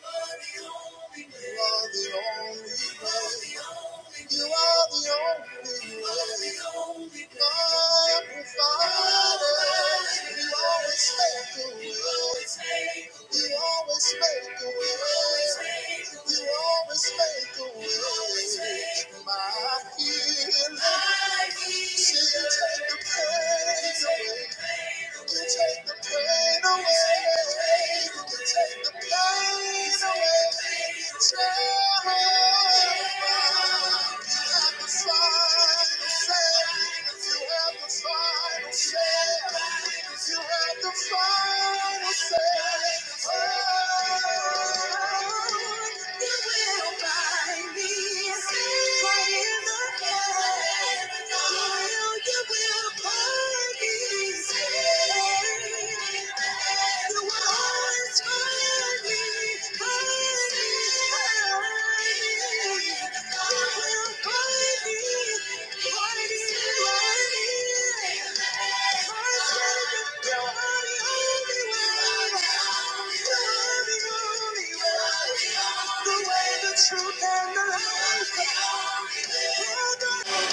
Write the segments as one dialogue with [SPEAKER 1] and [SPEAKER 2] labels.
[SPEAKER 1] You are the only way. You are the only way. My provider. You always make a way. You always make a way. You always make a way. My feeling. See take the pain away will take the pain away. You take the pain away. You have the final say. You have the final say. You have the final say. Oh, you will find me right in the end. You will, you will. burn. The way, the truth, and the life you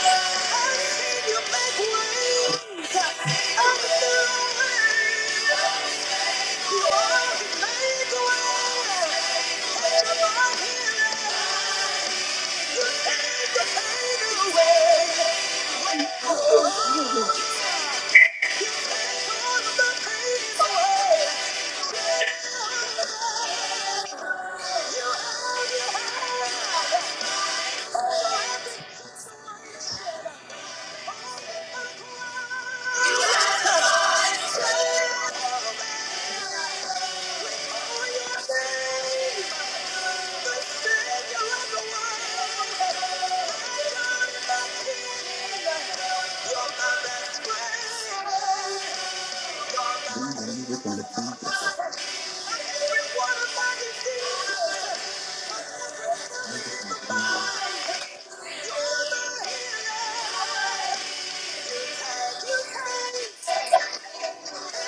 [SPEAKER 1] Yeah. You're the healer. You take, you take. Thank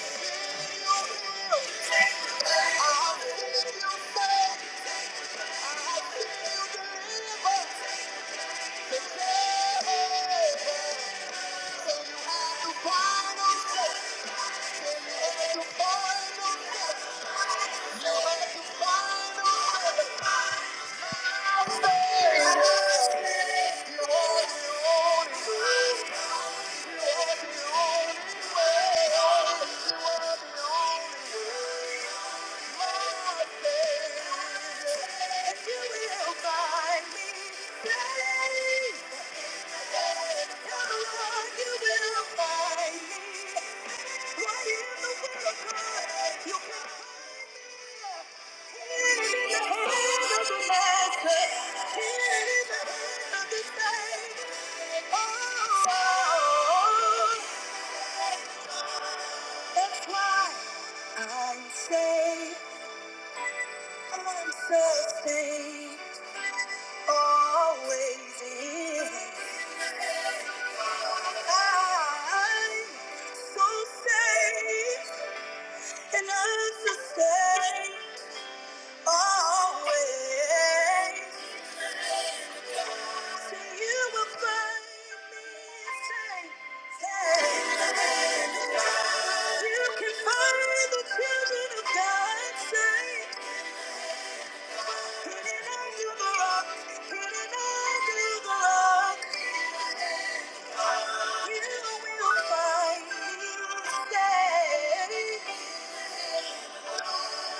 [SPEAKER 1] you. You have the final say. Right in the world, you can find me. Always. and I'm so safe, always. So you will find me safe. You can find the children of God safe. Hidden under the rock, hidden under the rock.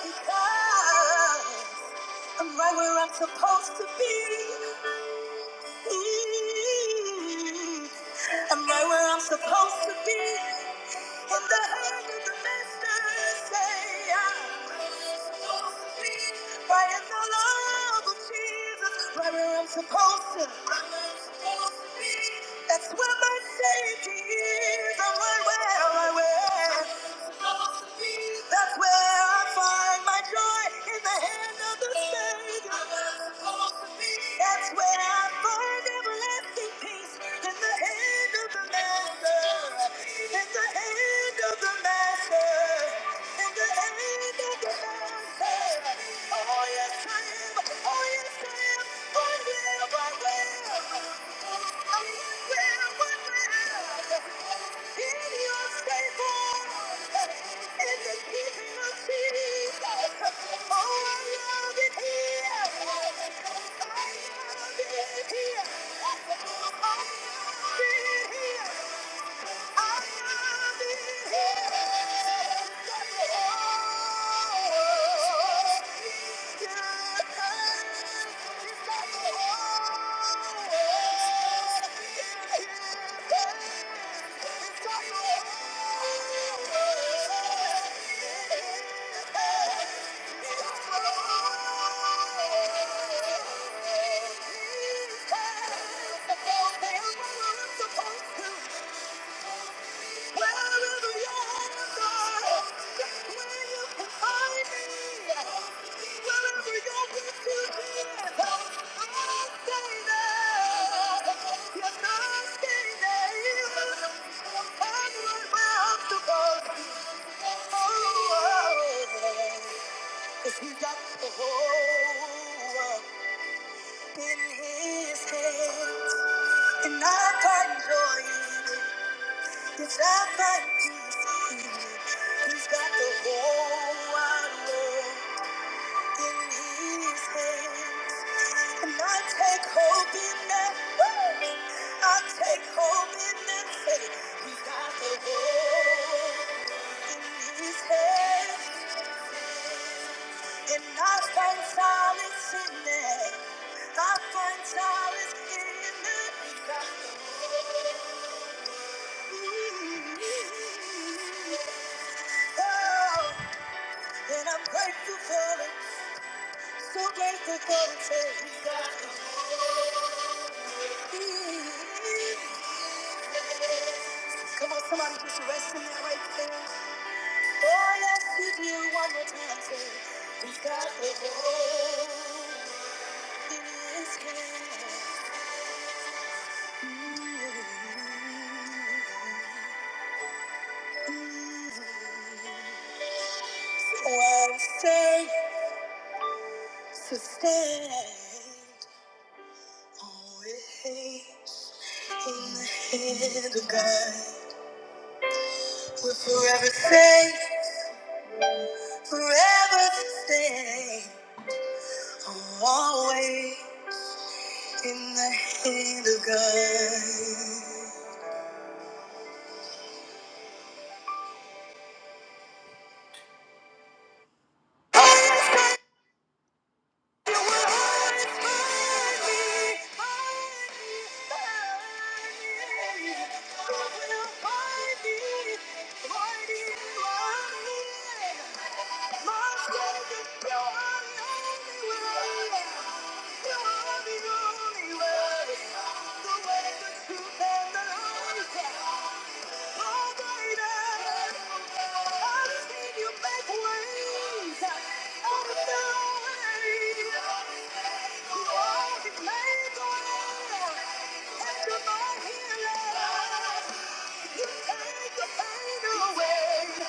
[SPEAKER 1] You will find me safe. I'm right where I'm supposed to be. I'm right where I'm supposed to be. In the hand of the master, say I'm supposed to be. Right in the love of Jesus, right where I'm supposed to. Right where I'm supposed to be. That's where my safety is. I'm right where, right where. That's where I find my joy in the hand of the Savior. That's where I find everlasting peace in the hand of the Master. In the hand of the Master. In the hand of the Master. Oh yes I am. Oh yes I am. Oh yes I will here. He's supposed to. He's got the whole world in his hands, and I can not join. It's not like you see it. He's got the whole wide world in his hands. And I take hope in that. Woo! I take hope in that faith. He's got the world in his hands. And I find solace in that. I find solace in that. Ooh. Oh, and I'm grateful for it. So grateful for the things that Come on, somebody just rest in that right there. Oh, yes, he did one more time. Say, He's got the whole in his hand. Well, stay, sustained always in the hand of God. We'll forever say. Forever stay, I'm always in the hand of God. You will always find me, find me, find me. You will find me, find me, find me. My Savior, you are the only one. You are healer. You take the pain away.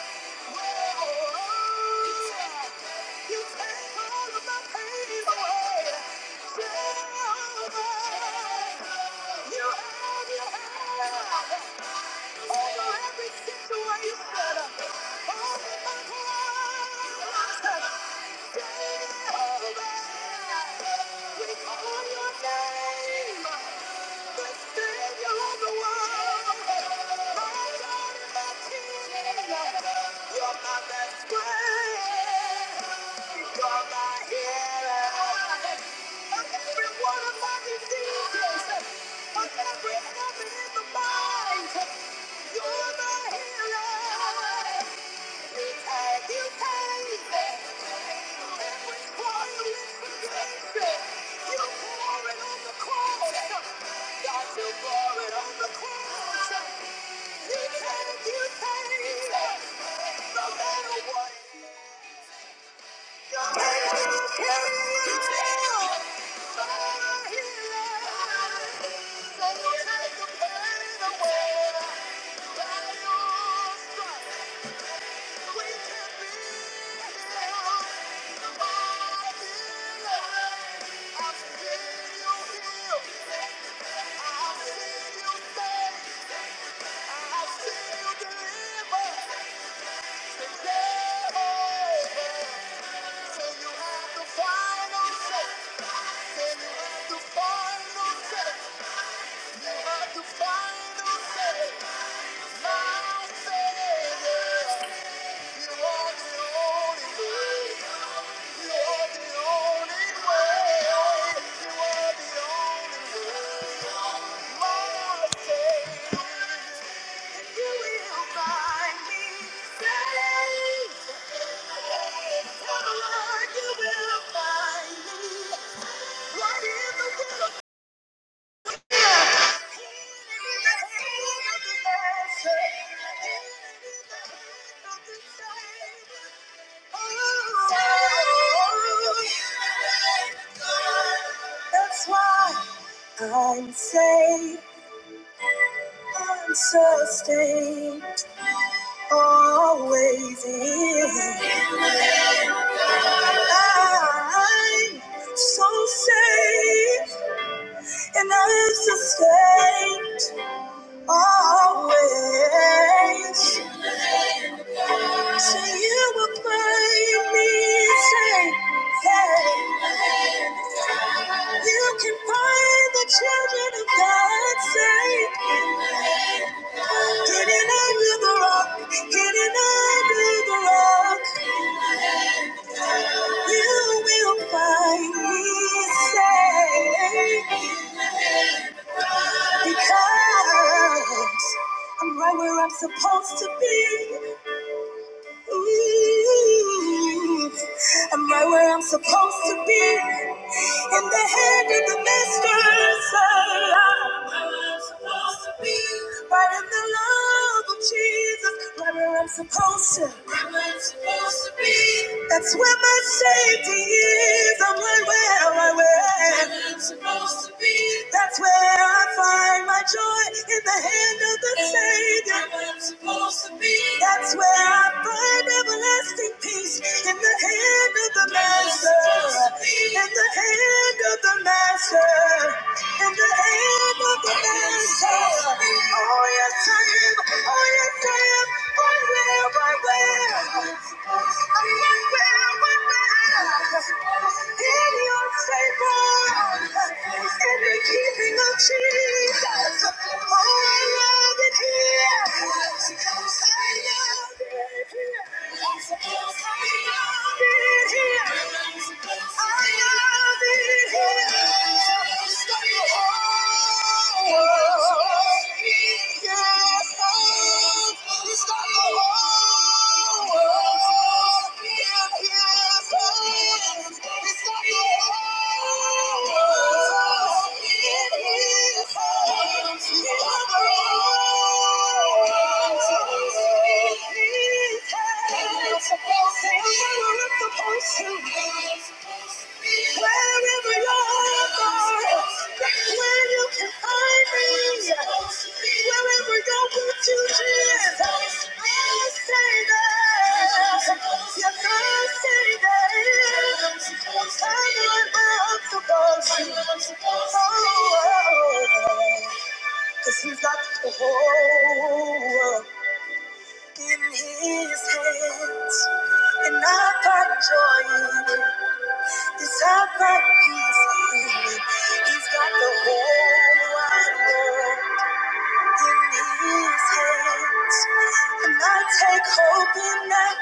[SPEAKER 1] You take all of my pain away. Jehovah, you have your hand over every situation, over my heart. Jehovah, we call your name. You're the hero. You take, you take. Thank you you the final say. My Savior, you are the only way. Thank you. That's why I'm safe, I'm sustained, always in. Hidden under the rock, you will find me safe because I'm right where I'm supposed to be. Ooh, I'm right where I'm supposed to be. In the hand of the master, say I'm right where I'm supposed to be. Right in the love of Jesus, right where I'm supposed to. That's where my safety is. I'm right where, right where. That's where I find my joy in the hand of the Savior. That's where I find everlasting peace in the hand of the Master. In the hand of the Master. In the hand of the Master. Oh, yes, I am. Oh, yes, I am. Right where, right where. I'm right where, right where. In your favor. In the keeping of Jesus. Oh, I love it here. Thank you. Cause he's got the whole world in his hands. And I've got joy in it. Yes, I've got peace in it. He's got the whole wide world in his hands. And I take hope in that.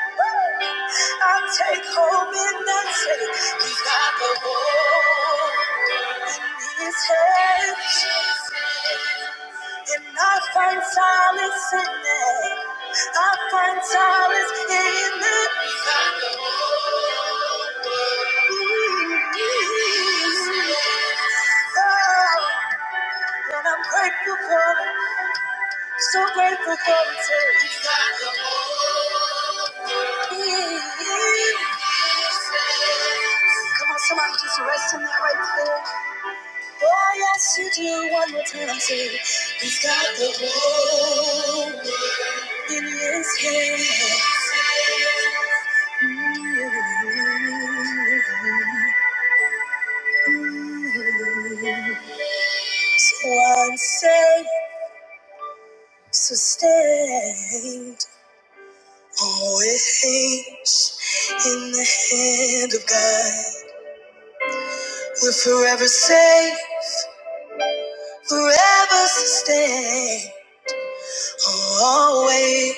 [SPEAKER 1] I take hope in that. Say, he's got the whole in his hands. And I find solace in it. I find solace in it. Oh, and I'm grateful for it. So grateful for it too. Come on, somebody just rest in that right there. Oh, yes, you do. One more time, say, He's got the whole. in So sustained, always in the hand of God. We're forever safe, forever sustained, always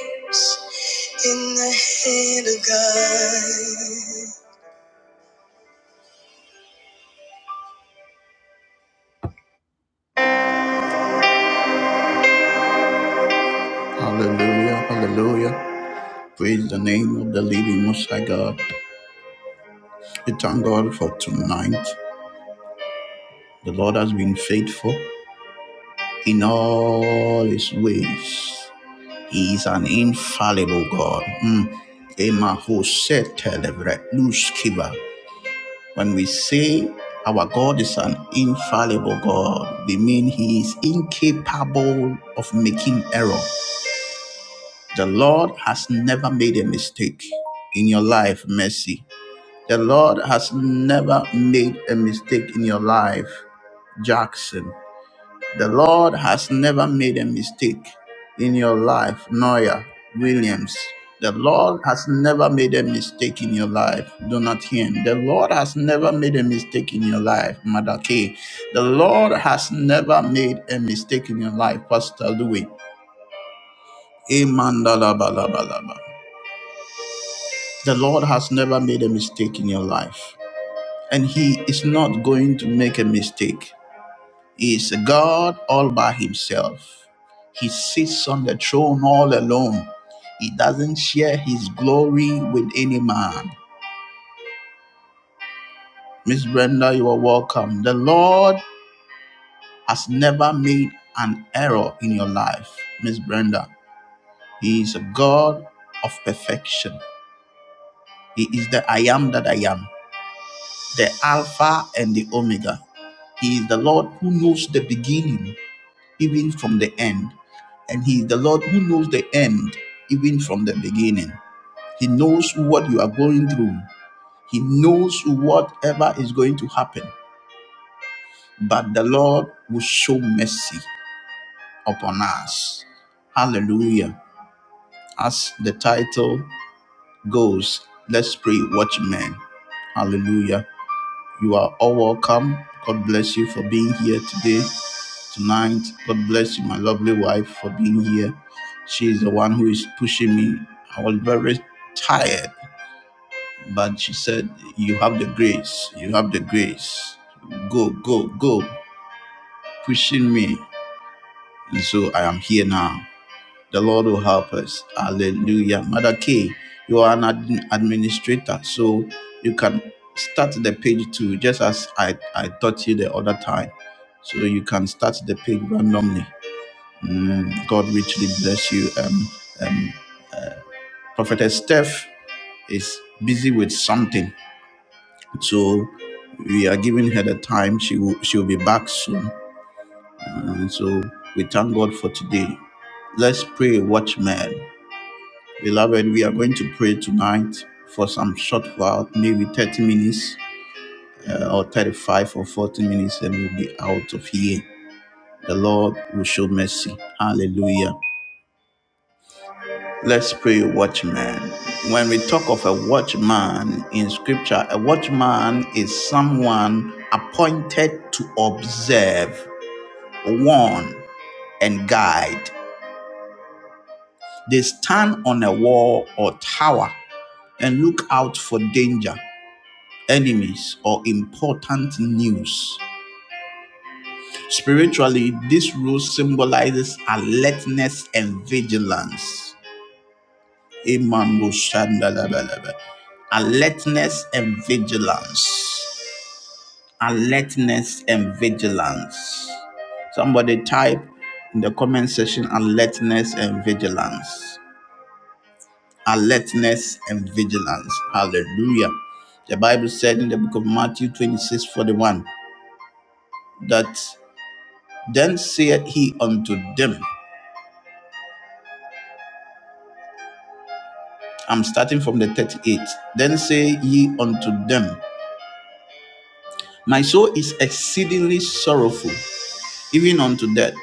[SPEAKER 1] in the hand of God. Hallelujah, hallelujah. Praise the name of the living Most High God. We thank God for tonight. The Lord has been faithful. in all his ways. He is an infallible God. Mm. Ema hosetelebre luskiba. When we say our God is an infallible God, we mean he is incapable of making error. The Lord has never made a mistake in your life, Mercy. The Lord has never made a mistake in your life, Jackson. The Lord has never made a mistake in your life, Noya Williams. The Lord has never made a mistake in your life, Donatien. The Lord has never made a mistake in your life, Mother K. The Lord has never made a mistake in your life, Pastor Louis. Amen. da la ba la ba la The Lord has never made a mistake in your life, and He is not going to make a mistake. is a God all by himself. He sits on the throne all alone. He doesn't share his glory with any man. Miss Brenda, you are welcome. The Lord has never made an error in your life. Miss Brenda, He is a God of perfection. He is the I am that I am, the Alpha and the Omega. He is the Lord who knows the beginning even from the end. And He is the Lord who knows the end even from the beginning. He knows what you are going through, He knows whatever is going to happen. But the Lord will show mercy upon us. Hallelujah. As the title goes, let's pray, watchmen. Hallelujah. You are all welcome. God bless you for being here today, tonight. God bless you, my lovely wife, for being here. She is the one who is pushing me. I was very tired, but she said, You have the grace. You have the grace. Go, go, go. Pushing me. And so I am here now. The Lord will help us. Hallelujah. Mother K, you are an admin administrator, so you can start the page too, just as I, I taught you the other time. So you can start the page randomly. Mm, God richly bless you. Um, um, uh, Prophetess Steph is busy with something, so we are giving her the time. She will, she will be back soon. And so we thank God for today. Let's pray, watchman. Beloved, we are going to pray tonight for some short while, maybe 30 minutes uh, or 35 or 40 minutes, and we'll be out of here. The Lord will show mercy. Hallelujah. Let's pray, watchman. When we talk of a watchman in scripture, a watchman is someone appointed to observe, warn, and guide. They stand on a wall or tower and look out for danger enemies, or important news. Spiritually, this rule symbolizes alertness and vigilance. Imambo shandalabalaba. Alertness and vigilance. Alertness and vigilance. Somebody type in the comment section alertness and vigilance. Alertness and vigilance. Hallelujah. The Bible said in the book of Matthew 26 41 that Then said he unto them, I'm starting from the 38. Then say ye unto them, My soul is exceedingly sorrowful, even unto death.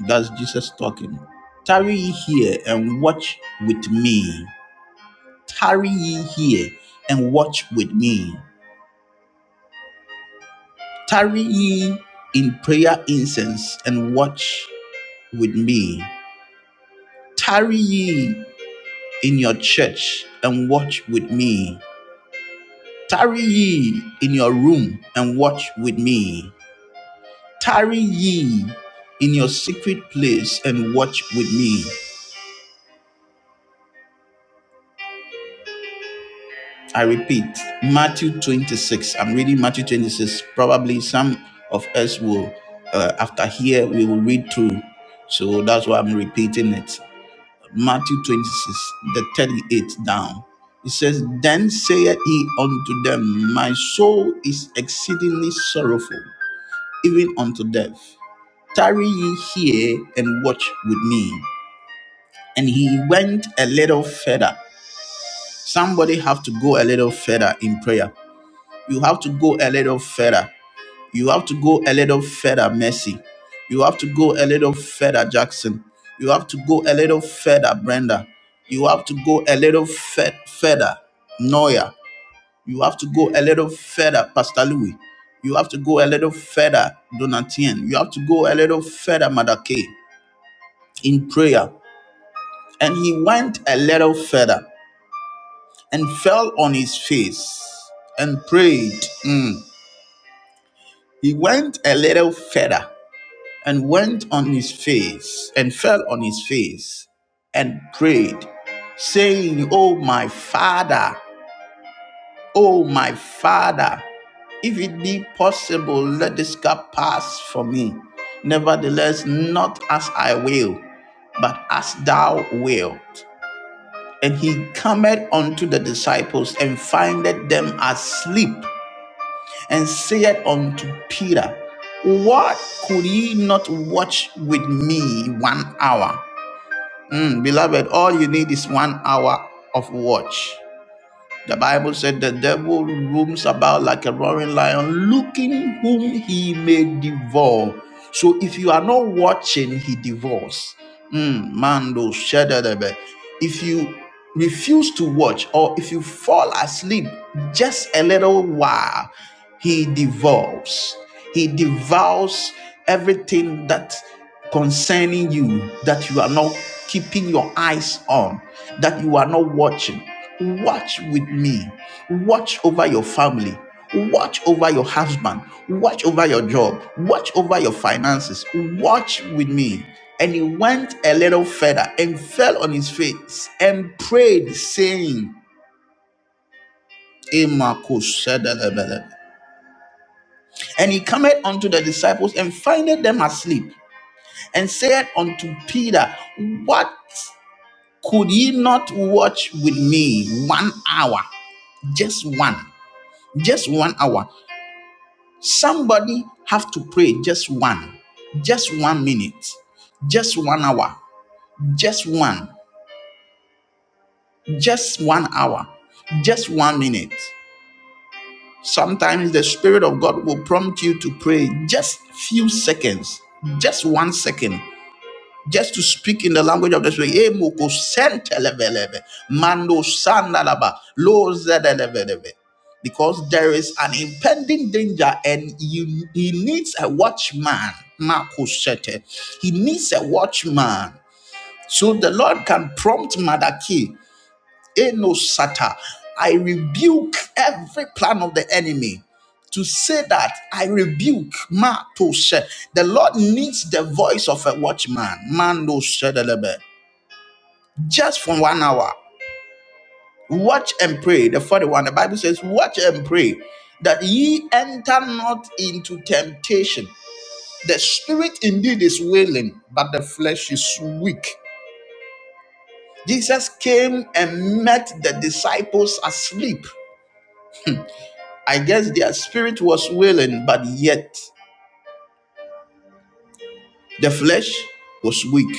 [SPEAKER 1] That's Jesus talking. Tarry ye here and watch with me. Tarry ye here and watch with me. Tarry ye in prayer incense and watch with me. Tarry ye in your church and watch with me. Tarry ye in your room and watch with me. Tarry ye in your secret place and watch with me. I repeat, Matthew 26. I'm reading Matthew 26. Probably some of us will, uh, after here, we will read through. So that's why I'm repeating it. Matthew 26, the 38th down. It says, Then saith he unto them, My soul is exceedingly sorrowful, even unto death. tarry ye here and watch with me. And he went a little further. Somebody have to go a little further in prayer. You have to go a little further. You have to go a little further, Mercy. You have to go a little further, Jackson. You have to go a little further, Brenda. You have to go a little fur- further, Noya. You have to go a little further, Pastor Louis. You have to go a little further, Donatien. You have to go a little further, Madake in prayer. And he went a little further and fell on his face and prayed. Mm. He went a little further and went on his face and fell on his face and prayed, saying, Oh, my father, oh, my father, if it be possible, let this cup pass from me. Nevertheless, not as I will, but as thou wilt." And he cometh unto the disciples and findeth them asleep, and saith unto Peter, What could ye not watch with me one hour? Mm, beloved, all you need is one hour of watch. The Bible said the devil roams about like a roaring lion, looking whom he may devour. So if you are not watching, he devours. Mm, Mando shedadebe. If you refuse to watch, or if you fall asleep just a little while, he devours. He devours everything that concerning you that you are not keeping your eyes on, that you are not watching. Watch with me. Watch over your family. Watch over your husband. Watch over your job. Watch over your finances. Watch with me. And he went a little further and fell on his face and prayed, saying, "Emakoshadalabala." And he cometh unto the disciples and findeth them asleep, and said unto Peter, What could ye not watch with me one hour? Just one. Just one hour. Somebody have to pray just one, just one minute, just one hour, just one, just one hour, just one minute. Sometimes the Spirit of God will prompt you to pray just few seconds, just one second, just to speak in the language of the spirit. Emo ko sentelebelebe, mando sandalaba, lo Because there is an impending danger, and you, he needs a watchman. Mako He needs a watchman. So the Lord can prompt Madaki. Eno Sata. I rebuke every plan of the enemy to say that I rebuke Matoshe. The Lord needs the voice of a watchman. Mando Shedelebe. Just for one hour. Watch and pray. The 41, the Bible says, watch and pray that ye enter not into temptation. The spirit indeed is willing, but the flesh is weak. Jesus came and met the disciples asleep. I guess their spirit was willing, but yet the flesh was weak.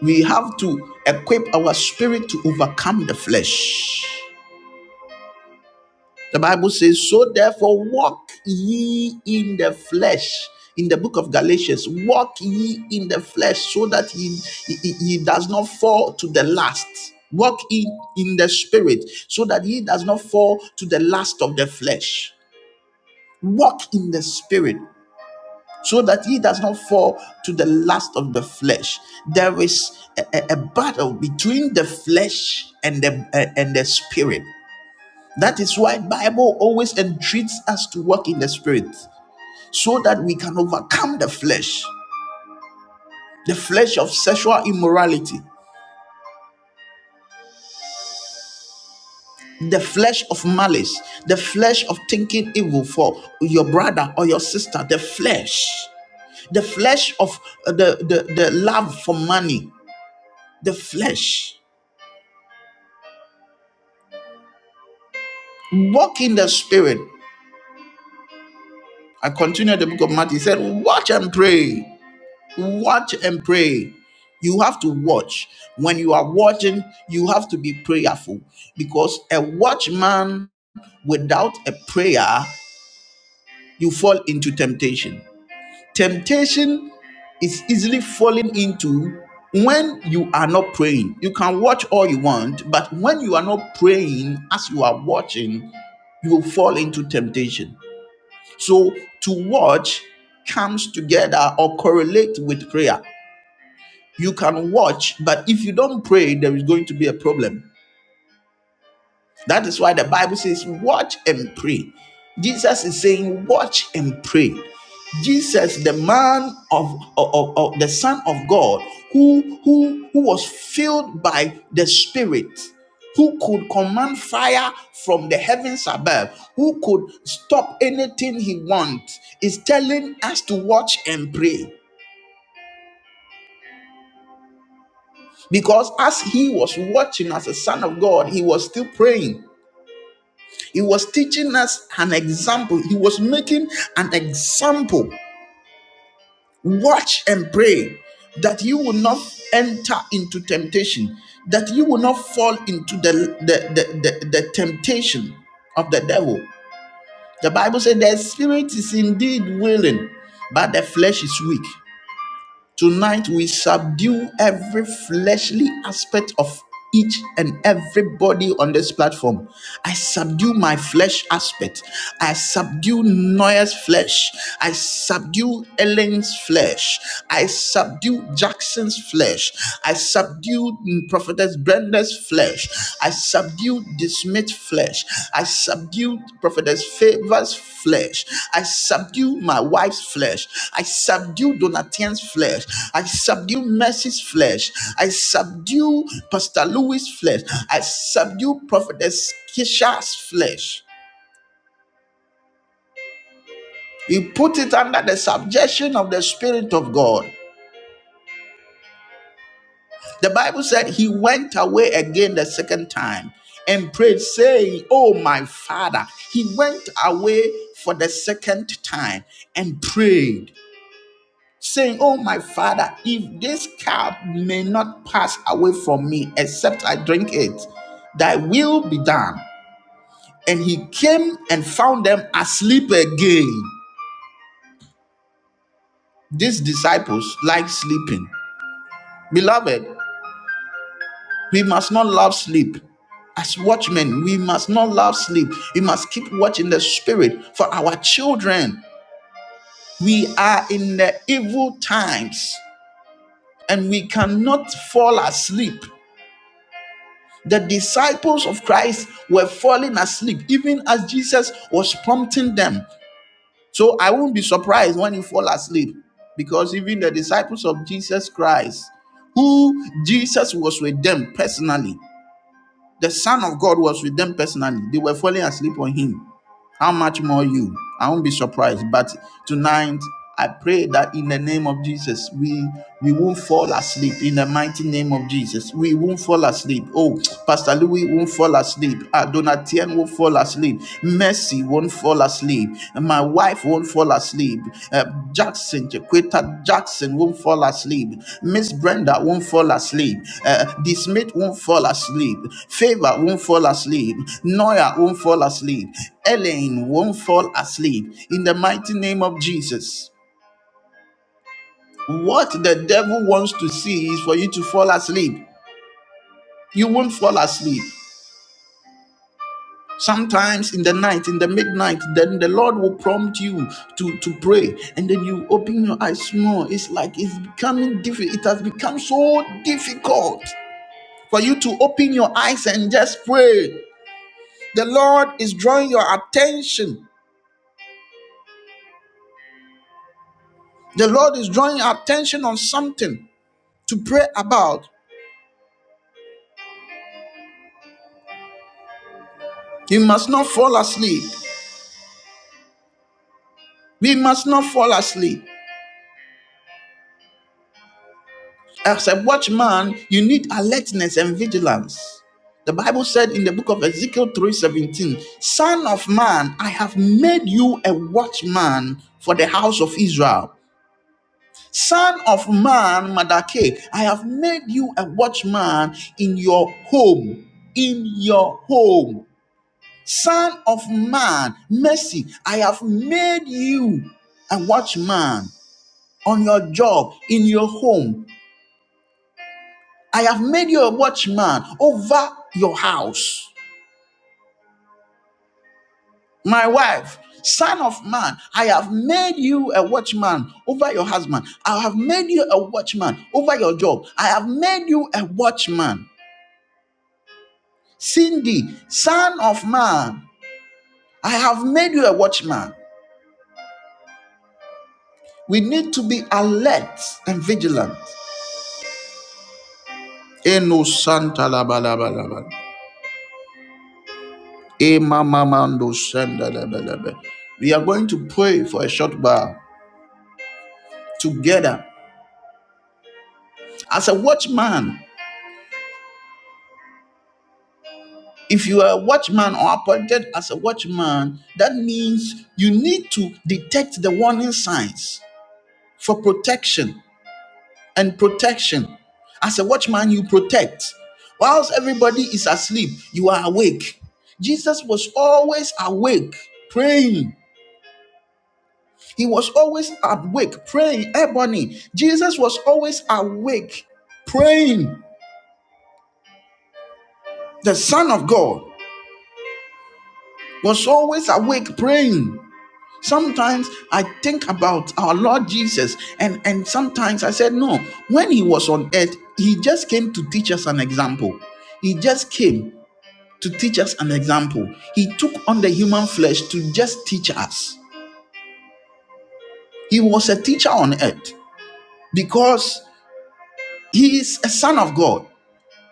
[SPEAKER 1] We have to equip our spirit to overcome the flesh. The Bible says, So therefore, walk ye in the flesh. In the book of Galatians, walk ye in the flesh so that ye, ye, ye does not fall to the last. Walk in, in the spirit so that ye does not fall to the last of the flesh. Walk in the spirit. so that he does not fall to the lust of the flesh. There is a, a- a battle between the flesh and the uh, and the spirit. That is why Bible always entreats us to walk in the spirit, so that we can overcome the flesh, the flesh of sexual immorality, the flesh of malice, the flesh of thinking evil for your brother or your sister, the flesh, the flesh of uh, the, the, the love for money, the flesh. Walk in the spirit. I continue the book of Matthew. He said, Watch and pray. Watch and pray. You have to watch. When you are watching, you have to be prayerful because a watchman without a prayer, you fall into temptation. Temptation is easily fallen into when you are not praying. You can watch all you want, but when you are not praying as you are watching, you will fall into temptation. So to watch comes together or correlate with prayer. You can watch, but if you don't pray, there is going to be a problem. That is why the Bible says, Watch and pray. Jesus is saying, Watch and pray. Jesus, the man of, of, of- the Son of God, who, who, who was filled by the Spirit, who could command fire from the heavens above, who could stop anything he wants, is telling us to watch and pray. Because as he was watching as a son of God, he was still praying. He was teaching us an example. He was making an example. Watch and pray that you will not enter into temptation, that you will not fall into the, the, the, the the temptation of the devil. The Bible said the spirit is indeed willing, but the flesh is weak. Tonight we subdue every fleshly aspect of each and everybody on this platform. I subdue my flesh aspect. I subdue Noah's flesh. I subdue Ellen's flesh. I subdue Jackson's flesh. I subdue Prophetess Brenda this flesh. I subdue dismissed flesh. I subdue prophetess favors flesh. I subdue my wife's flesh. I subdue Donatian's flesh. I subdue Mercy's flesh. I subdue Pastor Louis' flesh. I subdue prophetess Kisha's flesh. He put it under the subjection of the Spirit of God. The Bible said he went away again the second time and prayed, saying, Oh, my father. He went away for the second time and prayed, saying, Oh, my father, if this cup may not pass away from me except I drink it, thy will be done. And he came and found them asleep again. These disciples like sleeping. Beloved, We must not love sleep. As watchmen, we must not love sleep. We must keep watching the spirit for our children. We are in the evil times and we cannot fall asleep. The disciples of Christ were falling asleep even as Jesus was prompting them. So I won't be surprised when you fall asleep because even the disciples of Jesus Christ, who Jesus was with them personally, The Son of God was with them personally. They were falling asleep on Him. How much more you? I won't be surprised. But tonight, I pray that in the name of Jesus, we we won't fall asleep. In the mighty name of Jesus, we won't fall asleep. Oh, Pastor Louis won't fall asleep. Adonatien won't fall asleep. Mercy won't fall asleep. My wife Life won't fall asleep. Uh, Jackson, Jaquita Jackson won't fall asleep. Miss Brenda won't fall asleep. Uh, Dismit won't fall asleep. Favor won't fall asleep. Noya won't fall asleep. Elaine won't fall asleep. In the mighty name of Jesus. What the devil wants to see is for you to fall asleep. You won't fall asleep. Sometimes in the night, in the midnight, then the Lord will prompt you to, to pray. And then you open your eyes more. It's like it's becoming difficult. It has become so difficult for you to open your eyes and just pray. The Lord is drawing your attention. The Lord is drawing your attention on something to pray about. You must not fall asleep. We must not fall asleep. As a watchman, you need alertness and vigilance. The Bible said in the book of Ezekiel 3:17, Son of man, I have made you a watchman for the house of Israel. Son of man, Madake, I have made you a watchman in your home. In your home. Son of man, mercy, I have made you a watchman on your job, in your home, I have made you a watchman over your house. My wife, son of man, I have made you a watchman over your husband. I have made you a watchman over your job. I have made you a watchman. Cindy, son of man, I have made you a watchman. We need to be alert and vigilant. E We are going to pray for a short while together as a watchman. If you are a watchman or appointed as a watchman, that means you need to detect the warning signs for protection and protection. As a watchman, you protect. Whilst everybody is asleep, you are awake. Jesus was always awake, praying. He was always awake, praying. Ebony, Jesus was always awake, praying. The Son of God was always awake, praying. Sometimes I think about our Lord Jesus, and, and sometimes I said, No, when he was on earth, he just came to teach us an example. He just came to teach us an example. He took on the human flesh to just teach us. He was a teacher on earth because he is a son of God.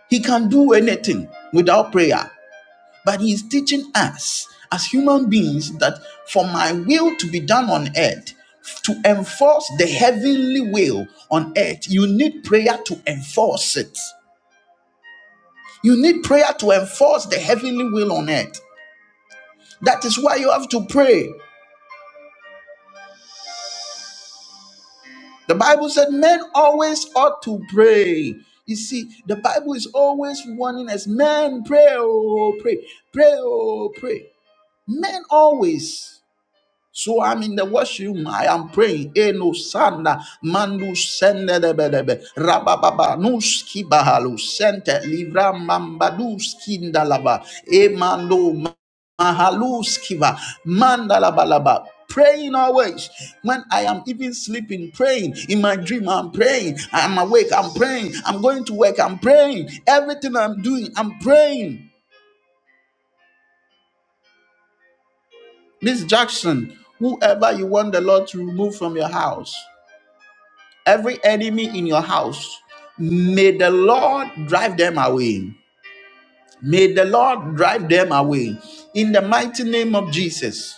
[SPEAKER 1] He can do anything without prayer. But he is teaching us as human beings that for my will to be done on earth, to enforce the heavenly will on earth, you need prayer to enforce it. You need prayer to enforce the heavenly will on earth. That is why you have to pray. The Bible said men always ought to pray. You see, the Bible is always warning us men, pray, oh, pray, pray, oh, pray. Men always. So I'm in the worship. I am praying. Eno sanda mandu sende debedebe rabababa nuski bahalu sente livra mambadu skinda laba emando mahalu skiva mandalaba laba. laba. Praying always when I am even sleeping, praying in my dream. I'm praying, I'm awake, I'm praying, I'm going to work, I'm praying. Everything I'm doing, I'm praying. Miss Jackson, whoever you want the Lord to remove from your house, every enemy in your house, may the Lord drive them away. May the Lord drive them away in the mighty name of Jesus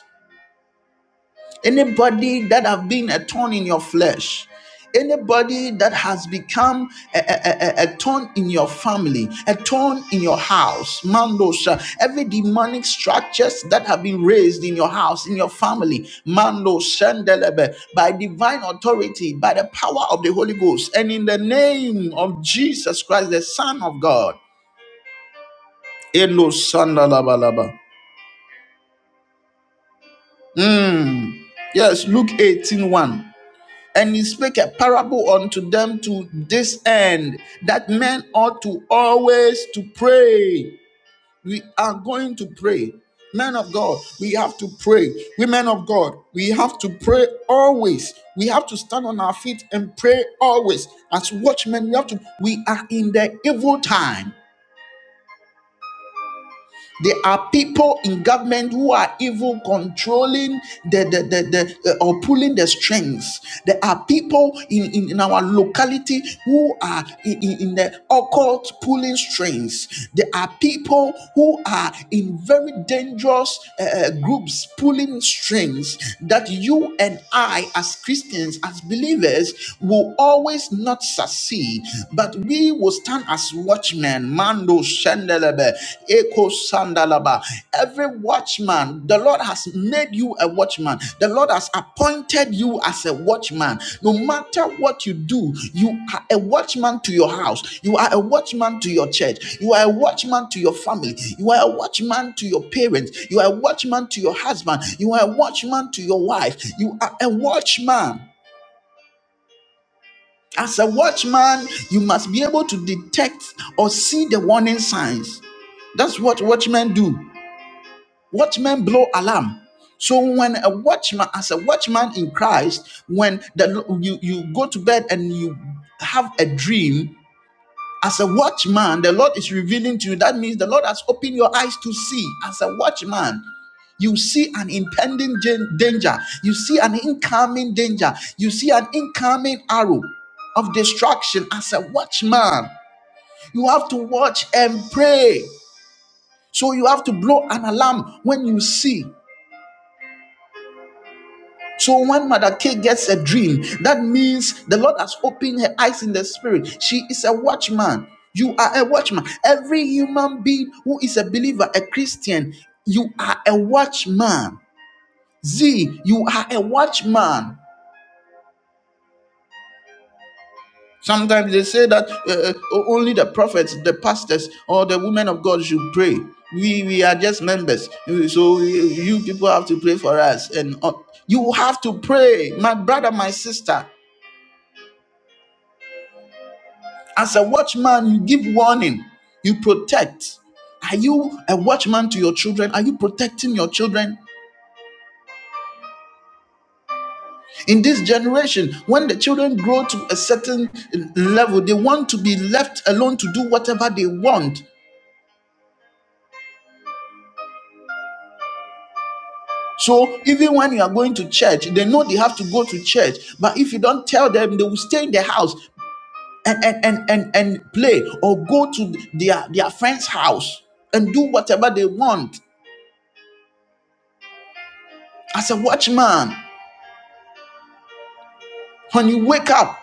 [SPEAKER 1] anybody that have been a thorn in your flesh anybody that has become a, a, a, a- a thorn in your family a thorn in your house mandosha every demonic structures that have been raised in your house in your family mando shandelebe by divine authority by the power of the holy ghost and in the name of jesus christ the son of god Elo shandalabalaba. Mm. yes luke eighteen one. And he spake a parable unto them to this end that men ought to always to pray. We are going to pray. Men of God, we have to pray. Women of God, we have to pray always. We have to stand on our feet and pray always. As watchmen, we have to, we are in the evil time. There are people in government who are even controlling the, the, the, the uh, or pulling the strings. There are people in, in, in our locality who are in, in, in the occult pulling strings. There are people who are in very dangerous uh, uh, groups pulling strings that you and I, as Christians, as believers, will always not succeed. But we we will stand as watchmen. Mando shendelebe, eko sandalaba. Every watchman, the Lord has made you a watchman. The Lord has appointed you as a watchman. No matter what you do, you are a watchman to your house. You are a watchman to your church. You are a watchman to your family. You are a watchman to your parents. You are a watchman to your husband. You are a watchman to your wife. You are a watchman. As a watchman, you must be able to detect or see the warning signs. That's what watchmen do. Watchmen blow alarm. So when a watchman, as a watchman in Christ, when the, you, you go to bed and you have a dream, as a watchman, the Lord is revealing to you. That means the Lord has opened your eyes to see as a watchman. You see an impending gen- danger. You see an incoming danger. You see an incoming arrow of destruction as a watchman. You have to watch and pray. So you have to blow an alarm when you see. So when Mother K gets a dream, that means the Lord has opened her eyes in the spirit. She is a watchman. You are a watchman. Every human being who is a believer, a Christian, you are a watchman. Z, you are a watchman. Sometimes they say that uh, uh, only the prophets, the pastors, or the women of God should pray. We we are just members, so uh, you people have to pray for us, and uh, you have to pray, my brother, my sister. As a watchman, you give warning, you protect. Are you a watchman to your children? Are you protecting your children? In this generation, when the children grow to a certain level, they want to be left alone to do whatever they want. So even when you are going to church, they know they have to go to church. But if you don't tell them, they will stay in their house and and and and, and play or go to their, their friend's house and do whatever they want. As a watchman, when you wake up,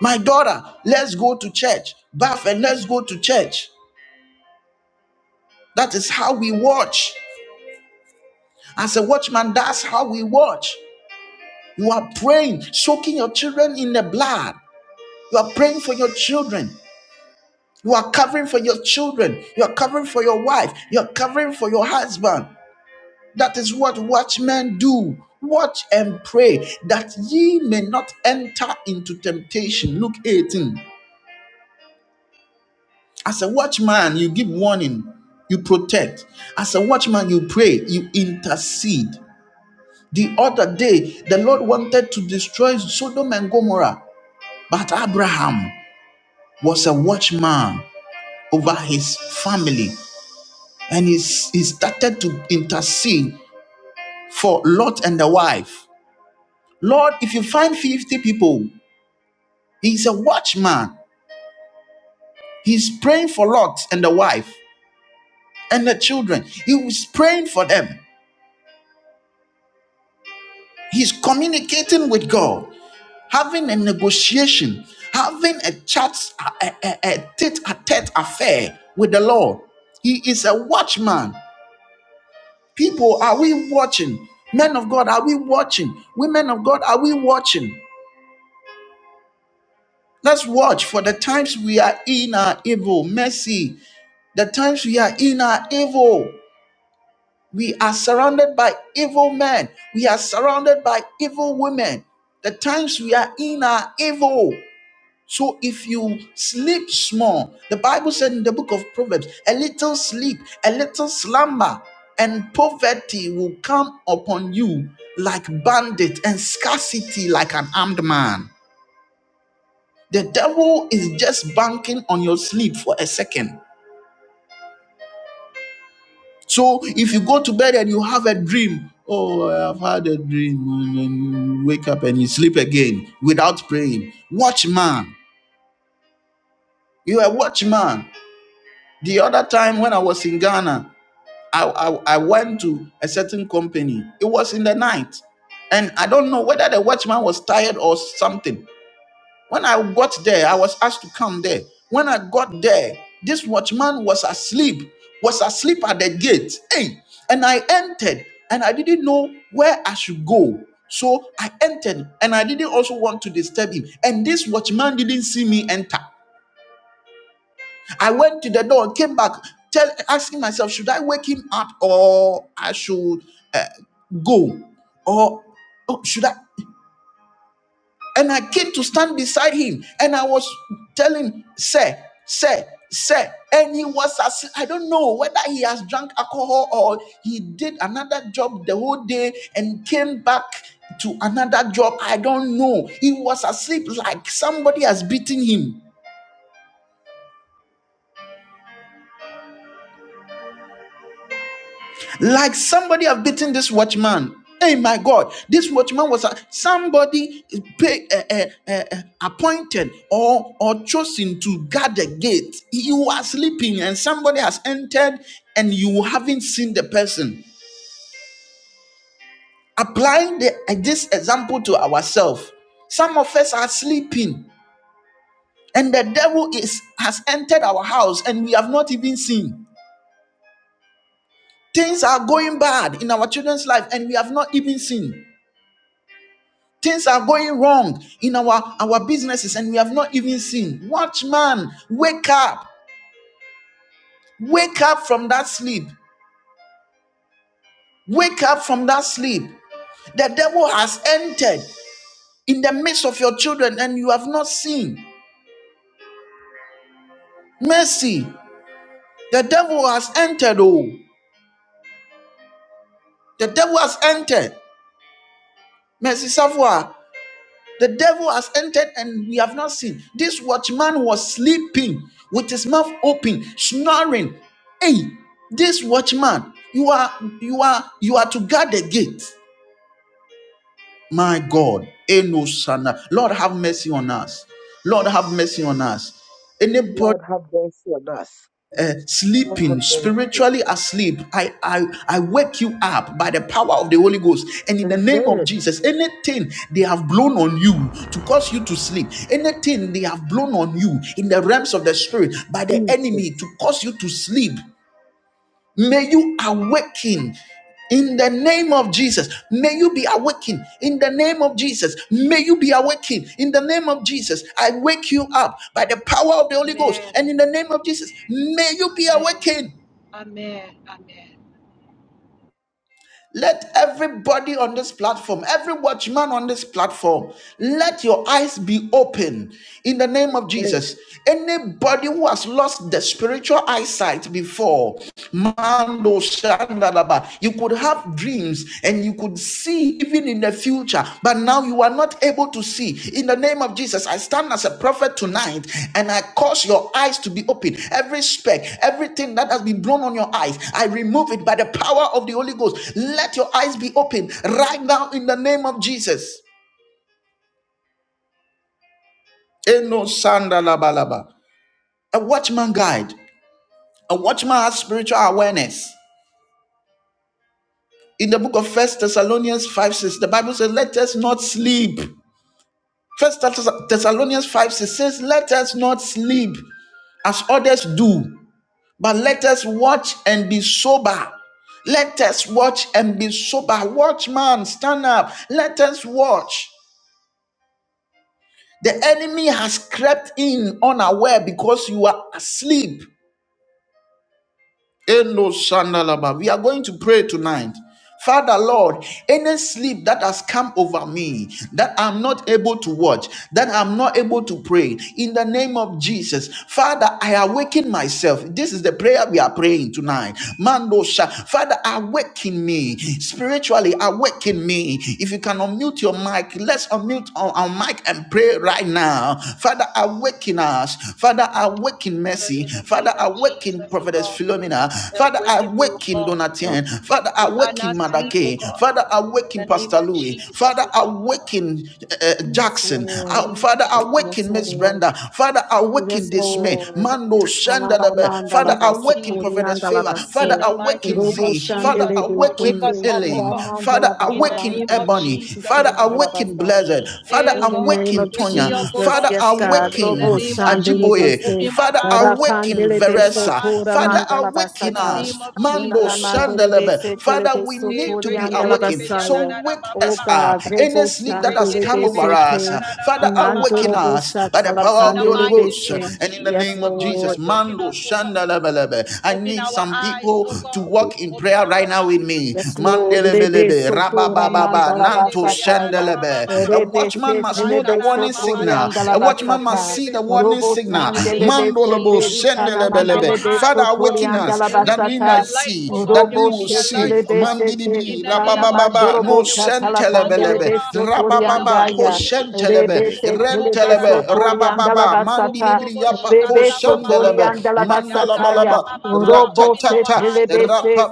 [SPEAKER 1] my daughter, let's go to church. Bath and let's go to church. That is how we watch. As a watchman, that's how we watch. You are praying, soaking your children in the blood. You are praying for your children. You are covering for your children. You are covering for your wife. You are covering for your husband. That is what watchmen do. Watch and pray that ye may not enter into temptation. Luke 18. As a watchman, you give warning, you protect. As a watchman, you pray, you intercede. The other day, the Lord wanted to destroy Sodom and Gomorrah, but Abraham was a watchman over his family. and he, he started to intercede for Lot and the wife. Lord, if you find 50 people, he's a watchman. He's praying for Lot and the wife and the children. He was praying for them. He's communicating with God, having a negotiation, having a chat, a, a, a tete-a-tete affair with the Lord. He is a watchman. People, are we watching? Men of God, are we watching? Women of God, are we watching? Let's watch for the times we are in our evil. Mercy. The times we are in our evil. We are surrounded by evil men. We are surrounded by evil women. The times we are in our evil. So if you sleep small, the Bible said in the book of Proverbs, a little sleep, a little slumber, and poverty will come upon you like bandit and scarcity like an armed man. The devil is just banking on your sleep for a second. So if you go to bed and you have a dream, oh, I've had a dream, and then you wake up and you sleep again without praying. Watchman, you are a watchman. The other time when I was in Ghana, I, I, I went to a certain company. It was in the night. And I don't know whether the watchman was tired or something When I got there, I was asked to come there. When I got there, this watchman was asleep, was asleep at the gate. Hey, and I entered and I didn't know where I should go. So I entered and I didn't also want to disturb him. And this watchman didn't see me enter. I went to the door came back, tell, asking myself, should I wake him up or I should uh, go? Or oh, should I? And I came to stand beside him and I was telling, Sir, Sir, Sir. And he was, as- I don't know whether he has drank alcohol or he did another job the whole day and came back to another job. I don't know. He was asleep like somebody has beaten him. Like somebody have beaten this watchman. Hey, my God, this watchman was a, somebody pay, uh, uh, uh, uh, appointed or, or chosen to guard the gate. You are sleeping and somebody has entered and you haven't seen the person. Applying the, uh, this example to ourselves, some of us are sleeping and the devil is has entered our house and we have not even seen. Things are going bad in our children's life and we have not even seen. Things are going wrong in our, our businesses and we have not even seen. Watchman, wake up. Wake up from that sleep. Wake up from that sleep. The devil has entered in the midst of your children and you have not seen. Mercy, the devil has entered. Oh, the devil has entered. Mercy, savoir. The devil has entered and we have not seen. This watchman was sleeping with his mouth open, snoring. Hey, this watchman, you are you are you are to guard the gate. My God, Eno Sana. Lord have mercy on us. Lord have mercy on us Anybody?
[SPEAKER 2] Lord, have mercy on us.
[SPEAKER 1] uh,
[SPEAKER 2] Lord, have
[SPEAKER 1] sleeping
[SPEAKER 2] mercy on
[SPEAKER 1] spiritually
[SPEAKER 2] us.
[SPEAKER 1] asleep I, I i wake you up by the power of the holy ghost and in the name of
[SPEAKER 2] Amen.
[SPEAKER 1] jesus anything they have blown on you to cause you to sleep anything they have blown on you in the realms of the spirit by the
[SPEAKER 2] Jesus.
[SPEAKER 1] enemy to cause you to sleep May you awaken in the name of Jesus. May you be awakened in the name of Jesus. May you be awakened in the name of Jesus. I wake you up by the power of the Holy Ghost
[SPEAKER 3] Amen.
[SPEAKER 1] and in the name of Jesus. May you be
[SPEAKER 3] Amen.
[SPEAKER 1] awakened
[SPEAKER 3] Amen. Amen.
[SPEAKER 1] Let everybody on this platform, every watchman on this platform, let your eyes be open in the name of
[SPEAKER 2] Amen.
[SPEAKER 1] Jesus. Anybody who has lost the spiritual eyesight before, Mando Shandalaba, you could have dreams and you could see even in the future, but now you are not able to see. In the name of Jesus, I stand as a prophet tonight and I cause your eyes to be open. Every speck, everything that has been blown on your eyes, I remove it by the power of the Holy Ghost. Let your eyes be open right now in the name of Jesus. Eno sanda laba A watchman guide, a watchman has spiritual awareness. In the book of First Thessalonians 5 6, the Bible says, Let us not sleep First Thessalonians 5 6 says, Let us not sleep as others do, but let us watch and be sober. Let us watch and be sober. Watch, man, stand up. Let us watch. The enemy has crept in unaware because you are asleep. Eno shandalaba. We are going to pray tonight. Father Lord, any sleep that has come over me, that I'm not able to watch, that I'm not able to pray, in the name of Jesus, Father, I awaken myself. This is the prayer we are praying tonight. Mando Father, awaken me spiritually. Awaken me. If you can unmute your mic, let's unmute our, our mic and pray right now. Father, awaken us. Father, awaken awaken
[SPEAKER 3] Father,
[SPEAKER 1] Mercy.
[SPEAKER 3] in the
[SPEAKER 1] Father,
[SPEAKER 3] name of
[SPEAKER 1] awaken
[SPEAKER 3] Jesus, oh
[SPEAKER 1] Prophetess
[SPEAKER 3] God,
[SPEAKER 1] Philomena.
[SPEAKER 3] we
[SPEAKER 1] Father,
[SPEAKER 3] awaken me, oh
[SPEAKER 1] awaken
[SPEAKER 3] God.
[SPEAKER 4] Oh God.
[SPEAKER 1] Donatien. Father,
[SPEAKER 3] We are
[SPEAKER 1] awaken
[SPEAKER 3] not sleep, oh
[SPEAKER 1] Madake.
[SPEAKER 3] God.
[SPEAKER 1] Father, awaken
[SPEAKER 3] In the name
[SPEAKER 1] Pastor
[SPEAKER 3] of
[SPEAKER 1] Louis.
[SPEAKER 3] Jesus,
[SPEAKER 1] Father,
[SPEAKER 3] oh God.
[SPEAKER 1] awaken uh, uh,
[SPEAKER 5] Yes,
[SPEAKER 1] Jackson.
[SPEAKER 5] Lord.
[SPEAKER 3] In the
[SPEAKER 1] Uh,
[SPEAKER 3] name of
[SPEAKER 1] Father,
[SPEAKER 3] Jesus.
[SPEAKER 5] Yes,
[SPEAKER 1] awaken Miss
[SPEAKER 5] Lord.
[SPEAKER 1] Brenda. Father, awaken
[SPEAKER 5] Yes,
[SPEAKER 1] this man.
[SPEAKER 5] Lord.
[SPEAKER 1] Mando Shandalabe.
[SPEAKER 3] In the
[SPEAKER 1] Father,
[SPEAKER 3] name of
[SPEAKER 1] awaken
[SPEAKER 3] Jesus.
[SPEAKER 1] Prophetess Favor. Father,
[SPEAKER 3] In
[SPEAKER 5] Alaramandalabasokoriandalabaso.
[SPEAKER 3] the mighty
[SPEAKER 1] awaken
[SPEAKER 3] name of
[SPEAKER 1] Z. Father,
[SPEAKER 3] Jesus, oh God. Wake
[SPEAKER 1] awaken
[SPEAKER 3] us
[SPEAKER 5] Roboshandelebesoko.
[SPEAKER 3] up, oh
[SPEAKER 1] Elaine.
[SPEAKER 3] God.
[SPEAKER 1] Father,
[SPEAKER 3] In the
[SPEAKER 1] awaken
[SPEAKER 3] name of
[SPEAKER 1] Ebony.
[SPEAKER 3] Jesus,
[SPEAKER 1] Father,
[SPEAKER 3] oh God.
[SPEAKER 1] awaken Blessed.
[SPEAKER 5] Ramandalabarantirebekitinandalabasayo.
[SPEAKER 1] Father,
[SPEAKER 3] Hey
[SPEAKER 5] In the
[SPEAKER 3] God,
[SPEAKER 5] name
[SPEAKER 1] awaken
[SPEAKER 5] of
[SPEAKER 3] wake
[SPEAKER 1] Tonya.
[SPEAKER 3] me
[SPEAKER 1] Anya.
[SPEAKER 3] up, oh
[SPEAKER 5] Jesus,
[SPEAKER 1] Father,
[SPEAKER 3] God.
[SPEAKER 5] yes,
[SPEAKER 4] Okay.
[SPEAKER 5] God.
[SPEAKER 3] In
[SPEAKER 1] awaken
[SPEAKER 3] the name of Jesus,
[SPEAKER 1] Ajiboye.
[SPEAKER 5] Dil-e-Beso,
[SPEAKER 3] open my
[SPEAKER 1] Father,
[SPEAKER 3] eyes, oh God.
[SPEAKER 1] awaken
[SPEAKER 5] Roboshandelebese.
[SPEAKER 3] Open my
[SPEAKER 5] beso
[SPEAKER 1] Veresa.
[SPEAKER 3] eyes, oh
[SPEAKER 1] Father,
[SPEAKER 3] God. In
[SPEAKER 1] awaken
[SPEAKER 3] the
[SPEAKER 5] mandalabasata.
[SPEAKER 1] us.
[SPEAKER 3] name of
[SPEAKER 1] Mando
[SPEAKER 3] Jesus, oh God.
[SPEAKER 1] Sandelebe.
[SPEAKER 5] Unanamandelebese
[SPEAKER 1] Father, we need
[SPEAKER 3] Eh,
[SPEAKER 1] to be awakened.
[SPEAKER 3] rekererebe
[SPEAKER 1] So
[SPEAKER 5] telebesotoriandalabasayo.
[SPEAKER 3] yanana
[SPEAKER 1] wake
[SPEAKER 5] Oh
[SPEAKER 1] us
[SPEAKER 3] bababa.
[SPEAKER 1] up.
[SPEAKER 5] God,
[SPEAKER 1] Any
[SPEAKER 5] Rebo
[SPEAKER 1] sleep that has come
[SPEAKER 3] Rekererebe
[SPEAKER 1] over us,
[SPEAKER 5] Chandelebesete.
[SPEAKER 3] shikarara
[SPEAKER 1] Father, awaken
[SPEAKER 3] bababa.
[SPEAKER 1] us
[SPEAKER 5] Nandorobosa
[SPEAKER 1] by the power
[SPEAKER 3] In
[SPEAKER 1] of the
[SPEAKER 3] the
[SPEAKER 5] talapandele
[SPEAKER 1] Holy
[SPEAKER 3] mighty
[SPEAKER 1] Ghost.
[SPEAKER 3] name of
[SPEAKER 5] bese.
[SPEAKER 1] And in the
[SPEAKER 5] Yes,
[SPEAKER 3] Jesus,
[SPEAKER 1] name
[SPEAKER 3] oh
[SPEAKER 1] of
[SPEAKER 3] God,
[SPEAKER 5] Lord.
[SPEAKER 1] Jesus,
[SPEAKER 3] awaken
[SPEAKER 1] Mando
[SPEAKER 3] us, oh God.
[SPEAKER 1] Sandelebelebe. I
[SPEAKER 3] Open
[SPEAKER 1] need
[SPEAKER 3] our
[SPEAKER 1] some
[SPEAKER 3] eyes,
[SPEAKER 1] people
[SPEAKER 3] oh
[SPEAKER 1] to
[SPEAKER 3] God.
[SPEAKER 1] walk in
[SPEAKER 3] Open
[SPEAKER 1] prayer
[SPEAKER 3] our
[SPEAKER 1] right now with
[SPEAKER 3] eyes.
[SPEAKER 1] me.
[SPEAKER 5] Yes, Lord. Rebe
[SPEAKER 1] Mandelebelebe.
[SPEAKER 5] sotora
[SPEAKER 3] Eh,
[SPEAKER 1] Rabababa.
[SPEAKER 5] mandala
[SPEAKER 1] Nanto Makato
[SPEAKER 3] yekererebe yanana
[SPEAKER 5] basataya.
[SPEAKER 1] Shendelebe. A
[SPEAKER 3] bababa.
[SPEAKER 5] Rebe
[SPEAKER 1] watchman
[SPEAKER 5] se
[SPEAKER 1] must know the
[SPEAKER 5] telebe
[SPEAKER 3] Rakarara
[SPEAKER 1] warning
[SPEAKER 3] baba
[SPEAKER 5] sotori
[SPEAKER 1] signal.
[SPEAKER 5] andala
[SPEAKER 1] A watchman must
[SPEAKER 5] basata.
[SPEAKER 1] see
[SPEAKER 3] shikererebe.
[SPEAKER 1] the warning
[SPEAKER 5] Robo
[SPEAKER 3] in
[SPEAKER 1] signal.
[SPEAKER 3] the name of
[SPEAKER 5] sandelebe se
[SPEAKER 1] Mandolobo
[SPEAKER 3] Jesus, oh God.
[SPEAKER 5] terikana
[SPEAKER 3] Open our
[SPEAKER 1] Shendelebelebe.
[SPEAKER 5] mandelebe
[SPEAKER 1] Father,
[SPEAKER 3] eyes, oh
[SPEAKER 5] sotori
[SPEAKER 3] God.
[SPEAKER 1] awaken
[SPEAKER 5] andala
[SPEAKER 3] May
[SPEAKER 1] us
[SPEAKER 3] we
[SPEAKER 1] that
[SPEAKER 3] be
[SPEAKER 1] we might
[SPEAKER 5] basata.
[SPEAKER 3] a light, oh
[SPEAKER 1] see, that
[SPEAKER 3] God. May
[SPEAKER 1] we
[SPEAKER 5] Robo
[SPEAKER 3] we
[SPEAKER 1] will
[SPEAKER 3] be
[SPEAKER 5] se
[SPEAKER 3] a
[SPEAKER 1] see.
[SPEAKER 3] light, oh
[SPEAKER 5] telebe
[SPEAKER 3] God.
[SPEAKER 5] se
[SPEAKER 3] In
[SPEAKER 1] Mandidibri,
[SPEAKER 3] the
[SPEAKER 5] terikana
[SPEAKER 3] name of
[SPEAKER 1] Rabababa,
[SPEAKER 3] Jesus,
[SPEAKER 1] no
[SPEAKER 5] mandorobo
[SPEAKER 3] may we be
[SPEAKER 5] shatala
[SPEAKER 3] sober, oh
[SPEAKER 5] pandelebe
[SPEAKER 1] Shentelebelebe,
[SPEAKER 3] God.
[SPEAKER 5] sotori
[SPEAKER 3] In the
[SPEAKER 1] Rabababa, Ko
[SPEAKER 3] mighty
[SPEAKER 5] andaya.
[SPEAKER 3] name of Jesus,
[SPEAKER 5] Rebe
[SPEAKER 1] Shentelebe,
[SPEAKER 3] oh
[SPEAKER 5] se
[SPEAKER 3] God. Mo
[SPEAKER 5] telebe
[SPEAKER 3] karada
[SPEAKER 1] Rentelebe,
[SPEAKER 3] ba ba
[SPEAKER 5] sotori
[SPEAKER 3] ba.
[SPEAKER 5] andala
[SPEAKER 1] Rabababa,
[SPEAKER 5] basata.
[SPEAKER 1] Mandilibri,
[SPEAKER 3] Kokorobo shi
[SPEAKER 1] Yapa, Ko
[SPEAKER 5] Rebe
[SPEAKER 3] karada ba ba ba
[SPEAKER 5] sotori
[SPEAKER 3] ba.
[SPEAKER 1] Shendelebe,
[SPEAKER 5] andala
[SPEAKER 3] Ya
[SPEAKER 5] basataya.
[SPEAKER 3] karada ba
[SPEAKER 1] Mandalabalaba,
[SPEAKER 3] ba ba ba.
[SPEAKER 5] Robo
[SPEAKER 3] Open
[SPEAKER 5] se
[SPEAKER 3] our
[SPEAKER 1] Ratatata,
[SPEAKER 3] eyes, oh God.
[SPEAKER 5] telebese,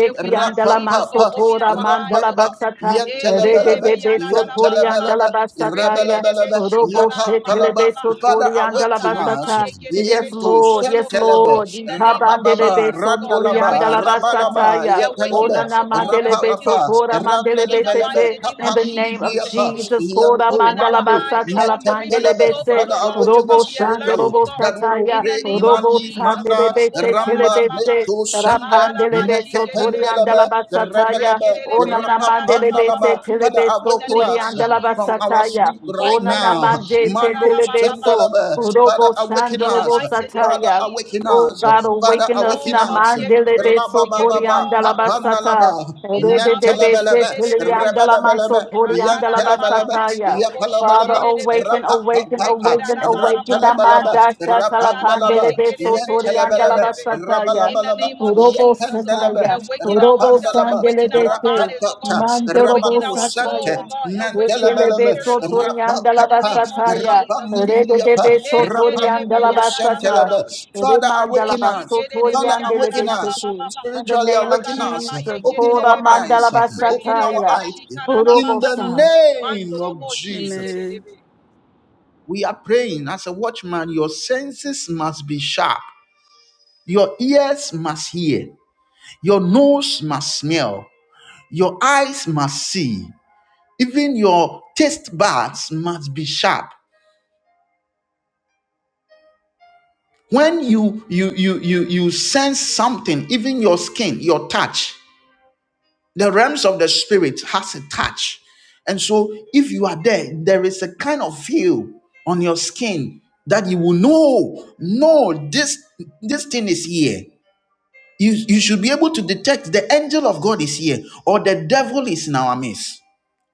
[SPEAKER 3] May we not
[SPEAKER 5] andala
[SPEAKER 3] sleep, oh
[SPEAKER 1] Rapapapa,
[SPEAKER 3] God. Open
[SPEAKER 5] mansotora
[SPEAKER 3] our eyes,
[SPEAKER 5] mandala
[SPEAKER 3] oh
[SPEAKER 1] rapapa,
[SPEAKER 3] God.
[SPEAKER 5] basata,
[SPEAKER 3] Eh,
[SPEAKER 5] rede
[SPEAKER 1] yantelebelebe,
[SPEAKER 3] kererebe
[SPEAKER 5] debe
[SPEAKER 3] yana na la ba
[SPEAKER 5] sotori
[SPEAKER 3] ba ba.
[SPEAKER 1] yantelebelebe,
[SPEAKER 5] andala
[SPEAKER 3] Re
[SPEAKER 5] basata ya,
[SPEAKER 3] kererebe
[SPEAKER 1] rebelebelebe,
[SPEAKER 3] shika
[SPEAKER 5] robo
[SPEAKER 3] na na
[SPEAKER 5] se
[SPEAKER 3] ba ba
[SPEAKER 1] yapapalaba.
[SPEAKER 3] ba ba.
[SPEAKER 5] telebeso
[SPEAKER 1] Father,
[SPEAKER 5] tori
[SPEAKER 3] Ba
[SPEAKER 5] andala
[SPEAKER 1] awaken
[SPEAKER 3] kara na ma
[SPEAKER 1] us.
[SPEAKER 5] basata.
[SPEAKER 3] ye
[SPEAKER 5] Yes,
[SPEAKER 3] kererebe
[SPEAKER 1] Yento
[SPEAKER 3] shiko
[SPEAKER 5] Lord, yes,
[SPEAKER 1] santelebe,
[SPEAKER 5] Lord.
[SPEAKER 3] In the name of
[SPEAKER 5] Tabande
[SPEAKER 1] rabababa,
[SPEAKER 5] lebe
[SPEAKER 3] Jesus, oh God,
[SPEAKER 5] sotori
[SPEAKER 1] randalaba,
[SPEAKER 5] andala
[SPEAKER 3] awaken us, oh God,
[SPEAKER 5] basata
[SPEAKER 1] rabalaba,
[SPEAKER 5] ya,
[SPEAKER 3] awaken
[SPEAKER 1] yetelebe,
[SPEAKER 3] us,
[SPEAKER 5] onana
[SPEAKER 3] oh God,
[SPEAKER 5] mandele
[SPEAKER 3] awaken
[SPEAKER 5] beso
[SPEAKER 1] rapapa,
[SPEAKER 3] us, oh
[SPEAKER 5] tora
[SPEAKER 3] God,
[SPEAKER 5] mandele
[SPEAKER 3] in the
[SPEAKER 1] randelebelebe,
[SPEAKER 5] besete.
[SPEAKER 3] mighty name
[SPEAKER 5] In
[SPEAKER 3] of
[SPEAKER 5] the name of
[SPEAKER 3] Jesus, oh
[SPEAKER 1] kapamilibriapa,
[SPEAKER 3] God.
[SPEAKER 5] Jesus, tora
[SPEAKER 1] yanto
[SPEAKER 3] Open
[SPEAKER 5] mandala
[SPEAKER 3] our
[SPEAKER 1] mande,
[SPEAKER 3] eyes, oh
[SPEAKER 5] basata la
[SPEAKER 3] God. May we be
[SPEAKER 5] pandele
[SPEAKER 1] metepelebe.
[SPEAKER 5] bese,
[SPEAKER 3] sobered,
[SPEAKER 1] Father,
[SPEAKER 3] oh God. May
[SPEAKER 1] awaken
[SPEAKER 3] we
[SPEAKER 5] robo
[SPEAKER 1] us
[SPEAKER 3] be
[SPEAKER 5] shando
[SPEAKER 3] alert,
[SPEAKER 1] spiritually
[SPEAKER 3] oh
[SPEAKER 5] robo
[SPEAKER 3] God.
[SPEAKER 1] that we will
[SPEAKER 5] sataya.
[SPEAKER 3] In
[SPEAKER 1] pray
[SPEAKER 3] the name of
[SPEAKER 5] Robo
[SPEAKER 1] mandi,
[SPEAKER 3] Jesus, oh God. Oh,
[SPEAKER 1] manda,
[SPEAKER 5] Sadelebese
[SPEAKER 1] Ramba
[SPEAKER 3] karala
[SPEAKER 5] Telebese
[SPEAKER 3] baba.
[SPEAKER 1] Leto Shanda
[SPEAKER 3] Malala ba
[SPEAKER 5] Rapandelebeso
[SPEAKER 3] shikerere
[SPEAKER 1] Nekependalaba
[SPEAKER 3] bebe.
[SPEAKER 5] Toriandalabatsataya
[SPEAKER 1] Rebelebe
[SPEAKER 3] Rekerere be
[SPEAKER 5] Onana
[SPEAKER 3] yanalala ba
[SPEAKER 1] Rapapandalaba
[SPEAKER 5] Mandelebese
[SPEAKER 3] baba.
[SPEAKER 1] Father
[SPEAKER 3] In
[SPEAKER 5] Telebeso
[SPEAKER 3] the
[SPEAKER 1] awaken
[SPEAKER 3] name of
[SPEAKER 1] us
[SPEAKER 3] Jesus,
[SPEAKER 1] from
[SPEAKER 3] oh
[SPEAKER 1] our
[SPEAKER 3] God.
[SPEAKER 5] Koriandalabatsataya
[SPEAKER 1] sleep
[SPEAKER 3] Oh,
[SPEAKER 1] right
[SPEAKER 5] Onana
[SPEAKER 1] now.
[SPEAKER 3] korobo
[SPEAKER 5] Mandese
[SPEAKER 1] Mando
[SPEAKER 3] shikarala ba baba.
[SPEAKER 5] Telebeso
[SPEAKER 1] Shandalaba Father
[SPEAKER 5] Robo
[SPEAKER 1] awaken
[SPEAKER 3] In the
[SPEAKER 1] us.
[SPEAKER 5] Shandorobo
[SPEAKER 3] mighty name of
[SPEAKER 1] Father
[SPEAKER 5] Sataya
[SPEAKER 3] Jesus.
[SPEAKER 1] awaken
[SPEAKER 5] Oh
[SPEAKER 1] us.
[SPEAKER 5] God,
[SPEAKER 1] Father
[SPEAKER 5] awaken us
[SPEAKER 1] awaken
[SPEAKER 3] Oh
[SPEAKER 5] na
[SPEAKER 3] God, we
[SPEAKER 1] us.
[SPEAKER 3] give you praise. We
[SPEAKER 5] mandelebeso
[SPEAKER 3] give you
[SPEAKER 1] Rabababa
[SPEAKER 3] honor, oh God.
[SPEAKER 5] Toriandalabasata
[SPEAKER 1] Apandalaba
[SPEAKER 3] In the name of
[SPEAKER 5] Redebese
[SPEAKER 1] Mentelebelebe
[SPEAKER 3] Jesus.
[SPEAKER 5] Teleandalamanso
[SPEAKER 1] Rebelebelebe Yantelebelebe
[SPEAKER 3] Rakarababa,
[SPEAKER 5] basataya. Father,
[SPEAKER 1] Yapalabalaba
[SPEAKER 3] Roboshikerebebe,
[SPEAKER 5] awaken, awaken,
[SPEAKER 1] Rapapapa
[SPEAKER 5] awaken, awaken.
[SPEAKER 1] Rantalabalaba
[SPEAKER 3] Rekerabababababa,
[SPEAKER 5] Amanda Shatala
[SPEAKER 3] Makaraba
[SPEAKER 1] Rapandalaba,
[SPEAKER 5] Pandele
[SPEAKER 3] yekerebe,
[SPEAKER 5] Sotori and
[SPEAKER 1] Yantelebelebe,
[SPEAKER 3] shikerebe.
[SPEAKER 5] Alabasataya.
[SPEAKER 3] In the
[SPEAKER 1] Rabalabalaba,
[SPEAKER 3] name of
[SPEAKER 5] Robo
[SPEAKER 3] Jesus, oh God,
[SPEAKER 1] Yapendelebe,
[SPEAKER 5] Sataya.
[SPEAKER 3] awaken
[SPEAKER 5] Robo
[SPEAKER 3] ourselves,
[SPEAKER 1] Rapandalaba,
[SPEAKER 5] Sandele
[SPEAKER 3] awaken our
[SPEAKER 5] Bese.
[SPEAKER 3] bodies, oh God,
[SPEAKER 1] Rapatata,
[SPEAKER 5] Mandorobo
[SPEAKER 3] awaken
[SPEAKER 1] Rabadu
[SPEAKER 3] our soul,
[SPEAKER 1] Sante,
[SPEAKER 3] oh
[SPEAKER 5] Sataya.
[SPEAKER 3] God, awaken our
[SPEAKER 1] Mantelebelebe,
[SPEAKER 5] Kelebe
[SPEAKER 3] spirit, oh
[SPEAKER 5] Sotori
[SPEAKER 3] God,
[SPEAKER 5] and
[SPEAKER 3] in the
[SPEAKER 1] Rapatapa,
[SPEAKER 3] name of
[SPEAKER 5] Alabasataya.
[SPEAKER 3] Jesus, oh
[SPEAKER 5] Rede
[SPEAKER 3] God.
[SPEAKER 5] de
[SPEAKER 1] Rapandidiapa,
[SPEAKER 5] Beso
[SPEAKER 3] Eh,
[SPEAKER 5] Tori and
[SPEAKER 3] kerebe,
[SPEAKER 1] Rapandro
[SPEAKER 5] Alabasata.
[SPEAKER 3] yarababa.
[SPEAKER 1] Santelebe. Father,
[SPEAKER 5] Remandala
[SPEAKER 1] awaken us.
[SPEAKER 5] Baso Tori
[SPEAKER 3] Oshikerebe
[SPEAKER 1] Father,
[SPEAKER 5] and
[SPEAKER 1] awaken
[SPEAKER 3] yanana
[SPEAKER 5] Delebese.
[SPEAKER 1] us.
[SPEAKER 3] mama
[SPEAKER 5] In
[SPEAKER 3] mama.
[SPEAKER 5] the
[SPEAKER 1] Spiritually
[SPEAKER 5] name of
[SPEAKER 1] awaken us.
[SPEAKER 3] Makararaba
[SPEAKER 5] Jesus,
[SPEAKER 1] Open
[SPEAKER 5] Kora
[SPEAKER 3] kerebe
[SPEAKER 1] our eyes.
[SPEAKER 5] Mandala
[SPEAKER 1] Open our
[SPEAKER 3] Rekerebe
[SPEAKER 5] Basataya.
[SPEAKER 1] eyes.
[SPEAKER 3] shikarara
[SPEAKER 5] Robo
[SPEAKER 1] In
[SPEAKER 3] mama
[SPEAKER 1] the
[SPEAKER 3] mama.
[SPEAKER 5] San.
[SPEAKER 1] name of
[SPEAKER 3] Mantorobo
[SPEAKER 5] Amen.
[SPEAKER 1] Jesus.
[SPEAKER 3] shikerebe.
[SPEAKER 1] We are praying as a watchman, your senses must be sharp, your ears must hear, your nose must smell, your eyes must see, even your taste buds must be sharp. When you you you you you sense something, even your skin, your touch, the realms of the spirit has a touch. And so, if you are there, there is a kind of feel on your skin that you will know, no, this this thing is here. You, you should be able to detect the angel of God is here or the devil is in our midst.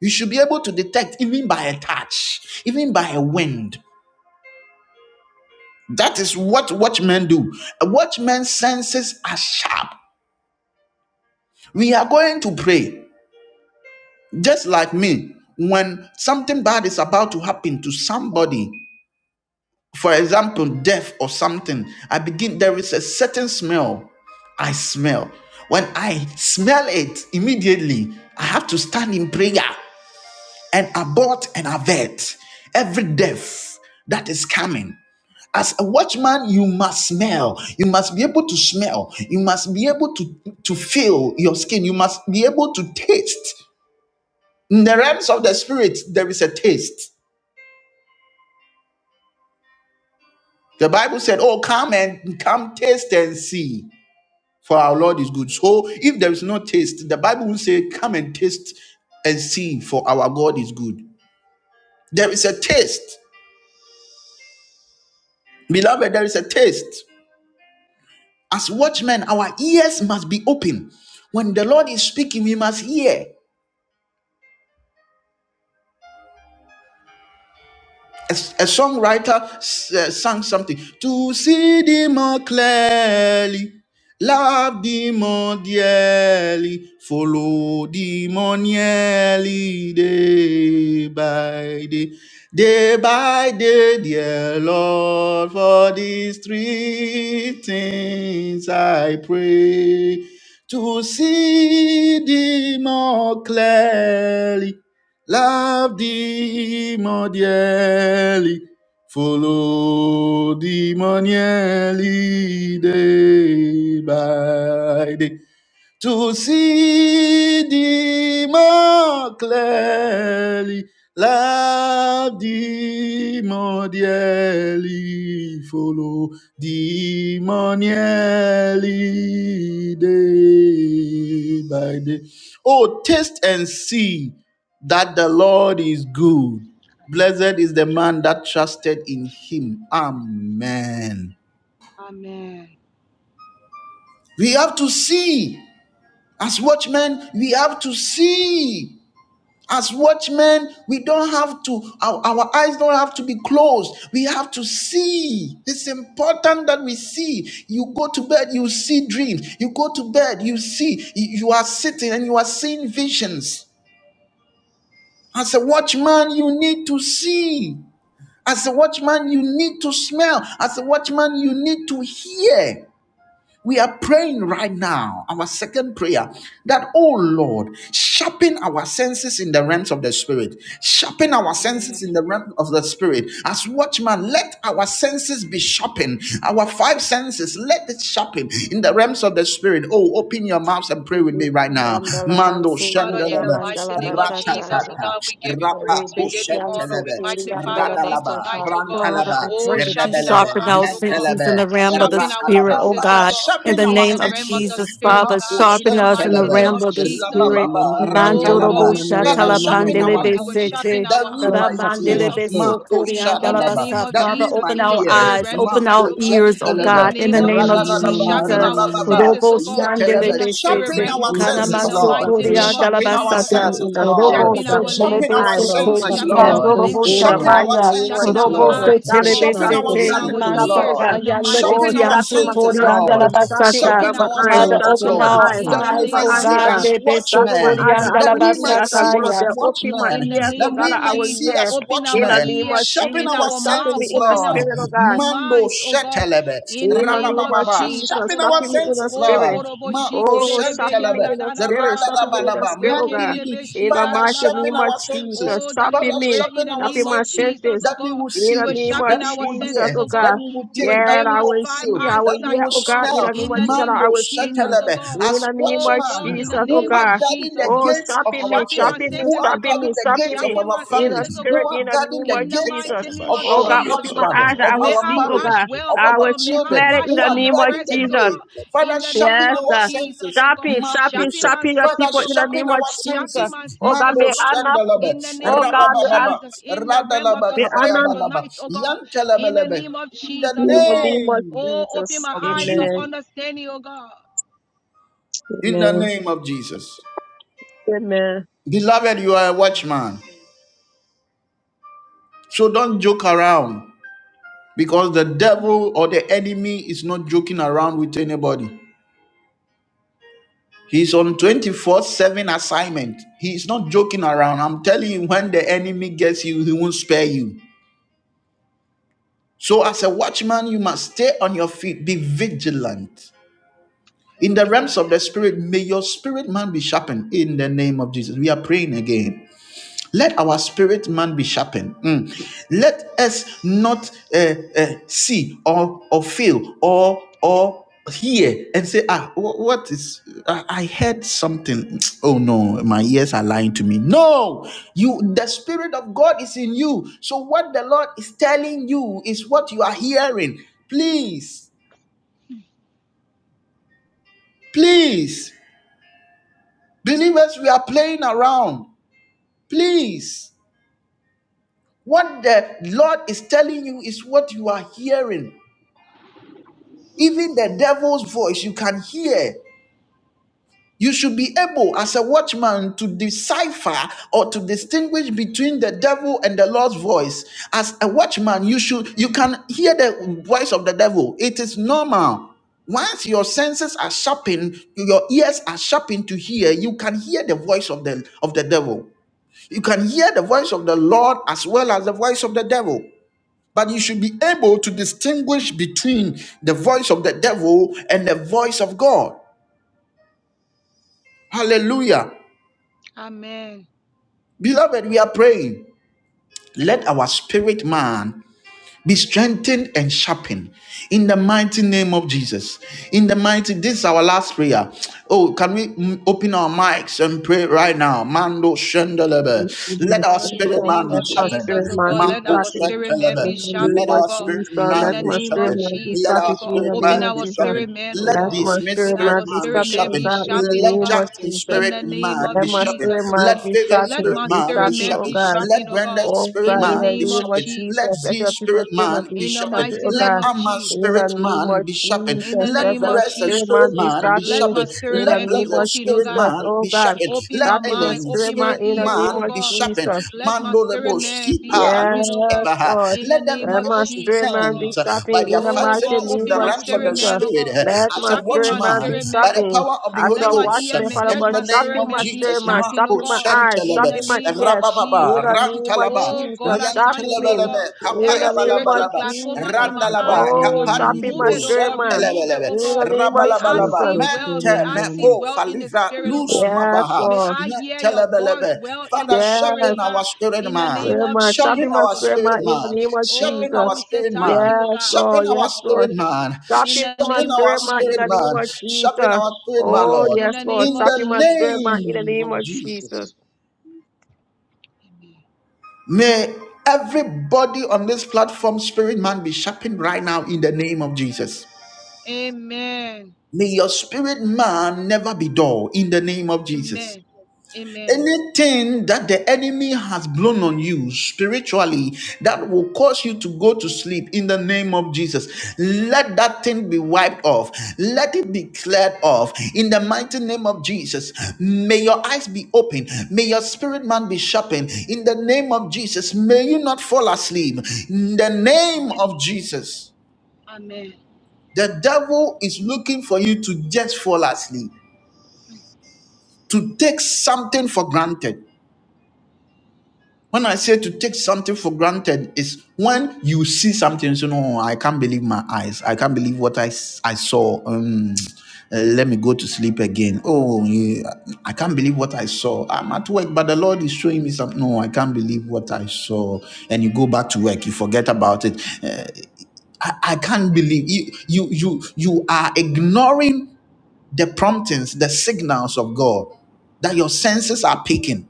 [SPEAKER 1] You should be able to detect even by a touch, even by a wind. That is what watchmen do. A watchman's senses are sharp. We are going to pray, just like me, when something bad is about to happen to somebody. for example, death or something, I begin, there is a certain smell I smell. When I smell it immediately, I have to stand in prayer and abort and avert every death that is coming. As a watchman, you must smell. You must be able to smell. You must be able to, to feel your skin. You must be able to taste. In the realms of the spirit, there is a taste. The Bible said, Oh, come and come taste and see. for our Lord is good. So if there is no taste, the Bible will say, Come and taste and see, for our God is good. There is a taste. Beloved, there is a taste. As watchmen, our ears must be open. When the Lord is speaking, we must hear. a, a songwriter uh, sang something to see thee more clearly love thee more dearly follow thee more nearly day by day day by day dear lord for these three things i pray to see thee more clearly Love thee more dearly, follow thee more nearly day by day to see thee more clearly, love thee more dearly, follow thee more nearly day by day. Oh, taste and see that the Lord is good. Blessed is the man that trusted in him. Amen.
[SPEAKER 3] Amen.
[SPEAKER 1] We have to see. As watchmen, we have to see As watchmen, we don't have to, our, our eyes don't have to be closed. We have to see. It's important that we see. You go to bed, you see dreams. You go to bed, you see. You you are sitting and you are seeing visions. As a watchman, you need to see. As a watchman, you need to smell. As a watchman, you need to hear. We are praying right now, our second prayer, that, oh Lord, sharpen our senses in the realms of the Spirit. Sharpen our
[SPEAKER 3] Amen.
[SPEAKER 1] senses in the realm of the Spirit. As watchman, let our senses be sharpened. Our five senses, let it sharpen in the realms of the Spirit. Oh, open your mouths and pray with me right now.
[SPEAKER 5] Mandala
[SPEAKER 1] Mando
[SPEAKER 5] Mansi
[SPEAKER 3] Father, in
[SPEAKER 5] Kura
[SPEAKER 3] the
[SPEAKER 1] shandelebe,
[SPEAKER 3] mighty
[SPEAKER 5] Mandala
[SPEAKER 3] name of
[SPEAKER 5] Basasaya.
[SPEAKER 3] Jesus, oh
[SPEAKER 1] ratatata,
[SPEAKER 3] God, we give you
[SPEAKER 5] Father,
[SPEAKER 3] praise,
[SPEAKER 1] rapako
[SPEAKER 3] we
[SPEAKER 5] I
[SPEAKER 3] give you honor,
[SPEAKER 1] shentelebe,
[SPEAKER 3] we magnify your name
[SPEAKER 1] radalaba,
[SPEAKER 3] tonight, oh God.
[SPEAKER 1] rantalaba,
[SPEAKER 3] Oh,
[SPEAKER 5] pray that you
[SPEAKER 3] sharpen
[SPEAKER 1] rebelebe,
[SPEAKER 3] our
[SPEAKER 5] sharpen our
[SPEAKER 3] eyes, oh God.
[SPEAKER 5] senses in
[SPEAKER 1] mentelebe,
[SPEAKER 5] the realm of the
[SPEAKER 3] Sharpen our
[SPEAKER 5] Spirit, oh
[SPEAKER 1] rapalaba.
[SPEAKER 3] senses, oh
[SPEAKER 1] Father,
[SPEAKER 5] God.
[SPEAKER 3] God,
[SPEAKER 5] In
[SPEAKER 1] sharpen
[SPEAKER 5] the
[SPEAKER 3] in
[SPEAKER 1] our
[SPEAKER 3] the
[SPEAKER 5] name of
[SPEAKER 3] realm of
[SPEAKER 1] senses.
[SPEAKER 3] the
[SPEAKER 5] Jesus,
[SPEAKER 3] Spirit, oh
[SPEAKER 5] Father,
[SPEAKER 1] Mako
[SPEAKER 3] God, in
[SPEAKER 5] sharpen
[SPEAKER 3] the
[SPEAKER 5] us in the
[SPEAKER 3] mighty
[SPEAKER 1] shentelebe,
[SPEAKER 3] name
[SPEAKER 5] realm
[SPEAKER 3] of
[SPEAKER 5] of the
[SPEAKER 3] Jesus, oh
[SPEAKER 5] Spirit.
[SPEAKER 2] Ma,
[SPEAKER 1] rabababa,
[SPEAKER 3] God.
[SPEAKER 2] ma, ma, ma, ma,
[SPEAKER 3] Oh
[SPEAKER 2] ma, ma,
[SPEAKER 3] God,
[SPEAKER 1] ratalaba.
[SPEAKER 5] Mandorobo
[SPEAKER 3] we
[SPEAKER 2] ma, ma,
[SPEAKER 3] pray
[SPEAKER 2] ma,
[SPEAKER 1] Father,
[SPEAKER 2] ma,
[SPEAKER 5] shatala
[SPEAKER 2] ma,
[SPEAKER 3] tonight,
[SPEAKER 1] sharpen
[SPEAKER 3] oh
[SPEAKER 2] ma,
[SPEAKER 1] our
[SPEAKER 2] ma.
[SPEAKER 3] God,
[SPEAKER 5] pandelebe
[SPEAKER 3] you will
[SPEAKER 1] senses
[SPEAKER 3] sharpen
[SPEAKER 5] sete,
[SPEAKER 3] our,
[SPEAKER 1] that we
[SPEAKER 3] our
[SPEAKER 2] Lord,
[SPEAKER 1] might
[SPEAKER 2] sharpen
[SPEAKER 3] sense
[SPEAKER 2] our
[SPEAKER 1] see.
[SPEAKER 3] of
[SPEAKER 5] ramandelebe
[SPEAKER 3] spirit,
[SPEAKER 2] soul.
[SPEAKER 3] oh
[SPEAKER 1] Mako
[SPEAKER 3] God,
[SPEAKER 5] sokori
[SPEAKER 3] in the
[SPEAKER 1] shadalaba,
[SPEAKER 3] name
[SPEAKER 5] andalabasa.
[SPEAKER 3] of
[SPEAKER 1] that
[SPEAKER 5] Father,
[SPEAKER 1] we
[SPEAKER 3] Jesus,
[SPEAKER 1] might
[SPEAKER 5] open
[SPEAKER 3] in the
[SPEAKER 5] our
[SPEAKER 1] hear.
[SPEAKER 3] spirit
[SPEAKER 5] eyes,
[SPEAKER 3] realm
[SPEAKER 5] open
[SPEAKER 3] tonight,
[SPEAKER 5] our
[SPEAKER 1] Mako
[SPEAKER 3] oh God,
[SPEAKER 5] ears, oh
[SPEAKER 3] in
[SPEAKER 1] shentelebe,
[SPEAKER 3] the
[SPEAKER 5] God, in
[SPEAKER 3] name
[SPEAKER 5] the
[SPEAKER 2] Ma,
[SPEAKER 3] of
[SPEAKER 2] ma,
[SPEAKER 5] name of
[SPEAKER 2] ma, ma,
[SPEAKER 3] Jesus,
[SPEAKER 2] ma,
[SPEAKER 1] ratalaba,
[SPEAKER 2] ma, ma,
[SPEAKER 3] sharpen
[SPEAKER 2] ma,
[SPEAKER 5] Jesus.
[SPEAKER 3] our
[SPEAKER 2] ma, ma.
[SPEAKER 1] rabababa,
[SPEAKER 3] senses,
[SPEAKER 5] Robo
[SPEAKER 3] oh God, in
[SPEAKER 1] yetelebe.
[SPEAKER 3] the
[SPEAKER 5] shandelebe
[SPEAKER 3] spirit
[SPEAKER 1] Sharpen
[SPEAKER 5] sete,
[SPEAKER 3] realm,
[SPEAKER 1] our
[SPEAKER 3] oh
[SPEAKER 6] me
[SPEAKER 3] God,
[SPEAKER 6] from the
[SPEAKER 3] in
[SPEAKER 1] senses,
[SPEAKER 5] ikanaman
[SPEAKER 3] the
[SPEAKER 6] fire,
[SPEAKER 1] Lord.
[SPEAKER 6] stop
[SPEAKER 3] mighty
[SPEAKER 5] sokori
[SPEAKER 6] me,
[SPEAKER 3] name of
[SPEAKER 1] Sharpen our
[SPEAKER 6] stop
[SPEAKER 3] Jesus, oh
[SPEAKER 5] andalabasata.
[SPEAKER 6] me
[SPEAKER 3] God.
[SPEAKER 6] in
[SPEAKER 1] senses,
[SPEAKER 6] the spirit,
[SPEAKER 1] Lord.
[SPEAKER 5] Robo
[SPEAKER 6] oh
[SPEAKER 3] Sharpen
[SPEAKER 5] se
[SPEAKER 6] God,
[SPEAKER 3] our
[SPEAKER 6] open
[SPEAKER 1] Sharpen
[SPEAKER 6] my
[SPEAKER 5] telebe
[SPEAKER 3] lenses,
[SPEAKER 1] our
[SPEAKER 5] se
[SPEAKER 3] oh
[SPEAKER 6] eyes,
[SPEAKER 5] te
[SPEAKER 2] Lord,
[SPEAKER 6] open
[SPEAKER 3] God.
[SPEAKER 6] my
[SPEAKER 1] senses,
[SPEAKER 2] sharpen
[SPEAKER 3] Sharpen
[SPEAKER 6] ears,
[SPEAKER 2] our
[SPEAKER 1] Lord.
[SPEAKER 3] our
[SPEAKER 5] ikando robo
[SPEAKER 6] in
[SPEAKER 2] senses,
[SPEAKER 3] lenses,
[SPEAKER 6] the
[SPEAKER 3] oh
[SPEAKER 1] Sharpen
[SPEAKER 2] Lord.
[SPEAKER 6] mighty
[SPEAKER 3] God.
[SPEAKER 1] our
[SPEAKER 5] sataya.
[SPEAKER 6] name of
[SPEAKER 3] Sharpen
[SPEAKER 1] senses,
[SPEAKER 3] our
[SPEAKER 5] Robo
[SPEAKER 6] Jesus,
[SPEAKER 1] Lord.
[SPEAKER 5] se
[SPEAKER 3] eyes, oh
[SPEAKER 6] stop it,
[SPEAKER 5] telebe
[SPEAKER 2] Sharpen
[SPEAKER 3] God.
[SPEAKER 1] Sharpen
[SPEAKER 6] stop
[SPEAKER 2] our
[SPEAKER 5] se
[SPEAKER 1] our
[SPEAKER 6] it,
[SPEAKER 5] te
[SPEAKER 3] Open
[SPEAKER 6] stop
[SPEAKER 2] senses,
[SPEAKER 3] our
[SPEAKER 6] it,
[SPEAKER 1] senses,
[SPEAKER 6] stop
[SPEAKER 2] Lord.
[SPEAKER 6] it, oh
[SPEAKER 3] ears
[SPEAKER 1] Lord.
[SPEAKER 6] God.
[SPEAKER 3] in the
[SPEAKER 5] masakaya
[SPEAKER 3] mighty
[SPEAKER 6] Oh,
[SPEAKER 1] Sharpen
[SPEAKER 3] name of
[SPEAKER 1] our
[SPEAKER 5] lebekian
[SPEAKER 6] stop in my
[SPEAKER 1] senses senses,
[SPEAKER 3] Jesus,
[SPEAKER 5] sotori
[SPEAKER 3] oh God.
[SPEAKER 1] Lord.
[SPEAKER 5] andala
[SPEAKER 6] understanding, stop it, oh
[SPEAKER 5] basata.
[SPEAKER 3] Open
[SPEAKER 6] God,
[SPEAKER 1] Sharpen
[SPEAKER 6] my
[SPEAKER 3] our
[SPEAKER 1] our
[SPEAKER 2] Sharpen
[SPEAKER 6] eyes,
[SPEAKER 5] Father,
[SPEAKER 2] our
[SPEAKER 3] mouth, oh
[SPEAKER 6] stop
[SPEAKER 1] senses,
[SPEAKER 6] in
[SPEAKER 5] open
[SPEAKER 3] God,
[SPEAKER 6] my
[SPEAKER 1] Lord,
[SPEAKER 5] our
[SPEAKER 2] senses,
[SPEAKER 6] eyes,
[SPEAKER 3] in
[SPEAKER 1] that
[SPEAKER 2] Lord.
[SPEAKER 3] the
[SPEAKER 6] stop
[SPEAKER 1] we
[SPEAKER 6] in
[SPEAKER 5] eyes,
[SPEAKER 6] my
[SPEAKER 1] might
[SPEAKER 3] name
[SPEAKER 5] O
[SPEAKER 6] eyes,
[SPEAKER 3] of
[SPEAKER 6] oh
[SPEAKER 1] see
[SPEAKER 5] God,
[SPEAKER 3] Jesus.
[SPEAKER 6] God.
[SPEAKER 1] as
[SPEAKER 5] lebe
[SPEAKER 6] Stop in my
[SPEAKER 5] sotori
[SPEAKER 1] watchmen,
[SPEAKER 6] eyes that I
[SPEAKER 1] that
[SPEAKER 5] andala
[SPEAKER 6] will
[SPEAKER 1] we
[SPEAKER 6] see
[SPEAKER 1] might
[SPEAKER 6] as I
[SPEAKER 1] see
[SPEAKER 6] go to
[SPEAKER 1] as
[SPEAKER 5] basataya.
[SPEAKER 6] bed, open my
[SPEAKER 3] In
[SPEAKER 1] watchmen,
[SPEAKER 3] the
[SPEAKER 6] ears, oh
[SPEAKER 1] that
[SPEAKER 3] name
[SPEAKER 6] God,
[SPEAKER 1] we
[SPEAKER 3] of
[SPEAKER 6] that I
[SPEAKER 1] might
[SPEAKER 6] will
[SPEAKER 1] see
[SPEAKER 3] Jesus,
[SPEAKER 6] hear.
[SPEAKER 1] as
[SPEAKER 3] open
[SPEAKER 6] In
[SPEAKER 3] our
[SPEAKER 6] the
[SPEAKER 1] watchmen.
[SPEAKER 6] name of
[SPEAKER 3] ears,
[SPEAKER 1] Sharpen
[SPEAKER 6] Jesus,
[SPEAKER 3] open
[SPEAKER 1] our
[SPEAKER 3] our
[SPEAKER 6] stop in
[SPEAKER 3] mouth,
[SPEAKER 6] me
[SPEAKER 1] senses,
[SPEAKER 6] in the
[SPEAKER 3] open
[SPEAKER 1] Lord.
[SPEAKER 3] our
[SPEAKER 6] spirit, oh God.
[SPEAKER 1] Mando
[SPEAKER 3] minds, oh God,
[SPEAKER 1] shetelebe,
[SPEAKER 3] in the
[SPEAKER 6] In the
[SPEAKER 3] name
[SPEAKER 6] name
[SPEAKER 3] of
[SPEAKER 6] of
[SPEAKER 1] rabababa.
[SPEAKER 3] Jesus,
[SPEAKER 6] Jesus,
[SPEAKER 3] oh
[SPEAKER 1] Sharpen
[SPEAKER 6] stop
[SPEAKER 1] our
[SPEAKER 6] me in
[SPEAKER 3] God.
[SPEAKER 6] the
[SPEAKER 1] senses,
[SPEAKER 3] Oh,
[SPEAKER 1] Lord.
[SPEAKER 6] spirit.
[SPEAKER 3] korobo
[SPEAKER 1] Mako
[SPEAKER 6] Oh, stop
[SPEAKER 3] shikerebe
[SPEAKER 6] me
[SPEAKER 1] shentelebe,
[SPEAKER 6] in
[SPEAKER 3] yanda
[SPEAKER 6] the
[SPEAKER 3] da
[SPEAKER 1] the
[SPEAKER 3] da ba
[SPEAKER 6] spirit.
[SPEAKER 3] ba
[SPEAKER 6] Stop
[SPEAKER 3] ba,
[SPEAKER 6] me in the
[SPEAKER 1] radalabalaba,
[SPEAKER 6] spirit, oh God.
[SPEAKER 1] mandilibi.
[SPEAKER 3] rekerebe
[SPEAKER 6] In the
[SPEAKER 1] Father,
[SPEAKER 3] shikada
[SPEAKER 6] mighty
[SPEAKER 3] da ba
[SPEAKER 1] sharpen
[SPEAKER 6] name of
[SPEAKER 1] our
[SPEAKER 3] ba.
[SPEAKER 1] senses.
[SPEAKER 6] Jesus,
[SPEAKER 3] Oh,
[SPEAKER 6] stop
[SPEAKER 3] Daddy, we
[SPEAKER 1] Father,
[SPEAKER 6] me.
[SPEAKER 3] pray in
[SPEAKER 1] sharpen
[SPEAKER 3] the
[SPEAKER 6] Stop
[SPEAKER 1] our
[SPEAKER 3] name
[SPEAKER 6] in
[SPEAKER 3] of
[SPEAKER 6] my
[SPEAKER 1] senses
[SPEAKER 3] Jesus,
[SPEAKER 6] senses.
[SPEAKER 3] oh
[SPEAKER 1] that we
[SPEAKER 3] God.
[SPEAKER 1] will
[SPEAKER 6] In
[SPEAKER 3] You
[SPEAKER 1] see,
[SPEAKER 6] the
[SPEAKER 3] will
[SPEAKER 6] name of
[SPEAKER 1] that
[SPEAKER 3] sharpen
[SPEAKER 1] we
[SPEAKER 3] our
[SPEAKER 1] will
[SPEAKER 6] Jesus,
[SPEAKER 1] hear,
[SPEAKER 3] senses,
[SPEAKER 6] oh
[SPEAKER 3] oh
[SPEAKER 1] that
[SPEAKER 6] God.
[SPEAKER 3] God.
[SPEAKER 1] we will
[SPEAKER 3] You
[SPEAKER 1] taste,
[SPEAKER 3] will
[SPEAKER 1] that
[SPEAKER 6] Yeah,
[SPEAKER 1] we
[SPEAKER 3] give
[SPEAKER 6] I
[SPEAKER 3] us
[SPEAKER 1] will
[SPEAKER 6] will
[SPEAKER 3] five
[SPEAKER 1] feel,
[SPEAKER 6] see. I
[SPEAKER 1] that
[SPEAKER 6] will
[SPEAKER 1] we
[SPEAKER 6] hear,
[SPEAKER 3] eyesight,
[SPEAKER 1] will
[SPEAKER 6] oh
[SPEAKER 3] oh
[SPEAKER 6] God.
[SPEAKER 3] God,
[SPEAKER 6] In
[SPEAKER 1] smell.
[SPEAKER 6] the name
[SPEAKER 3] in
[SPEAKER 6] of
[SPEAKER 3] the
[SPEAKER 6] Jesus,
[SPEAKER 3] name
[SPEAKER 1] Mando
[SPEAKER 6] I
[SPEAKER 3] of
[SPEAKER 6] will feel.
[SPEAKER 3] Jesus, oh
[SPEAKER 1] Shetelebe,
[SPEAKER 3] God.
[SPEAKER 6] In
[SPEAKER 1] as
[SPEAKER 6] the name of
[SPEAKER 3] Oh God,
[SPEAKER 1] watchmen
[SPEAKER 3] in the
[SPEAKER 6] Jesus,
[SPEAKER 1] who
[SPEAKER 6] oh
[SPEAKER 3] name
[SPEAKER 1] are
[SPEAKER 3] of
[SPEAKER 6] God.
[SPEAKER 1] guarding the
[SPEAKER 3] Jesus, oh
[SPEAKER 6] Oh,
[SPEAKER 3] God.
[SPEAKER 1] gates
[SPEAKER 6] stop
[SPEAKER 1] of our
[SPEAKER 6] me.
[SPEAKER 3] Sharpen
[SPEAKER 1] church,
[SPEAKER 6] Stop
[SPEAKER 3] my
[SPEAKER 6] me.
[SPEAKER 1] who
[SPEAKER 3] senses,
[SPEAKER 1] are
[SPEAKER 3] oh
[SPEAKER 6] Stop
[SPEAKER 3] God.
[SPEAKER 6] me.
[SPEAKER 1] guarding the
[SPEAKER 6] Stop
[SPEAKER 1] gates of
[SPEAKER 6] me.
[SPEAKER 3] Sharpen
[SPEAKER 1] our
[SPEAKER 3] my
[SPEAKER 6] In
[SPEAKER 1] family,
[SPEAKER 6] the
[SPEAKER 3] senses, oh
[SPEAKER 1] who
[SPEAKER 6] spirit,
[SPEAKER 1] are
[SPEAKER 3] God.
[SPEAKER 6] in the
[SPEAKER 1] guarding
[SPEAKER 6] name
[SPEAKER 1] the
[SPEAKER 6] of
[SPEAKER 3] In the
[SPEAKER 1] gates
[SPEAKER 6] Jesus.
[SPEAKER 3] mighty name
[SPEAKER 1] of
[SPEAKER 3] of
[SPEAKER 6] Oh
[SPEAKER 1] our
[SPEAKER 6] God,
[SPEAKER 3] Jesus,
[SPEAKER 6] open
[SPEAKER 3] oh
[SPEAKER 6] my
[SPEAKER 1] husband,
[SPEAKER 3] God.
[SPEAKER 6] eyes that
[SPEAKER 1] of
[SPEAKER 6] I will
[SPEAKER 3] May
[SPEAKER 1] our
[SPEAKER 3] I
[SPEAKER 6] see, oh
[SPEAKER 1] marriage,
[SPEAKER 3] wash
[SPEAKER 6] God.
[SPEAKER 3] well,
[SPEAKER 1] of
[SPEAKER 3] oh
[SPEAKER 6] I
[SPEAKER 1] our
[SPEAKER 6] was
[SPEAKER 3] God. May I
[SPEAKER 1] children,
[SPEAKER 6] declared
[SPEAKER 3] wash
[SPEAKER 6] in
[SPEAKER 1] who
[SPEAKER 6] the
[SPEAKER 1] are
[SPEAKER 3] in your
[SPEAKER 6] name of
[SPEAKER 1] guarding the
[SPEAKER 3] presence, oh
[SPEAKER 6] Jesus.
[SPEAKER 3] God.
[SPEAKER 1] gate. Father,
[SPEAKER 3] In the name
[SPEAKER 1] sharpen
[SPEAKER 6] Yes.
[SPEAKER 3] of
[SPEAKER 1] our
[SPEAKER 6] Uh,
[SPEAKER 3] Jesus,
[SPEAKER 1] senses,
[SPEAKER 3] oh God.
[SPEAKER 6] shopping,
[SPEAKER 1] Mando
[SPEAKER 6] shopping,
[SPEAKER 3] Sharpen
[SPEAKER 1] se-
[SPEAKER 3] my
[SPEAKER 6] shopping your
[SPEAKER 1] Father,
[SPEAKER 3] senses,
[SPEAKER 6] people in
[SPEAKER 3] oh
[SPEAKER 6] the
[SPEAKER 3] God.
[SPEAKER 1] sharpen
[SPEAKER 6] name of
[SPEAKER 1] our
[SPEAKER 3] Sharpen
[SPEAKER 6] Jesus.
[SPEAKER 1] senses.
[SPEAKER 3] my
[SPEAKER 6] Oh God,
[SPEAKER 3] senses,
[SPEAKER 1] Mando
[SPEAKER 3] oh
[SPEAKER 6] may I
[SPEAKER 3] God.
[SPEAKER 6] not,
[SPEAKER 1] shandalaba,
[SPEAKER 3] In the
[SPEAKER 6] oh
[SPEAKER 3] name of
[SPEAKER 6] God, may I,
[SPEAKER 1] rabababa,
[SPEAKER 3] Jesus, in the realm of
[SPEAKER 1] radalaba,
[SPEAKER 3] the
[SPEAKER 6] may I
[SPEAKER 3] spirit
[SPEAKER 6] not
[SPEAKER 1] kabayabalaba,
[SPEAKER 3] tonight, oh God. In the
[SPEAKER 1] yantalabalaba.
[SPEAKER 3] name of
[SPEAKER 1] In the
[SPEAKER 6] see
[SPEAKER 3] Jesus, oh
[SPEAKER 6] in the
[SPEAKER 3] God.
[SPEAKER 6] name of
[SPEAKER 1] name
[SPEAKER 3] Oh, open
[SPEAKER 6] Jesus.
[SPEAKER 3] my
[SPEAKER 1] of
[SPEAKER 3] eyes of
[SPEAKER 6] Amen.
[SPEAKER 1] Jesus.
[SPEAKER 3] understanding, oh God.
[SPEAKER 1] In the
[SPEAKER 6] Amen.
[SPEAKER 1] name of Jesus.
[SPEAKER 6] Amen.
[SPEAKER 1] Beloved, you are a
[SPEAKER 3] Amen.
[SPEAKER 1] watchman. So don't joke around because the
[SPEAKER 3] Mm.
[SPEAKER 1] devil or the enemy is not joking around with anybody. He's on 24 7 assignment. He's not joking around. I'm telling you, when the enemy gets you, he won't spare you. So, as a watchman, you must stay on your feet, be vigilant. In the
[SPEAKER 3] Hallelujah.
[SPEAKER 1] realms of the spirit, may your spirit man be sharpened in the name of Jesus. We are praying again. Let our spirit man be sharpened. Mm. Let us not uh, uh, see or or feel or or hear and say, ah, what is? I heard something. Oh no, my ears are lying to me. No, you, the spirit of God is in you. So what the Lord is telling you is what you are hearing. Please, please, believers, we are playing around. Please. What the Lord is telling you is what you are hearing. Even the devil's voice you can hear. You should be able, as a watchman, to decipher or to distinguish between the devil and the Lord's voice. As a watchman, you should you can hear the voice of the devil. It is normal. Once your senses are sharpened, your ears are sharpened to hear, you can hear the voice of the of the devil. You can hear the voice of the Lord as well as the voice of the devil. But you should be able to distinguish between the voice of the devil and the voice of God. Hallelujah.
[SPEAKER 3] Amen.
[SPEAKER 1] Beloved, we are praying. Let our spirit man be strengthened and sharpened in the mighty name of Jesus. In the mighty, this is our last prayer. Oh, can we mm, open our mics and pray right now? Mando shendelebe.
[SPEAKER 6] Amen.
[SPEAKER 1] Let our
[SPEAKER 3] Father,
[SPEAKER 6] Jesus,
[SPEAKER 3] in the
[SPEAKER 1] spirit man
[SPEAKER 3] name
[SPEAKER 1] be
[SPEAKER 6] Let
[SPEAKER 3] of
[SPEAKER 6] my
[SPEAKER 1] sharpened.
[SPEAKER 6] spirit
[SPEAKER 3] Jesus, oh
[SPEAKER 6] man
[SPEAKER 3] God,
[SPEAKER 6] be
[SPEAKER 3] let
[SPEAKER 1] Mako
[SPEAKER 3] our
[SPEAKER 6] shopping.
[SPEAKER 3] spirit man
[SPEAKER 6] In
[SPEAKER 1] shendelebe.
[SPEAKER 3] be
[SPEAKER 6] the name
[SPEAKER 1] Let
[SPEAKER 3] sharpened, oh
[SPEAKER 6] of
[SPEAKER 1] our
[SPEAKER 3] God.
[SPEAKER 1] spirit
[SPEAKER 6] Jesus,
[SPEAKER 3] In
[SPEAKER 6] let
[SPEAKER 1] man
[SPEAKER 3] the
[SPEAKER 1] be
[SPEAKER 6] my
[SPEAKER 3] name
[SPEAKER 6] spirit
[SPEAKER 3] of
[SPEAKER 1] sharpened.
[SPEAKER 6] man be
[SPEAKER 1] Let
[SPEAKER 3] Jesus, oh
[SPEAKER 1] our
[SPEAKER 6] shopping in
[SPEAKER 3] God,
[SPEAKER 1] spirit
[SPEAKER 6] the name
[SPEAKER 3] open
[SPEAKER 1] man
[SPEAKER 6] of
[SPEAKER 1] be
[SPEAKER 3] our
[SPEAKER 6] Jesus.
[SPEAKER 3] spirit
[SPEAKER 1] sharpened.
[SPEAKER 3] man, oh
[SPEAKER 1] Let
[SPEAKER 6] Let
[SPEAKER 1] the
[SPEAKER 3] God.
[SPEAKER 6] my
[SPEAKER 1] Smith
[SPEAKER 3] May
[SPEAKER 6] spirit
[SPEAKER 1] spirit
[SPEAKER 3] our
[SPEAKER 6] man be
[SPEAKER 1] man be
[SPEAKER 3] spirit
[SPEAKER 6] shopping,
[SPEAKER 3] man
[SPEAKER 6] oh
[SPEAKER 3] be
[SPEAKER 1] sharpened.
[SPEAKER 6] God, in the
[SPEAKER 3] sharpened,
[SPEAKER 1] Let
[SPEAKER 3] oh
[SPEAKER 6] name
[SPEAKER 3] God.
[SPEAKER 6] of
[SPEAKER 1] Jackson
[SPEAKER 6] Jesus.
[SPEAKER 3] In
[SPEAKER 1] spirit
[SPEAKER 3] the name
[SPEAKER 1] man
[SPEAKER 3] of
[SPEAKER 6] Let
[SPEAKER 1] be
[SPEAKER 6] my
[SPEAKER 1] sharpened.
[SPEAKER 6] spirit
[SPEAKER 3] Jesus, oh
[SPEAKER 6] man
[SPEAKER 1] Let
[SPEAKER 3] God.
[SPEAKER 6] be
[SPEAKER 1] Favor
[SPEAKER 3] Let
[SPEAKER 6] tapping,
[SPEAKER 1] spirit
[SPEAKER 3] my
[SPEAKER 6] be
[SPEAKER 1] man
[SPEAKER 3] spirit
[SPEAKER 1] be
[SPEAKER 6] tapping,
[SPEAKER 3] man
[SPEAKER 6] oh
[SPEAKER 3] be
[SPEAKER 1] sharpened.
[SPEAKER 6] God.
[SPEAKER 1] Let
[SPEAKER 3] sharpened, oh
[SPEAKER 1] Brenda
[SPEAKER 3] God.
[SPEAKER 6] Oh
[SPEAKER 1] spirit
[SPEAKER 3] In
[SPEAKER 6] God,
[SPEAKER 3] the
[SPEAKER 6] in
[SPEAKER 1] man
[SPEAKER 6] the
[SPEAKER 1] be
[SPEAKER 3] name
[SPEAKER 6] name
[SPEAKER 3] of
[SPEAKER 6] of
[SPEAKER 1] sharpened.
[SPEAKER 6] Jesus,
[SPEAKER 1] Let
[SPEAKER 3] Jesus.
[SPEAKER 6] let
[SPEAKER 1] Z
[SPEAKER 6] your people
[SPEAKER 1] spirit
[SPEAKER 6] spirit man
[SPEAKER 1] man
[SPEAKER 6] be
[SPEAKER 1] be
[SPEAKER 3] In the
[SPEAKER 1] sharpened.
[SPEAKER 6] tapping, oh
[SPEAKER 3] mighty
[SPEAKER 1] Let
[SPEAKER 3] name
[SPEAKER 6] God.
[SPEAKER 3] of
[SPEAKER 1] Amma
[SPEAKER 6] In
[SPEAKER 3] Jesus.
[SPEAKER 6] the
[SPEAKER 1] spirit
[SPEAKER 6] name
[SPEAKER 1] man
[SPEAKER 6] of
[SPEAKER 1] be sharpened.
[SPEAKER 3] In
[SPEAKER 6] Jesus,
[SPEAKER 3] the
[SPEAKER 1] Let
[SPEAKER 6] let
[SPEAKER 3] name
[SPEAKER 6] my
[SPEAKER 3] of
[SPEAKER 1] Veresa
[SPEAKER 6] spirit
[SPEAKER 1] spirit
[SPEAKER 6] man
[SPEAKER 3] Jesus.
[SPEAKER 6] be
[SPEAKER 1] man be
[SPEAKER 3] Let
[SPEAKER 6] tapping.
[SPEAKER 3] my
[SPEAKER 1] sharpened.
[SPEAKER 6] In
[SPEAKER 3] spirit
[SPEAKER 6] the
[SPEAKER 1] Let
[SPEAKER 3] man be
[SPEAKER 6] name
[SPEAKER 1] Blessed
[SPEAKER 6] of
[SPEAKER 3] open, oh
[SPEAKER 1] spirit
[SPEAKER 3] God.
[SPEAKER 6] Jesus,
[SPEAKER 1] man
[SPEAKER 6] oh
[SPEAKER 1] be
[SPEAKER 6] God.
[SPEAKER 1] sharpened.
[SPEAKER 3] Open
[SPEAKER 1] Let
[SPEAKER 3] my
[SPEAKER 6] Tapping my
[SPEAKER 3] mind,
[SPEAKER 1] Ellen
[SPEAKER 6] spirit
[SPEAKER 3] open my
[SPEAKER 6] man
[SPEAKER 1] spirit
[SPEAKER 6] in the
[SPEAKER 3] ears, oh
[SPEAKER 6] name
[SPEAKER 1] man
[SPEAKER 6] of
[SPEAKER 1] be
[SPEAKER 3] God.
[SPEAKER 1] sharpened
[SPEAKER 6] Jesus.
[SPEAKER 1] sharpened.
[SPEAKER 3] Let my
[SPEAKER 1] Mando
[SPEAKER 3] spirit
[SPEAKER 1] lebo
[SPEAKER 3] man be
[SPEAKER 1] sipa
[SPEAKER 6] Yes,
[SPEAKER 3] sharpened,
[SPEAKER 1] loose
[SPEAKER 3] oh God,
[SPEAKER 1] ever.
[SPEAKER 6] Lord.
[SPEAKER 3] in the
[SPEAKER 1] Let them
[SPEAKER 3] name
[SPEAKER 1] be
[SPEAKER 6] Let
[SPEAKER 3] of
[SPEAKER 6] my
[SPEAKER 1] able to
[SPEAKER 6] spirit
[SPEAKER 3] Jesus, oh
[SPEAKER 6] man
[SPEAKER 3] God.
[SPEAKER 6] be
[SPEAKER 1] sense by
[SPEAKER 6] stopping in
[SPEAKER 1] their
[SPEAKER 6] the
[SPEAKER 1] five
[SPEAKER 3] Oh
[SPEAKER 6] mighty
[SPEAKER 3] God,
[SPEAKER 1] senses in
[SPEAKER 6] name
[SPEAKER 3] open
[SPEAKER 1] the
[SPEAKER 3] my
[SPEAKER 6] of
[SPEAKER 1] realms of
[SPEAKER 3] spirit,
[SPEAKER 1] the
[SPEAKER 3] man.
[SPEAKER 6] Jesus.
[SPEAKER 3] Oh
[SPEAKER 1] spirit
[SPEAKER 3] God,
[SPEAKER 1] eh,
[SPEAKER 6] Let
[SPEAKER 1] as
[SPEAKER 6] my
[SPEAKER 1] a
[SPEAKER 3] sharpen
[SPEAKER 6] spirit
[SPEAKER 3] my
[SPEAKER 6] man
[SPEAKER 1] watchman
[SPEAKER 6] be
[SPEAKER 3] spirit, man.
[SPEAKER 1] by the
[SPEAKER 3] Oh
[SPEAKER 6] stopping.
[SPEAKER 3] God,
[SPEAKER 1] power of the
[SPEAKER 6] As
[SPEAKER 1] Holy
[SPEAKER 3] let
[SPEAKER 6] I
[SPEAKER 3] my
[SPEAKER 6] watch
[SPEAKER 1] Ghost.
[SPEAKER 3] ear,
[SPEAKER 6] me,
[SPEAKER 3] ma-
[SPEAKER 6] Father
[SPEAKER 1] eh, In
[SPEAKER 3] let
[SPEAKER 6] God,
[SPEAKER 1] the
[SPEAKER 3] my
[SPEAKER 1] name
[SPEAKER 6] stopping
[SPEAKER 3] spirit,
[SPEAKER 1] of
[SPEAKER 6] my
[SPEAKER 3] man, be
[SPEAKER 6] spirit
[SPEAKER 1] Jesus,
[SPEAKER 6] man,
[SPEAKER 3] sharpened. Oh
[SPEAKER 1] Marco
[SPEAKER 6] stopping my
[SPEAKER 3] God,
[SPEAKER 6] eyes,
[SPEAKER 3] in
[SPEAKER 1] Chantelebe,
[SPEAKER 3] the
[SPEAKER 6] stopping my
[SPEAKER 3] name of
[SPEAKER 6] ears. In
[SPEAKER 1] Rabababa,
[SPEAKER 3] Jesus.
[SPEAKER 6] the name of
[SPEAKER 1] Rantalaba.
[SPEAKER 3] Oh God,
[SPEAKER 6] Jesus,
[SPEAKER 3] I thank
[SPEAKER 6] stopping me.
[SPEAKER 3] you, oh
[SPEAKER 6] In
[SPEAKER 1] Yantelebelebe,
[SPEAKER 3] God. Every
[SPEAKER 6] the name of
[SPEAKER 3] spiritual
[SPEAKER 1] kapayabalabalaba,
[SPEAKER 3] glaucoma
[SPEAKER 2] Ma,
[SPEAKER 3] in
[SPEAKER 6] Jesus.
[SPEAKER 3] my
[SPEAKER 2] ma,
[SPEAKER 1] randalaba,
[SPEAKER 2] ma,
[SPEAKER 3] eyes, oh
[SPEAKER 2] ma, ma,
[SPEAKER 6] Oh,
[SPEAKER 3] God,
[SPEAKER 2] ma,
[SPEAKER 6] stopping
[SPEAKER 3] remove
[SPEAKER 6] my
[SPEAKER 2] ma,
[SPEAKER 3] it,
[SPEAKER 2] ma.
[SPEAKER 3] oh
[SPEAKER 6] spirit
[SPEAKER 3] God,
[SPEAKER 6] man.
[SPEAKER 3] remove it,
[SPEAKER 1] kapanimboshantelebelebe,
[SPEAKER 3] oh
[SPEAKER 6] In the
[SPEAKER 3] God.
[SPEAKER 6] name of
[SPEAKER 3] May I
[SPEAKER 2] Ma,
[SPEAKER 1] rabalabalaba,
[SPEAKER 3] see
[SPEAKER 6] Jesus.
[SPEAKER 2] so, so,
[SPEAKER 3] well,
[SPEAKER 1] mente,
[SPEAKER 3] may I
[SPEAKER 2] ma, ma,
[SPEAKER 3] see
[SPEAKER 1] meko,
[SPEAKER 2] ma.
[SPEAKER 3] well in the
[SPEAKER 1] falivra,
[SPEAKER 3] spirit, oh
[SPEAKER 1] luz
[SPEAKER 3] God.
[SPEAKER 6] Yes,
[SPEAKER 1] mabaha,
[SPEAKER 3] May
[SPEAKER 6] Lord.
[SPEAKER 3] I hear your
[SPEAKER 1] mentelebelebe.
[SPEAKER 3] voice well in
[SPEAKER 1] Father,
[SPEAKER 3] the
[SPEAKER 6] Yes,
[SPEAKER 3] spirit, oh
[SPEAKER 1] sharpen our
[SPEAKER 3] God,
[SPEAKER 1] spirit
[SPEAKER 3] in the
[SPEAKER 1] man,
[SPEAKER 3] name
[SPEAKER 6] Spirit
[SPEAKER 3] of
[SPEAKER 6] man, shop
[SPEAKER 1] sharpen
[SPEAKER 6] in my
[SPEAKER 3] Jesus,
[SPEAKER 1] our
[SPEAKER 3] oh
[SPEAKER 6] spirit
[SPEAKER 3] God.
[SPEAKER 1] spirit
[SPEAKER 6] man in the
[SPEAKER 1] man,
[SPEAKER 6] name of
[SPEAKER 3] Oh
[SPEAKER 1] sharpen
[SPEAKER 6] Jesus.
[SPEAKER 3] God,
[SPEAKER 1] our
[SPEAKER 3] we say
[SPEAKER 1] spirit
[SPEAKER 3] thank
[SPEAKER 1] man,
[SPEAKER 3] you, oh
[SPEAKER 6] Yes,
[SPEAKER 3] God.
[SPEAKER 1] sharpen
[SPEAKER 6] Lord,
[SPEAKER 1] our
[SPEAKER 6] yes, Lord.
[SPEAKER 1] spirit man,
[SPEAKER 6] Shop
[SPEAKER 3] In
[SPEAKER 6] in
[SPEAKER 3] the
[SPEAKER 6] my
[SPEAKER 1] sharpen
[SPEAKER 3] name of
[SPEAKER 1] our
[SPEAKER 6] spirit man in
[SPEAKER 1] spirit
[SPEAKER 6] the
[SPEAKER 3] Jesus.
[SPEAKER 6] name
[SPEAKER 1] man,
[SPEAKER 6] of
[SPEAKER 1] sharpen
[SPEAKER 6] Jesus.
[SPEAKER 1] our spirit man,
[SPEAKER 6] Oh,
[SPEAKER 1] Lord,
[SPEAKER 3] In
[SPEAKER 6] yes,
[SPEAKER 3] the
[SPEAKER 6] Lord.
[SPEAKER 3] name
[SPEAKER 1] in
[SPEAKER 3] of
[SPEAKER 6] Shop
[SPEAKER 1] the
[SPEAKER 6] in my spirit
[SPEAKER 3] Jesus.
[SPEAKER 6] man in the
[SPEAKER 1] name
[SPEAKER 6] name
[SPEAKER 1] of
[SPEAKER 6] of Jesus.
[SPEAKER 1] Jesus.
[SPEAKER 3] Amen.
[SPEAKER 1] May everybody on this platform, spirit man, be sharpened right now in the name of Jesus.
[SPEAKER 3] Amen.
[SPEAKER 1] May your spirit man never be dull in the name of Jesus.
[SPEAKER 3] Amen. Amen.
[SPEAKER 1] Anything that the enemy has blown on you spiritually that will cause you to go to sleep in the name of Jesus, let that thing be wiped off. Let it be cleared off in the mighty name of Jesus. May your eyes be open. May your spirit man be sharpened in the name of Jesus. May you not fall asleep in the name of Jesus.
[SPEAKER 3] Amen.
[SPEAKER 1] The devil is looking for you to just fall asleep, to take something for granted. When I say to take something for granted, is when you see something, so no, I can't believe my eyes. I can't believe what I, s- I saw. Um, uh, let me go to sleep again. Oh, yeah, I can't believe what I saw. I'm at work, but the Lord is showing me something. No, I can't believe what I saw. And you go back to work, you forget about it. Uh, I, I can't believe you, you you you are ignoring the promptings, the signals of God that your senses are picking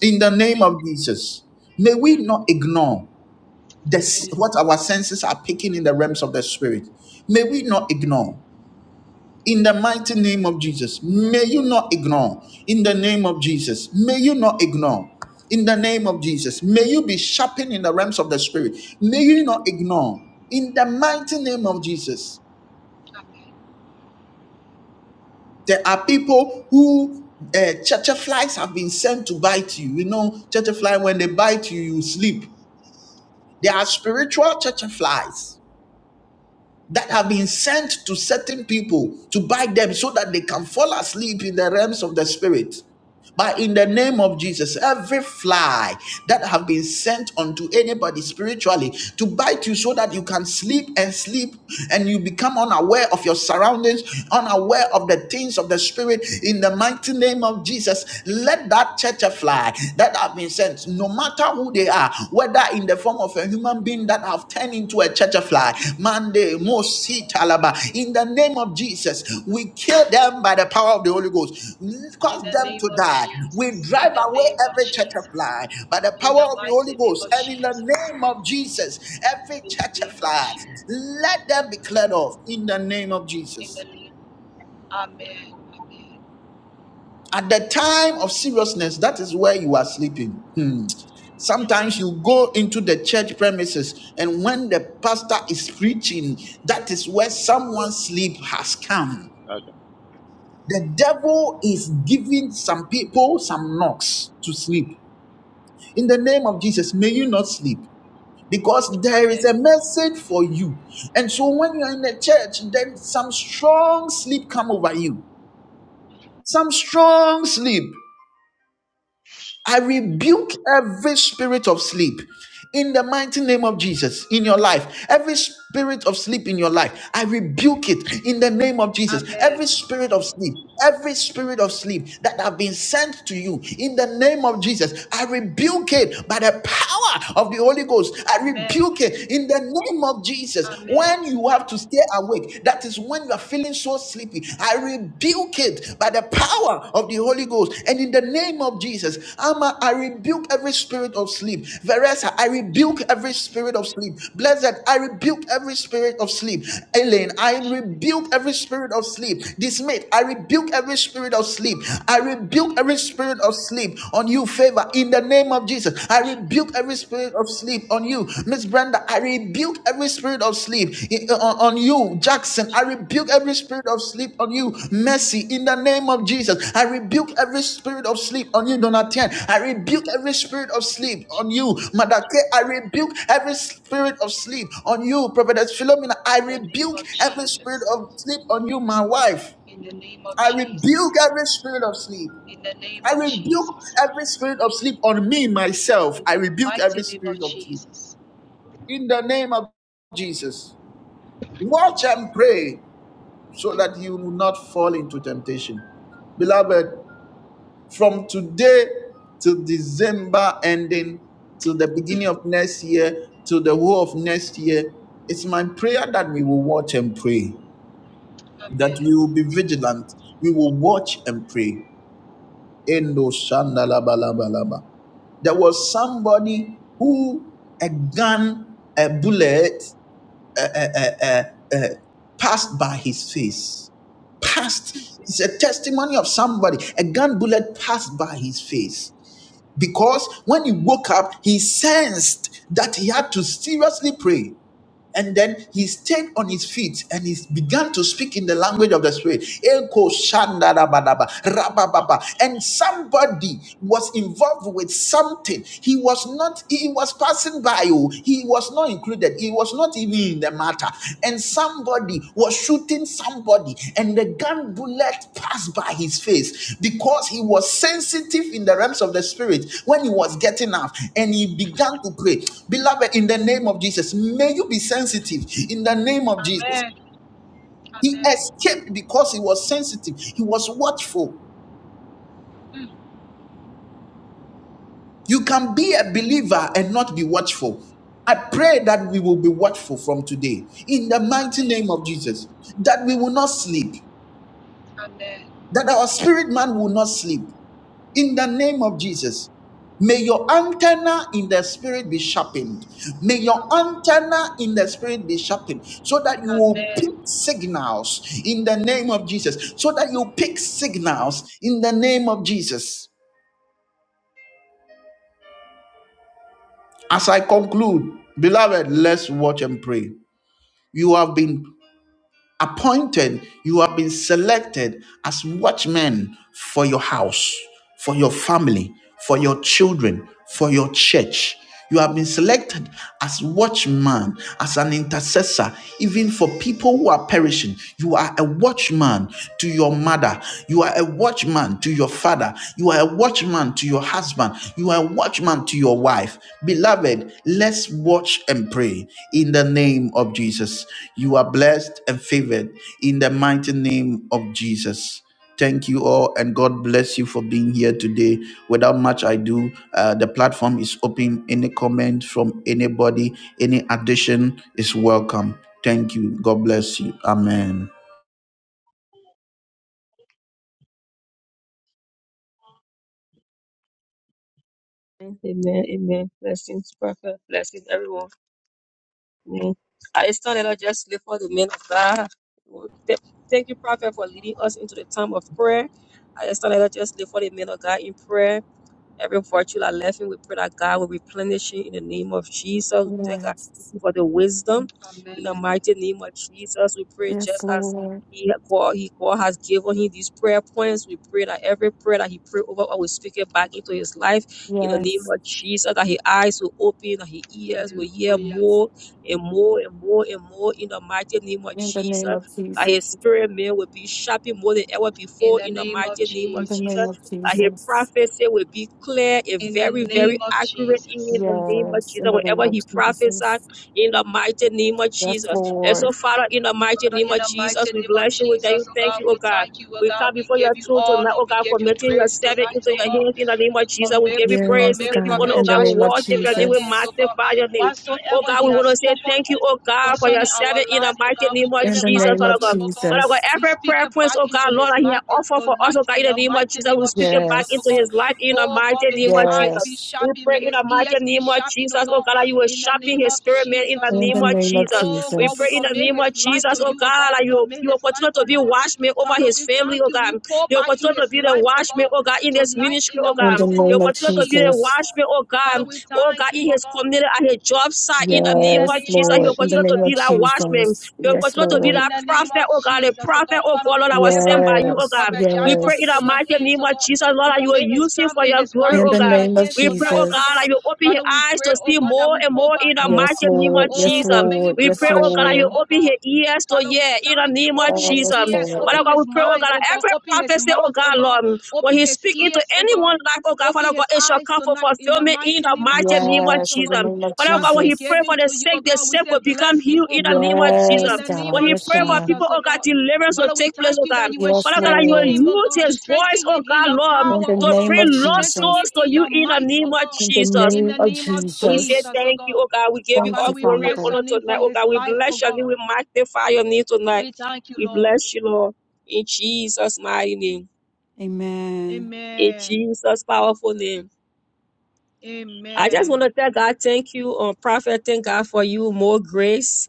[SPEAKER 1] in the name of Jesus. May we not ignore this,
[SPEAKER 3] Amen.
[SPEAKER 1] what our senses are picking in the realms of the spirit. May we not ignore. In the mighty name of Jesus, may you not ignore. In the name of Jesus, may you not ignore. In the name of Jesus, may you be sharpened in the realms of the spirit. May you not ignore. In the mighty name of Jesus, there are people who uh, church flies have been sent to bite you. You know, church fly when they bite you, you sleep. There are spiritual churchflies that have been sent to certain people to bite them so that they can fall asleep in the realms of the spirit. But in the name of Jesus, every fly that have been sent unto anybody spiritually to bite you so that you can sleep and sleep and you become unaware of your surroundings, unaware of the things of the spirit, in the mighty name of Jesus, let that church fly that have been sent, no matter who they are, whether in the form of a human human being that have turned into a church fly. Monday, Mosi Talaba. In the name of Jesus, we kill them by the power of the Holy Ghost. Cause
[SPEAKER 3] In the
[SPEAKER 1] them
[SPEAKER 3] name
[SPEAKER 1] to
[SPEAKER 3] of
[SPEAKER 1] die. We
[SPEAKER 3] Jesus. In
[SPEAKER 1] drive
[SPEAKER 3] the
[SPEAKER 1] away
[SPEAKER 3] name of
[SPEAKER 1] every church
[SPEAKER 3] Jesus.
[SPEAKER 1] fly by the
[SPEAKER 3] In
[SPEAKER 1] power
[SPEAKER 3] the
[SPEAKER 1] of the Holy
[SPEAKER 3] mighty name
[SPEAKER 1] Ghost.
[SPEAKER 3] of
[SPEAKER 1] And in the
[SPEAKER 3] Jesus.
[SPEAKER 1] name of Jesus, every
[SPEAKER 3] In
[SPEAKER 1] church
[SPEAKER 3] the name of
[SPEAKER 1] fly,
[SPEAKER 3] Jesus.
[SPEAKER 1] let them be cleared off in the name of
[SPEAKER 3] In
[SPEAKER 1] Jesus.
[SPEAKER 3] the name. Amen. Amen.
[SPEAKER 1] At the time of seriousness, that is where you are sleeping. Hmm. Sometimes you go into the church premises, and when the pastor is preaching, that is where someone's sleep has come. The devil is giving some people some knocks to sleep. In the name of Jesus, may you not sleep because there is
[SPEAKER 3] Amen.
[SPEAKER 1] a message for you. And so when you are in the church, then some strong sleep come over you. Some strong sleep. I rebuke every spirit of sleep in the mighty name of Jesus in your life. Every spirit of sleep in your life, I rebuke it in the name of Jesus.
[SPEAKER 3] Amen.
[SPEAKER 1] Every spirit of sleep, every spirit of sleep that have been sent to you in the name of Jesus, I rebuke it by the power of the Holy Ghost. I
[SPEAKER 3] Amen.
[SPEAKER 1] rebuke it in the name of Jesus.
[SPEAKER 3] Amen.
[SPEAKER 1] When you have to stay awake, that is is when you are feeling so sleepy. I rebuke it by the power of the Holy Ghost. And in the name of Jesus, Ama, I rebuke every spirit of sleep. Veresa, I rebuke every
[SPEAKER 3] Jesus.
[SPEAKER 1] spirit of sleep. Blessed, I rebuke every spirit of sleep. Elaine, I rebuke
[SPEAKER 3] Jesus.
[SPEAKER 1] every spirit of sleep. Dismayed, I rebuke every spirit of sleep. I rebuke every spirit of sleep on you, favor, in the name of
[SPEAKER 3] Jesus.
[SPEAKER 1] Jesus. I. I rebuke every
[SPEAKER 3] Jesus.
[SPEAKER 1] spirit of sleep on you, Miss Brenda. I rebuke every spirit of sleep i- on, on you, Jackson. I rebuke
[SPEAKER 3] Jesus,
[SPEAKER 1] every spirit of sleep on you, Mercy. In the name of Jesus, I rebuke every spirit of sleep on you, Donatien. I rebuke every spirit of sleep on you,
[SPEAKER 3] Jesus.
[SPEAKER 1] Madake. I rebuke every spirit of sleep on you, Prophetess Philomena. I
[SPEAKER 3] In the name
[SPEAKER 1] rebuke
[SPEAKER 3] of
[SPEAKER 1] every spirit
[SPEAKER 3] Jesus.
[SPEAKER 1] of sleep on you, my wife.
[SPEAKER 3] In the name of
[SPEAKER 1] I
[SPEAKER 3] Jesus.
[SPEAKER 1] rebuke every spirit of sleep.
[SPEAKER 3] In the name
[SPEAKER 1] I
[SPEAKER 3] of
[SPEAKER 1] rebuke
[SPEAKER 3] Jesus.
[SPEAKER 1] every spirit of sleep on me, myself.
[SPEAKER 3] In
[SPEAKER 1] I
[SPEAKER 3] the
[SPEAKER 1] rebuke every
[SPEAKER 3] mighty name of
[SPEAKER 1] spirit of sleep.
[SPEAKER 3] Jesus.
[SPEAKER 1] In the name of Jesus, watch
[SPEAKER 3] Amen.
[SPEAKER 1] and pray so that you will not fall into temptation. Beloved, from today till December ending, till the beginning of next year, till the whole of next year, it's my prayer that we will watch and pray, that
[SPEAKER 3] Amen.
[SPEAKER 1] we will be vigilant, we will watch and pray. Endo shandalabalabalaba. There was somebody who a gun, a bullet, uh, uh, uh, uh, uh, passed by his face. Passed. It's a testimony of somebody. A gun bullet passed by his face because when he woke up, he sensed that he had to seriously pray. And then he stayed on his feet and he began to speak in the language of the spirit. Eko shandarabadaba, rabababa. And somebody was involved with something. He was not, he was passing by. oh. He was not included. He was not even in the matter and somebody was shooting somebody, and the gun bullet passed by his face because he was sensitive in the realms of the spirit when he was getting up and he began to pray. Beloved, in the name of Jesus, may you be sensitive in the name of Jesus.
[SPEAKER 3] Amen.
[SPEAKER 1] He
[SPEAKER 3] Amen.
[SPEAKER 1] escaped because he was sensitive, he was watchful.
[SPEAKER 3] Mm.
[SPEAKER 1] You can be a believer and not be watchful. I pray that we will be watchful from today in the mighty
[SPEAKER 3] Amen.
[SPEAKER 1] name of Jesus, that we will not sleep,
[SPEAKER 3] Amen.
[SPEAKER 1] that our spirit man will not sleep. In the name of Jesus, may your antenna in the spirit be sharpened. May your
[SPEAKER 3] Amen.
[SPEAKER 1] antenna in the spirit be sharpened so that you will pick
[SPEAKER 3] Amen.
[SPEAKER 1] signals in the name of Jesus. So that you pick signals in the name of Jesus. As I conclude, beloved, let's watch and pray. You have been appointed, you have been selected as watchmen for your house, for your family, for your children, for your church. You have been selected as watchman, as an intercessor, even for people who are perishing. You are a watchman to your mother. You are a watchman to your father. You are a watchman to your husband. You are a watchman to your wife. Beloved, let's watch and pray in the name of Jesus. You are blessed and favored in the mighty name of Jesus. Thank you all, and God bless you for being here today. Without much ado, uh, the platform is open. Any comment from anybody, any addition is welcome. Thank you. God bless you. Amen.
[SPEAKER 6] Amen, amen. Blessings, prophet. Blessings, everyone. Amen. I started out just live for the men of God. Th- Thank you, prophet, for leading us into the time of prayer. I started out just live for the men of God in prayer. Every virtue I left him, we pray that God will replenish him in the name of Jesus. We Thank God
[SPEAKER 5] Yes,
[SPEAKER 6] for the wisdom in the
[SPEAKER 3] Amen.
[SPEAKER 6] mighty name of Jesus. We pray
[SPEAKER 5] yes,
[SPEAKER 6] just as
[SPEAKER 5] Lord,
[SPEAKER 6] he had called, he called has given him these prayer points. We pray that every prayer that he prayed over, us, will speak it back into his life in the name
[SPEAKER 5] yes.
[SPEAKER 6] of Jesus. That his eyes will open, that his ears will hear
[SPEAKER 3] Hallelujah.
[SPEAKER 6] more and more and more and more in the mighty name of
[SPEAKER 5] In the
[SPEAKER 6] Jesus.
[SPEAKER 5] name of
[SPEAKER 6] That his
[SPEAKER 5] Jesus,
[SPEAKER 6] spirit man will be sharpened more than ever
[SPEAKER 3] In
[SPEAKER 6] before
[SPEAKER 3] the
[SPEAKER 6] in the
[SPEAKER 3] name of
[SPEAKER 6] mighty name of
[SPEAKER 5] in the
[SPEAKER 6] Jesus
[SPEAKER 5] name
[SPEAKER 3] Jesus.
[SPEAKER 5] of
[SPEAKER 6] that hear
[SPEAKER 5] Jesus.
[SPEAKER 6] prophets, will be clear and
[SPEAKER 3] In the
[SPEAKER 6] very, very
[SPEAKER 3] name of
[SPEAKER 6] accurate in
[SPEAKER 3] Jesus.
[SPEAKER 6] the name of
[SPEAKER 5] Yes, in
[SPEAKER 6] Jesus.
[SPEAKER 5] the name
[SPEAKER 6] Whatever
[SPEAKER 5] of
[SPEAKER 6] he prophesied
[SPEAKER 5] Jesus.
[SPEAKER 6] in the mighty name of
[SPEAKER 5] Yes,
[SPEAKER 6] Jesus. And
[SPEAKER 5] Lord.
[SPEAKER 6] so, Father, in the mighty
[SPEAKER 3] Father,
[SPEAKER 6] name
[SPEAKER 3] in
[SPEAKER 6] of
[SPEAKER 3] the
[SPEAKER 6] Jesus,
[SPEAKER 3] mighty
[SPEAKER 6] we
[SPEAKER 3] name of
[SPEAKER 6] bless you. We thank you.
[SPEAKER 3] Jesus, oh
[SPEAKER 6] Thank
[SPEAKER 3] God,
[SPEAKER 6] you, oh
[SPEAKER 3] we
[SPEAKER 6] God.
[SPEAKER 3] thank you, oh
[SPEAKER 6] We
[SPEAKER 3] God.
[SPEAKER 6] come
[SPEAKER 3] We
[SPEAKER 6] before your
[SPEAKER 3] give you
[SPEAKER 6] throne tonight,
[SPEAKER 3] honor,
[SPEAKER 6] oh
[SPEAKER 3] we
[SPEAKER 6] God,
[SPEAKER 3] give you
[SPEAKER 6] committing your
[SPEAKER 3] praise
[SPEAKER 6] servant
[SPEAKER 3] tonight,
[SPEAKER 6] into
[SPEAKER 3] oh
[SPEAKER 6] your
[SPEAKER 3] God.
[SPEAKER 6] hands in the name
[SPEAKER 3] We
[SPEAKER 6] of Jesus. We
[SPEAKER 3] commit,
[SPEAKER 6] give you
[SPEAKER 3] we
[SPEAKER 6] praise. We
[SPEAKER 5] Yes,
[SPEAKER 3] commit
[SPEAKER 6] give you
[SPEAKER 5] God,
[SPEAKER 6] honor,
[SPEAKER 3] Prophet
[SPEAKER 6] oh
[SPEAKER 5] in the
[SPEAKER 6] God. We
[SPEAKER 5] name
[SPEAKER 3] Joshua
[SPEAKER 5] of
[SPEAKER 6] worship
[SPEAKER 3] into
[SPEAKER 6] your
[SPEAKER 3] your
[SPEAKER 6] name. We
[SPEAKER 3] hands,
[SPEAKER 5] Jesus.
[SPEAKER 3] oh God.
[SPEAKER 6] magnify your name. Oh
[SPEAKER 3] Whatsoever
[SPEAKER 6] God,
[SPEAKER 3] he
[SPEAKER 6] we want
[SPEAKER 3] has
[SPEAKER 6] to say
[SPEAKER 3] spoken
[SPEAKER 6] thank you, oh God, for your
[SPEAKER 3] concerning our
[SPEAKER 6] servant in the
[SPEAKER 3] life, oh
[SPEAKER 6] mighty
[SPEAKER 3] God, we
[SPEAKER 6] name of
[SPEAKER 3] give
[SPEAKER 5] In
[SPEAKER 3] it
[SPEAKER 5] the
[SPEAKER 6] Jesus,
[SPEAKER 3] back
[SPEAKER 5] name
[SPEAKER 3] to
[SPEAKER 6] Father
[SPEAKER 5] of
[SPEAKER 6] God.
[SPEAKER 3] him, oh
[SPEAKER 6] But
[SPEAKER 3] God.
[SPEAKER 6] I've got
[SPEAKER 5] Jesus.
[SPEAKER 3] We
[SPEAKER 6] every
[SPEAKER 3] speak
[SPEAKER 6] prayer
[SPEAKER 3] it
[SPEAKER 6] points, oh
[SPEAKER 3] back
[SPEAKER 6] God,
[SPEAKER 3] into
[SPEAKER 6] Lord,
[SPEAKER 3] his
[SPEAKER 6] that He has
[SPEAKER 3] life
[SPEAKER 6] offered for us, oh
[SPEAKER 3] tonight
[SPEAKER 6] God,
[SPEAKER 3] in
[SPEAKER 6] in the
[SPEAKER 3] the
[SPEAKER 6] name of
[SPEAKER 3] mighty
[SPEAKER 6] Jesus.
[SPEAKER 3] name
[SPEAKER 6] We
[SPEAKER 3] of
[SPEAKER 6] speak it back
[SPEAKER 3] Jesus, oh
[SPEAKER 6] into
[SPEAKER 5] Yes.
[SPEAKER 3] God.
[SPEAKER 6] His life in the
[SPEAKER 3] Oh God,
[SPEAKER 6] mighty
[SPEAKER 3] may
[SPEAKER 6] name
[SPEAKER 3] his
[SPEAKER 6] of
[SPEAKER 3] eyes
[SPEAKER 6] Jesus.
[SPEAKER 3] be
[SPEAKER 5] Yes.
[SPEAKER 6] We
[SPEAKER 3] sharpened, may
[SPEAKER 6] pray in the
[SPEAKER 3] his
[SPEAKER 6] mighty
[SPEAKER 3] ears be
[SPEAKER 6] name of
[SPEAKER 3] sharpened, oh
[SPEAKER 6] Jesus, oh
[SPEAKER 3] God,
[SPEAKER 6] God, that you will
[SPEAKER 3] in the
[SPEAKER 6] sharpen
[SPEAKER 3] name
[SPEAKER 6] His
[SPEAKER 3] of
[SPEAKER 6] spirit, man, in the
[SPEAKER 3] Jesus, oh
[SPEAKER 5] In
[SPEAKER 6] name
[SPEAKER 5] the
[SPEAKER 3] God.
[SPEAKER 6] of
[SPEAKER 5] name of
[SPEAKER 6] Jesus.
[SPEAKER 3] Oh
[SPEAKER 6] We
[SPEAKER 3] God, we
[SPEAKER 6] pray
[SPEAKER 5] Jesus.
[SPEAKER 6] in the
[SPEAKER 3] commit
[SPEAKER 6] name of
[SPEAKER 3] his life
[SPEAKER 6] Jesus,
[SPEAKER 3] to
[SPEAKER 6] oh
[SPEAKER 3] you, oh
[SPEAKER 6] God,
[SPEAKER 3] God.
[SPEAKER 6] that
[SPEAKER 3] We
[SPEAKER 6] you,
[SPEAKER 3] commit
[SPEAKER 6] you will
[SPEAKER 3] his life,
[SPEAKER 6] continue to
[SPEAKER 3] oh
[SPEAKER 6] be
[SPEAKER 3] God.
[SPEAKER 6] watchman over
[SPEAKER 3] Father,
[SPEAKER 6] His
[SPEAKER 3] we
[SPEAKER 6] family,
[SPEAKER 3] thank
[SPEAKER 6] oh
[SPEAKER 3] you. We
[SPEAKER 6] God.
[SPEAKER 3] pour
[SPEAKER 6] You will
[SPEAKER 3] back in
[SPEAKER 6] continue to
[SPEAKER 3] his
[SPEAKER 6] be the
[SPEAKER 3] life, oh
[SPEAKER 6] watchman,
[SPEAKER 3] God,
[SPEAKER 6] oh God, in His
[SPEAKER 3] tonight
[SPEAKER 6] ministry,
[SPEAKER 3] in
[SPEAKER 6] oh
[SPEAKER 3] the
[SPEAKER 5] In the
[SPEAKER 6] God.
[SPEAKER 3] mighty
[SPEAKER 6] You
[SPEAKER 5] name
[SPEAKER 3] name
[SPEAKER 6] will
[SPEAKER 5] of
[SPEAKER 3] of
[SPEAKER 6] continue to be the
[SPEAKER 3] Jesus, oh
[SPEAKER 5] Jesus.
[SPEAKER 3] God.
[SPEAKER 6] watchman, oh God,
[SPEAKER 3] Father, we
[SPEAKER 6] oh God,
[SPEAKER 3] thank you,
[SPEAKER 6] in
[SPEAKER 3] oh
[SPEAKER 6] His
[SPEAKER 3] God,
[SPEAKER 6] community, at His job site, in the
[SPEAKER 3] in
[SPEAKER 6] name
[SPEAKER 3] the
[SPEAKER 6] of
[SPEAKER 5] Yes,
[SPEAKER 3] name
[SPEAKER 6] Jesus.
[SPEAKER 3] of
[SPEAKER 6] You
[SPEAKER 5] Lord.
[SPEAKER 6] will
[SPEAKER 5] In the
[SPEAKER 6] continue
[SPEAKER 3] Jesus,
[SPEAKER 6] to
[SPEAKER 5] name of
[SPEAKER 6] be
[SPEAKER 3] oh
[SPEAKER 6] that
[SPEAKER 3] God.
[SPEAKER 6] watchman.
[SPEAKER 5] Jesus.
[SPEAKER 6] You'll
[SPEAKER 5] Yes,
[SPEAKER 6] continue to be
[SPEAKER 5] Lord.
[SPEAKER 3] In
[SPEAKER 6] that
[SPEAKER 3] the name
[SPEAKER 6] prophet,
[SPEAKER 3] of
[SPEAKER 6] oh God, a
[SPEAKER 3] Jesus, oh God.
[SPEAKER 6] prophet, oh
[SPEAKER 3] Father,
[SPEAKER 6] God,
[SPEAKER 3] we're
[SPEAKER 6] Lord, I
[SPEAKER 3] going to
[SPEAKER 6] was
[SPEAKER 3] make Pas-
[SPEAKER 6] sent by
[SPEAKER 3] uh,
[SPEAKER 6] you, oh
[SPEAKER 5] Yes.
[SPEAKER 6] God.
[SPEAKER 3] Prophet
[SPEAKER 6] We
[SPEAKER 3] Joshua
[SPEAKER 6] pray in
[SPEAKER 3] into
[SPEAKER 6] the
[SPEAKER 5] Yes.
[SPEAKER 3] your
[SPEAKER 6] mighty
[SPEAKER 3] hands,
[SPEAKER 6] name
[SPEAKER 3] oh
[SPEAKER 6] of
[SPEAKER 3] God.
[SPEAKER 6] Jesus, Lord,
[SPEAKER 3] We're
[SPEAKER 6] that
[SPEAKER 3] going
[SPEAKER 6] you
[SPEAKER 3] to
[SPEAKER 6] will
[SPEAKER 3] make his
[SPEAKER 6] use him for
[SPEAKER 3] family,
[SPEAKER 6] your
[SPEAKER 3] his wife
[SPEAKER 6] glory,
[SPEAKER 5] In
[SPEAKER 6] oh
[SPEAKER 5] the
[SPEAKER 3] into
[SPEAKER 6] God.
[SPEAKER 3] your
[SPEAKER 5] name of
[SPEAKER 3] hands
[SPEAKER 6] We pray, oh
[SPEAKER 3] tonight, oh
[SPEAKER 6] God,
[SPEAKER 3] God.
[SPEAKER 5] Jesus.
[SPEAKER 6] that you open his
[SPEAKER 3] Father, we
[SPEAKER 6] eyes
[SPEAKER 3] pray,
[SPEAKER 6] to
[SPEAKER 3] oh
[SPEAKER 6] see
[SPEAKER 3] God, that
[SPEAKER 6] more
[SPEAKER 3] we
[SPEAKER 6] and
[SPEAKER 3] pull
[SPEAKER 6] more in
[SPEAKER 3] back,
[SPEAKER 6] the
[SPEAKER 3] oh God.
[SPEAKER 5] Yes,
[SPEAKER 6] mighty name of
[SPEAKER 5] Lord. Yes,
[SPEAKER 3] Oh
[SPEAKER 6] Jesus.
[SPEAKER 3] God, may he
[SPEAKER 5] Lord.
[SPEAKER 3] be
[SPEAKER 6] We
[SPEAKER 5] Yes,
[SPEAKER 6] pray, oh
[SPEAKER 3] washed,
[SPEAKER 6] God, that
[SPEAKER 3] man,
[SPEAKER 6] you
[SPEAKER 5] Lord.
[SPEAKER 3] oh
[SPEAKER 6] open
[SPEAKER 3] God.
[SPEAKER 6] his ears to
[SPEAKER 3] Father, we
[SPEAKER 6] hear in the
[SPEAKER 3] thank you.
[SPEAKER 6] name of
[SPEAKER 3] Open his
[SPEAKER 6] Jesus.
[SPEAKER 5] Yes,
[SPEAKER 3] ears,
[SPEAKER 5] Lord.
[SPEAKER 6] Father
[SPEAKER 3] open
[SPEAKER 6] God, we
[SPEAKER 3] his
[SPEAKER 6] pray, oh
[SPEAKER 3] mind,
[SPEAKER 6] God,
[SPEAKER 3] oh
[SPEAKER 6] that
[SPEAKER 3] God.
[SPEAKER 6] every
[SPEAKER 3] Open his
[SPEAKER 6] prophecy, oh
[SPEAKER 3] mouth, oh
[SPEAKER 6] God,
[SPEAKER 3] God.
[SPEAKER 6] Lord, when
[SPEAKER 3] Open
[SPEAKER 6] he
[SPEAKER 3] his
[SPEAKER 6] speak into
[SPEAKER 3] ears, oh God.
[SPEAKER 6] anyone's life, oh God,
[SPEAKER 3] Open
[SPEAKER 6] Father God,
[SPEAKER 3] his
[SPEAKER 6] it shall
[SPEAKER 3] eyes
[SPEAKER 6] come for
[SPEAKER 3] tonight in the
[SPEAKER 6] fulfillment in
[SPEAKER 3] mighty
[SPEAKER 6] the
[SPEAKER 3] name of
[SPEAKER 6] mighty name of
[SPEAKER 3] Jesus,
[SPEAKER 5] Yes,
[SPEAKER 3] oh
[SPEAKER 5] in the
[SPEAKER 3] God.
[SPEAKER 6] Jesus.
[SPEAKER 5] name of
[SPEAKER 6] Father God,
[SPEAKER 3] Father,
[SPEAKER 6] when
[SPEAKER 3] we
[SPEAKER 6] he
[SPEAKER 5] Jesus.
[SPEAKER 6] pray
[SPEAKER 3] give him
[SPEAKER 6] for the
[SPEAKER 3] to you,
[SPEAKER 6] sick,
[SPEAKER 3] oh
[SPEAKER 6] the
[SPEAKER 3] God. We
[SPEAKER 6] sick
[SPEAKER 3] say,
[SPEAKER 6] will become
[SPEAKER 3] bless him,
[SPEAKER 6] healed in
[SPEAKER 3] oh
[SPEAKER 6] the
[SPEAKER 3] God
[SPEAKER 6] name of
[SPEAKER 3] in
[SPEAKER 5] Yes,
[SPEAKER 6] Jesus.
[SPEAKER 3] the name
[SPEAKER 5] God.
[SPEAKER 6] When
[SPEAKER 3] of
[SPEAKER 6] he
[SPEAKER 5] Yes,
[SPEAKER 6] pray for
[SPEAKER 5] God.
[SPEAKER 6] people,
[SPEAKER 3] Jesus, oh
[SPEAKER 6] oh God,
[SPEAKER 3] God.
[SPEAKER 6] deliverance will
[SPEAKER 3] Father, we
[SPEAKER 6] take place,
[SPEAKER 3] thank
[SPEAKER 6] oh
[SPEAKER 3] you
[SPEAKER 6] God.
[SPEAKER 3] that you will
[SPEAKER 5] Yes,
[SPEAKER 6] Father God, that you
[SPEAKER 3] strengthen
[SPEAKER 6] will
[SPEAKER 5] Lord.
[SPEAKER 3] him, oh
[SPEAKER 6] use
[SPEAKER 3] God.
[SPEAKER 6] his voice,
[SPEAKER 3] Strengthen
[SPEAKER 6] oh
[SPEAKER 3] him in
[SPEAKER 6] God,
[SPEAKER 3] your
[SPEAKER 6] Lord,
[SPEAKER 5] In
[SPEAKER 3] power,
[SPEAKER 5] the
[SPEAKER 3] oh
[SPEAKER 6] to
[SPEAKER 3] God.
[SPEAKER 5] name
[SPEAKER 6] bring
[SPEAKER 5] of
[SPEAKER 6] lost
[SPEAKER 3] Strengthen
[SPEAKER 5] Jesus.
[SPEAKER 3] him
[SPEAKER 6] souls to
[SPEAKER 3] in
[SPEAKER 6] you
[SPEAKER 3] your
[SPEAKER 6] in the
[SPEAKER 3] might,
[SPEAKER 6] name
[SPEAKER 3] oh
[SPEAKER 6] of
[SPEAKER 3] God.
[SPEAKER 5] In the
[SPEAKER 6] Jesus.
[SPEAKER 3] In
[SPEAKER 5] name
[SPEAKER 3] the
[SPEAKER 5] of
[SPEAKER 3] name of
[SPEAKER 6] We say
[SPEAKER 5] Jesus.
[SPEAKER 3] Jesus, oh
[SPEAKER 6] thank you,
[SPEAKER 3] God.
[SPEAKER 6] oh God. We give you
[SPEAKER 5] Thank
[SPEAKER 3] Father,
[SPEAKER 6] all
[SPEAKER 5] you,
[SPEAKER 3] we
[SPEAKER 6] glory and
[SPEAKER 3] bless
[SPEAKER 5] Father.
[SPEAKER 3] your
[SPEAKER 6] honor
[SPEAKER 3] name
[SPEAKER 6] tonight,
[SPEAKER 3] for
[SPEAKER 6] oh
[SPEAKER 3] his
[SPEAKER 6] God. We
[SPEAKER 3] life, oh
[SPEAKER 6] bless your name.
[SPEAKER 3] God.
[SPEAKER 6] We magnify your name tonight.
[SPEAKER 3] We thank you,
[SPEAKER 6] We
[SPEAKER 3] Lord.
[SPEAKER 6] bless you, Lord. In Jesus' mighty name.
[SPEAKER 5] Amen.
[SPEAKER 6] In
[SPEAKER 3] Amen.
[SPEAKER 6] Jesus' powerful name. I just want
[SPEAKER 3] Amen.
[SPEAKER 6] to tell God, thank you, uh, Prophet. Thank God for you, more grace.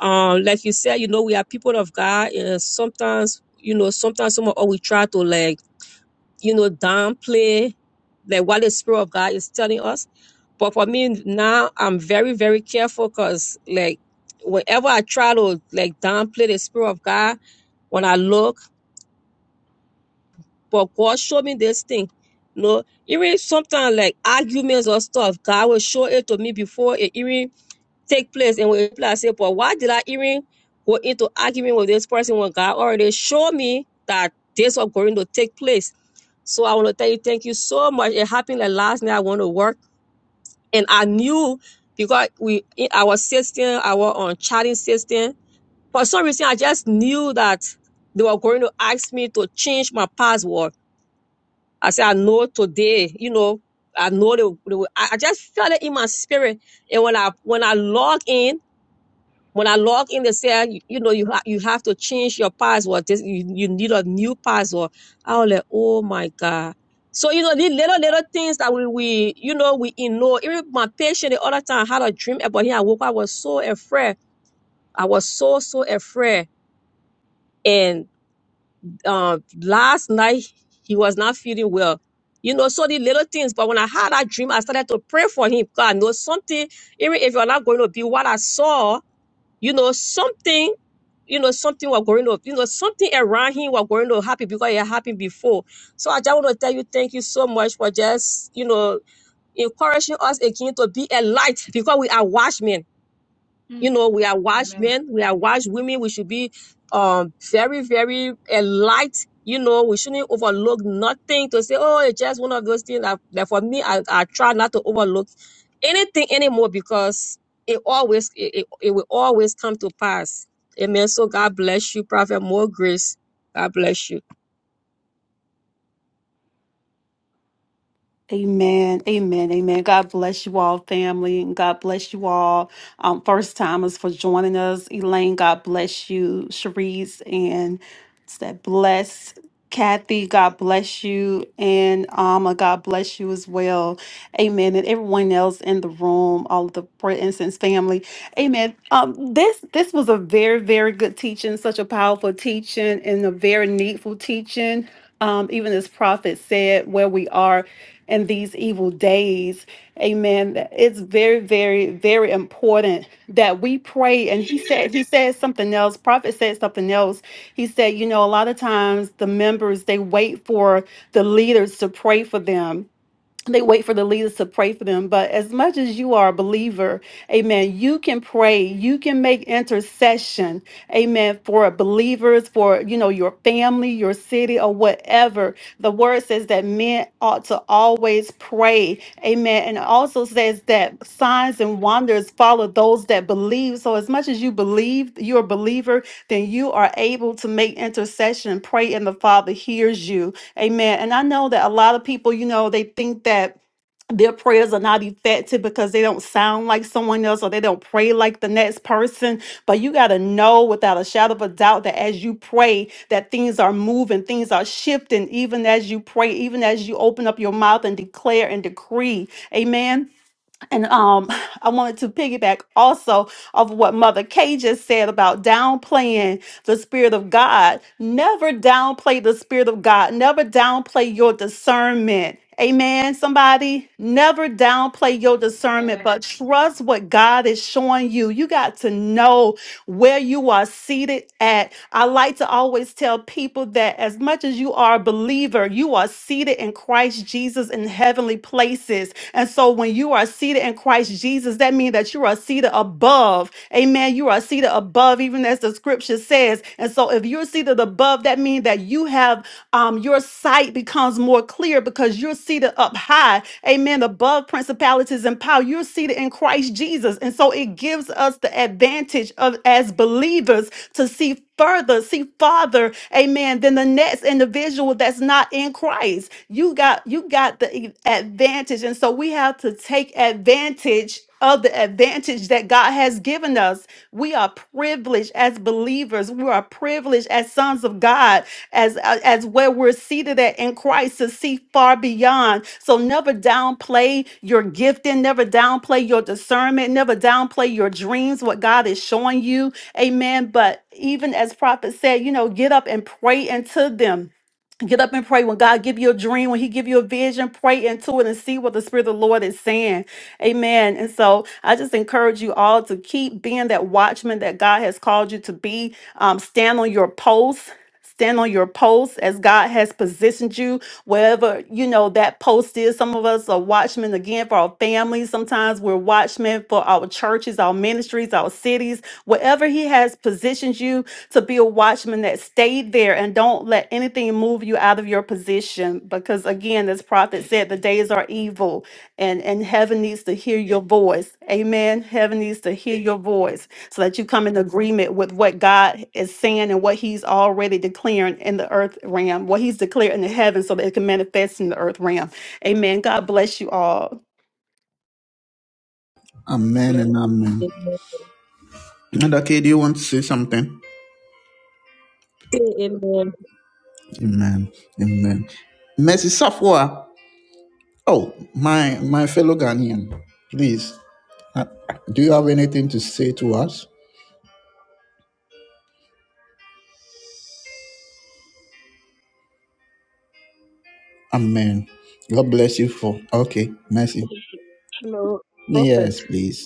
[SPEAKER 6] Um, like you said, you know, we are people of God, and sometimes, you know, sometimes some of us we try to like, you know, downplay like what the Spirit of God is telling us. But for me now, I'm very, very careful because like whenever I try to like downplay the Spirit of God, when I look, but God showed me this thing. You know, even sometimes like arguments or stuff, God will show it to me before it even take place and we reply say, but why did I even go into argument with this person when God already showed me that this was going to take place? So I want to tell you, thank you so much. It happened like last night. I went to work and I knew because we in our system, our um, chatting system, for some reason I just knew that they were going to ask me to change my password. I said, I know today, you know, I know they, they will. I I just felt it in my spirit. And when I when I log in, when I log in, they say, you, you know, you, ha- you have to change your password. This, you, you need a new password. I was like, oh my God. So, you know, these little, little things that we, we you know, we ignore. Even my patient the other time had a dream about him. I woke up, I was so afraid. I was so, so afraid. And um, last night, he was not feeling well. You know, so the little things. But when I had that dream, I started to pray for him. God knows something, even if you're not going to be what I saw, you know, something, you know, something was going on, you know, something around him was going to happen because it happened before. So I just want to tell you, thank you so much for just, you know, encouraging us again to be a light because we are watchmen you
[SPEAKER 3] Mm.
[SPEAKER 6] know we are wise
[SPEAKER 3] Amen.
[SPEAKER 6] men we are wise women we should be um very very enlightened. you know we shouldn't overlook nothing to say oh it's just one of those things that, that for me I, I try not to overlook anything anymore because it always it, it, it will always come to pass amen so god bless you prophet more grace god bless you
[SPEAKER 5] Amen. Amen. Amen. God bless you all, family, and God bless you all. Um, first timers for joining us. Elaine, God bless you. Cherise and it's that bless. Kathy, God bless you. And Alma, God bless you as well. Amen. And everyone else in the room, all of the Prayer Incense family. Amen. Um, this this was a very, very good teaching, such a powerful teaching and a very needful teaching. Um, even as Prophet said, where we are in these evil days. Amen. That It's very, very, very important that we pray. And he said, he said something else. Prophet said something else. He said, you know, a lot of times the members, they wait for the leaders to pray for them they wait for the leaders to pray for them. But as much as you are a believer, amen, you can pray, you can make intercession, amen, for believers, for you know, your family, your city, or whatever. The word says that men ought to always pray, amen. And it also says that signs and wonders follow those that believe. So as much as you believe, you're a believer, then you are able to make intercession, and pray, and the Father hears you. Amen. And I know that a lot of people, you know, they think that their prayers are not effective because they don't sound like someone else or they don't pray like the next person. But you got to know without a shadow of a doubt that as you pray, that things are moving, things are shifting, even as you pray, even as you open up your mouth and declare and decree. Amen. And um, I wanted to piggyback also of what Mother Kay just said about downplaying the Spirit of God. Never downplay the Spirit of God. Never downplay your discernment. Amen, somebody. Never downplay your discernment,
[SPEAKER 3] Amen.
[SPEAKER 5] but trust what God is showing you. You got to know where you are seated at. I like to always tell people that as much as you are a believer, you are seated in Christ Jesus in heavenly places. And so when you are seated in Christ Jesus, that means that you are seated above. Amen. You are seated above, even as the scripture says. And so if you're seated above, that means that you have um, your sight becomes more clear because you're seated up high amen, above principalities and power. You're seated in Christ Jesus. And so it gives us the advantage of as believers to see further, see farther, amen, than the next individual that's not in Christ. You got you got the e- advantage. And so we have to take advantage of the advantage that God has given us. We are privileged as believers. We are privileged as sons of God as uh, as where we're seated at in Christ to see far beyond. So never downplay your gifting, never downplay your discernment, never downplay your dreams, what God is showing you. Amen. But even as prophet said, you know, get up and pray into them get up and pray when god give you a dream when he give you a vision pray into it and see what the spirit of the lord is saying amen and so i just encourage you all to keep being that watchman that god has called you to be um, stand on your post stand on your post as god has positioned you wherever you know that post is some of us are watchmen again for our families sometimes we're watchmen for our churches our ministries our cities wherever he has positioned you to be a watchman that stayed there and don't let anything move you out of your position because again this prophet said the days are evil and and heaven needs to hear your voice amen heaven needs to hear your voice so that you come in agreement with what god is saying and what he's already declaring in the earth realm what he's declared in the heaven so that it can manifest in the earth realm amen god bless you all
[SPEAKER 1] Amen
[SPEAKER 6] bless
[SPEAKER 1] and
[SPEAKER 6] you.
[SPEAKER 1] amen.
[SPEAKER 6] Amen.
[SPEAKER 1] And okay, do you want to say something?
[SPEAKER 6] Say Amen.
[SPEAKER 1] Amen. Amen. Mercy Safwa. Oh, my my fellow Ghanaian, please. uh, do you have anything to say to us? Amen. God bless you for okay, mercy.
[SPEAKER 2] Hello, Prophet.
[SPEAKER 1] Yes, please.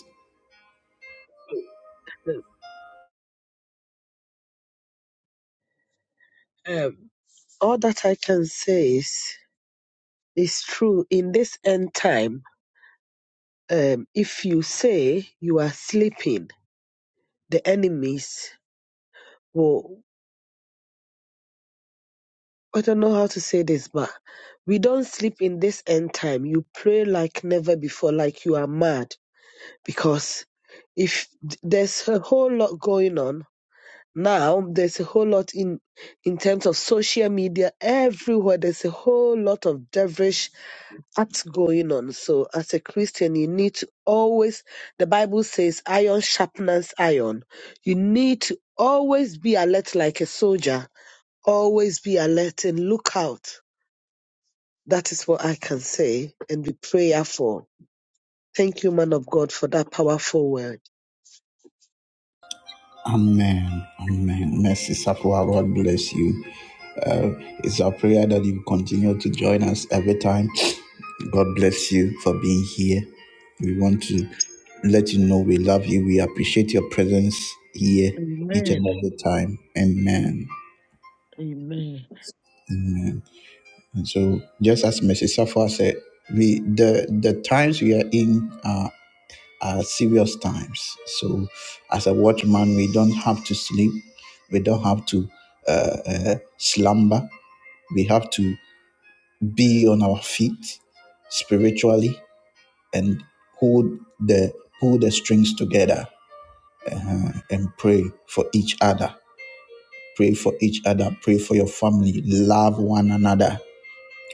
[SPEAKER 2] Um, all that I can say is, is true in this end time. um, if you say you are sleeping, the enemies will. I don't know how to say this, but we don't sleep in this end time. You pray like never before, like you are mad, because if there's a whole lot going on now, there's a whole lot in in terms of social media everywhere. There's a whole lot of devilish That's going on. So as a Christian, you need to always, the Bible says, iron sharpens iron. You need to always be alert like a soldier, always be alert and look out. That is what I can say and be prayerful. Thank you, man of God, for that powerful word.
[SPEAKER 1] Amen. Amen. Mercy, Sapua, God bless you. Uh, it's our prayer that you continue to join us every time. God bless you for being here. We want to let you know we love you. We appreciate your presence here each and
[SPEAKER 2] Amen.
[SPEAKER 1] every time. Amen.
[SPEAKER 2] Amen.
[SPEAKER 1] Amen. And so, just as Mrs. Safwa said, we the the times we are in. are. uh, serious times. So, as a watchman, we don't have to sleep, we don't have to uh, uh, slumber, we have to be on our feet spiritually and hold the pull the strings together and pray for each other. Pray for each other. Pray for your family. Love one another.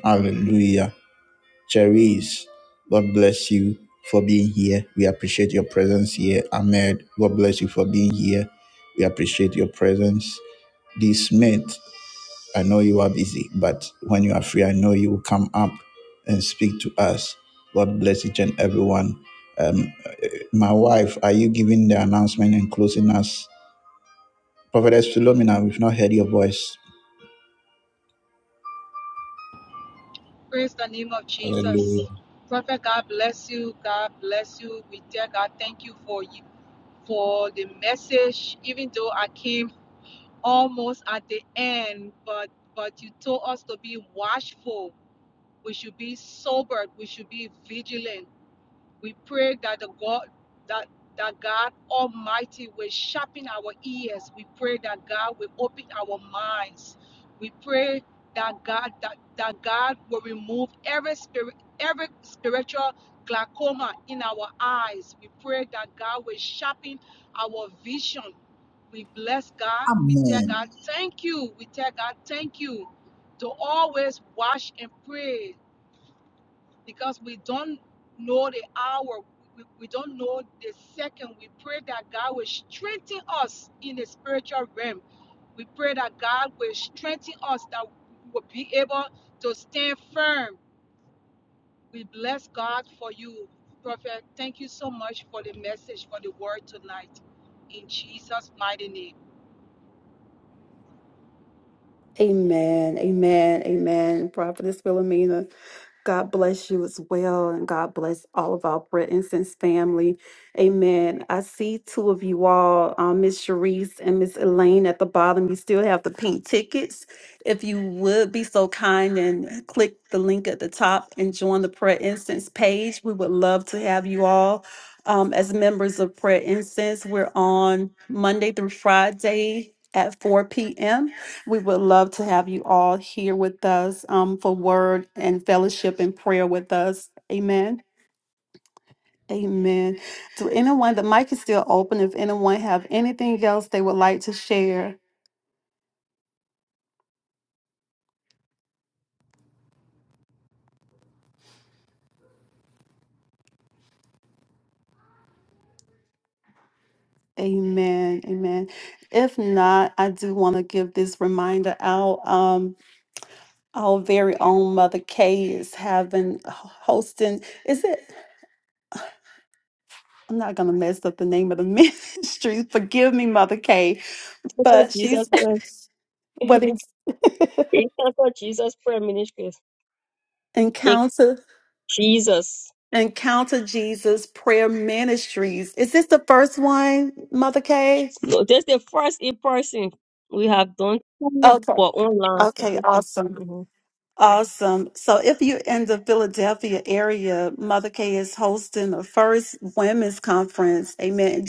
[SPEAKER 1] Hallelujah. Cherise, God bless you for being here. We appreciate your presence here. Ahmed, God bless you for being here. We appreciate your presence. D. Smith, I know you are busy, but when you are free, I know you will come up and speak to us. God bless each and everyone. Um, my wife, are you giving the announcement and closing us? Prophetess Philomena, we've not heard your voice.
[SPEAKER 3] Praise the name of Jesus. Prophet, God bless you. God bless you. We tell God thank you for you for the message, even though I came almost at the end, but but you told us to be watchful. We should be sobered. We should be vigilant. We pray that the God that that God Almighty will sharpen our ears. We pray that God will open our minds. We pray that God that, that God will remove every spirit every spiritual glaucoma in our eyes. We pray that God will sharpen our vision. We bless God. We tell God thank you. We tell God thank you to always watch and pray because we don't know the hour. We, we don't know the second. We pray that God will strengthen us in the spiritual realm. We pray that God will strengthen us, that we will be able to stand firm. We bless God for you, Prophet. Thank you so much for the message, for the word tonight. In Jesus' mighty name.
[SPEAKER 5] amen amen amen prophetess philomena God bless you as well, and God bless all of our Brett Incense family. Amen. I see two of you all, um, Miss Sharice and Miss Elaine at the bottom. You still have the pink tickets. If you would be so kind and click the link at the top and join the Prayer Incense page, we would love to have you all um, as members of Prayer Incense. We're on Monday through Friday at 4 p.m. We would love to have you all here with us um, for word and fellowship and prayer with us. Amen. Amen. To anyone, the mic is still open. If anyone have anything else they would like to share, amen. Amen. If not, I do want to give this reminder out. Um, our very own Mother Kay is having hosting. Is it? I'm not gonna mess up the name of the ministry. Forgive me, Mother Kay.
[SPEAKER 6] Thank you,
[SPEAKER 5] But
[SPEAKER 6] Jesus,
[SPEAKER 5] she's
[SPEAKER 6] Christ.
[SPEAKER 5] what is
[SPEAKER 6] Thank you, for Jesus, prayer ministry. In
[SPEAKER 5] encounter.
[SPEAKER 6] Jesus.
[SPEAKER 5] Encounter Jesus Prayer Ministries. Is this the first one, Mother Kay?
[SPEAKER 6] No, this is the first in person. We have done two,
[SPEAKER 5] Okay.
[SPEAKER 6] but online for
[SPEAKER 5] Okay,
[SPEAKER 6] this. is-
[SPEAKER 5] awesome.
[SPEAKER 6] Mhm.
[SPEAKER 5] Awesome. So if you're in the Philadelphia area, Mother K is hosting the first women's conference. Amen.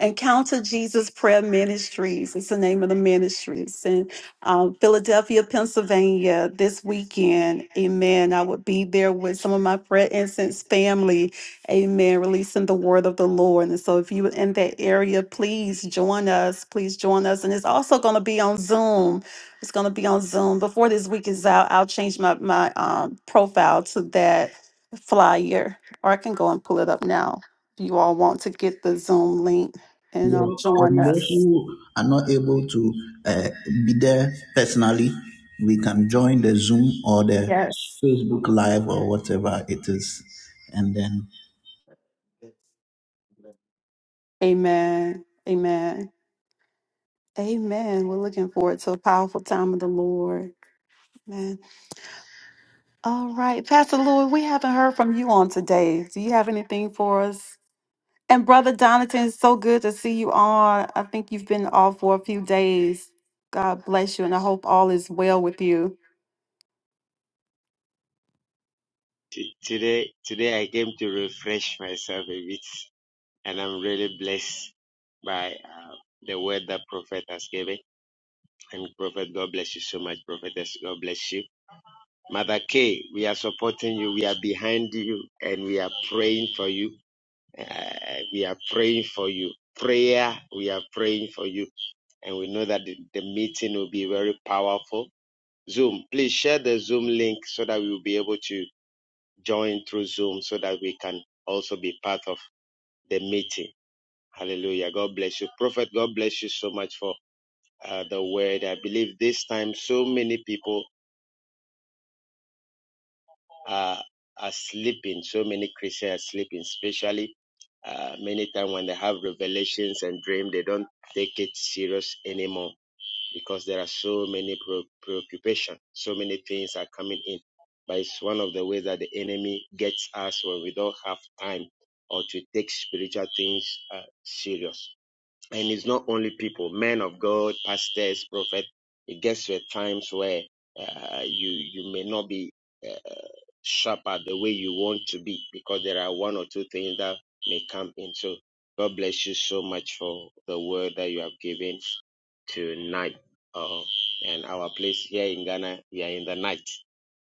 [SPEAKER 5] Encounter Jesus Prayer Ministries. It's the name of the ministries in um, Philadelphia, Pennsylvania this weekend. Amen. I would be there with some of my prayer incense family. Amen. Releasing the word of the Lord. And so if you're in that area, please join us. Please join us. And it's also going to be on Zoom. It's going to be on Zoom. Before this week is out, I'll change my, my um, profile to that flyer, or I can go and pull it up now. If you all want to get the Zoom link and
[SPEAKER 1] Yeah.
[SPEAKER 5] um, join
[SPEAKER 1] And those
[SPEAKER 5] us.
[SPEAKER 1] who are not able to uh, be there personally, we can join the Zoom or the
[SPEAKER 5] Yes.
[SPEAKER 1] Facebook Live or whatever it is. And then.
[SPEAKER 5] Amen. Amen. Amen. We're looking forward to a powerful time of the Lord. Amen. All right. Pastor Lord, we haven't heard from you on today. Do you have anything for us? And Brother Donatan, it's so good to see you on. I think you've been off for a few days. God bless you, and I hope all is well with you.
[SPEAKER 4] T- Today, today I came to refresh myself a bit, and I'm really blessed by uh, the word that Prophet has given. And Prophet, God bless you so much, Prophetess. God bless you. Mother K, we are supporting you. We are behind you, and we are praying for you. Uh, we are praying for you. Prayer, we are praying for you. and we know that the, the meeting will be very powerful. Zoom, please share the Zoom link so that we will be able to join through Zoom so that we can also be part of the meeting. Hallelujah. God bless you. Prophet, God bless you so much for uh, the word. I believe this time so many people are, are sleeping, so many Christians are sleeping, especially uh, many times when they have revelations and dream, they don't take it serious anymore because there are so many pre- preoccupations, so many things are coming in. But it's one of the ways that the enemy gets us when we don't have time or to take spiritual things uh, serious. And it's not only people, men of God, pastors, prophets. It gets to a times where uh, you you may not be. uh, sharper the way you want to be because there are one or two things that may come in. So God bless you so much for the word that you have given tonight. Uh, and our place here in Ghana, we are in the night.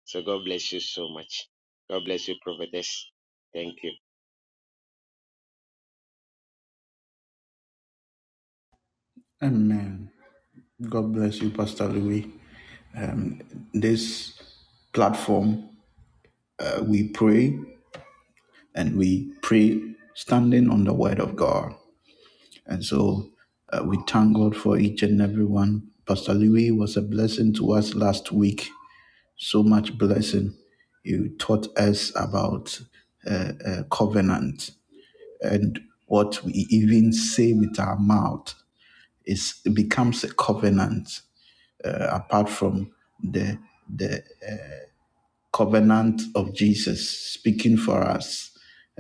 [SPEAKER 4] So God bless you so much. God bless you, prophetess. Thank you.
[SPEAKER 1] Amen. God bless you, Pastor Louis. Um, this platform, uh, we pray and we pray standing on the Word of God. And so uh, we thank God for each and every one. Pastor Louis was a blessing to us last week so much blessing. You taught us about uh, uh, covenant and what we even say with our mouth is it becomes a covenant uh, apart from the the covenant of Jesus speaking for us.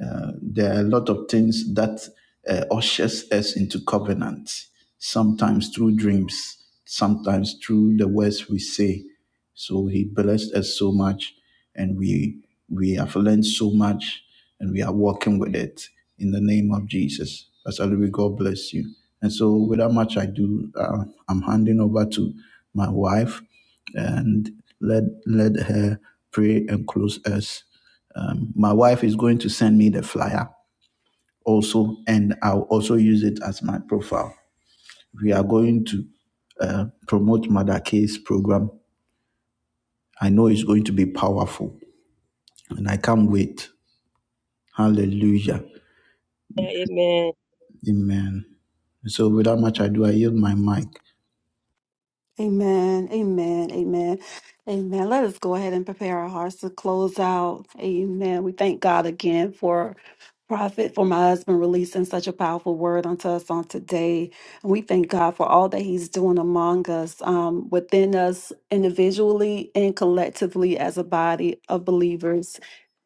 [SPEAKER 1] Uh, there are a lot of things that uh, ushers us into covenant, sometimes through dreams, sometimes through the words we say. So he blessed us so much, and we we have learned so much, and we are working with it in the name of Jesus. Pastor Louis, God bless you. And so, without much ado, uh, I'm handing over to my wife, and let let her pray and close us. Um, my wife is going to send me the flyer also, and I'll also use it as my profile. We are going to uh, promote Mother K's program. I know it's going to be powerful, and I can't wait. Hallelujah.
[SPEAKER 6] Amen.
[SPEAKER 1] Amen. So, without much ado, I yield my mic.
[SPEAKER 5] Amen. Amen. Amen. Amen. Let us go ahead and prepare our hearts to close out. Amen. We thank God again for prophet, for my husband releasing such a powerful word unto us on today. And we thank God for all that he's doing among us, um, within us individually and collectively as a body of believers.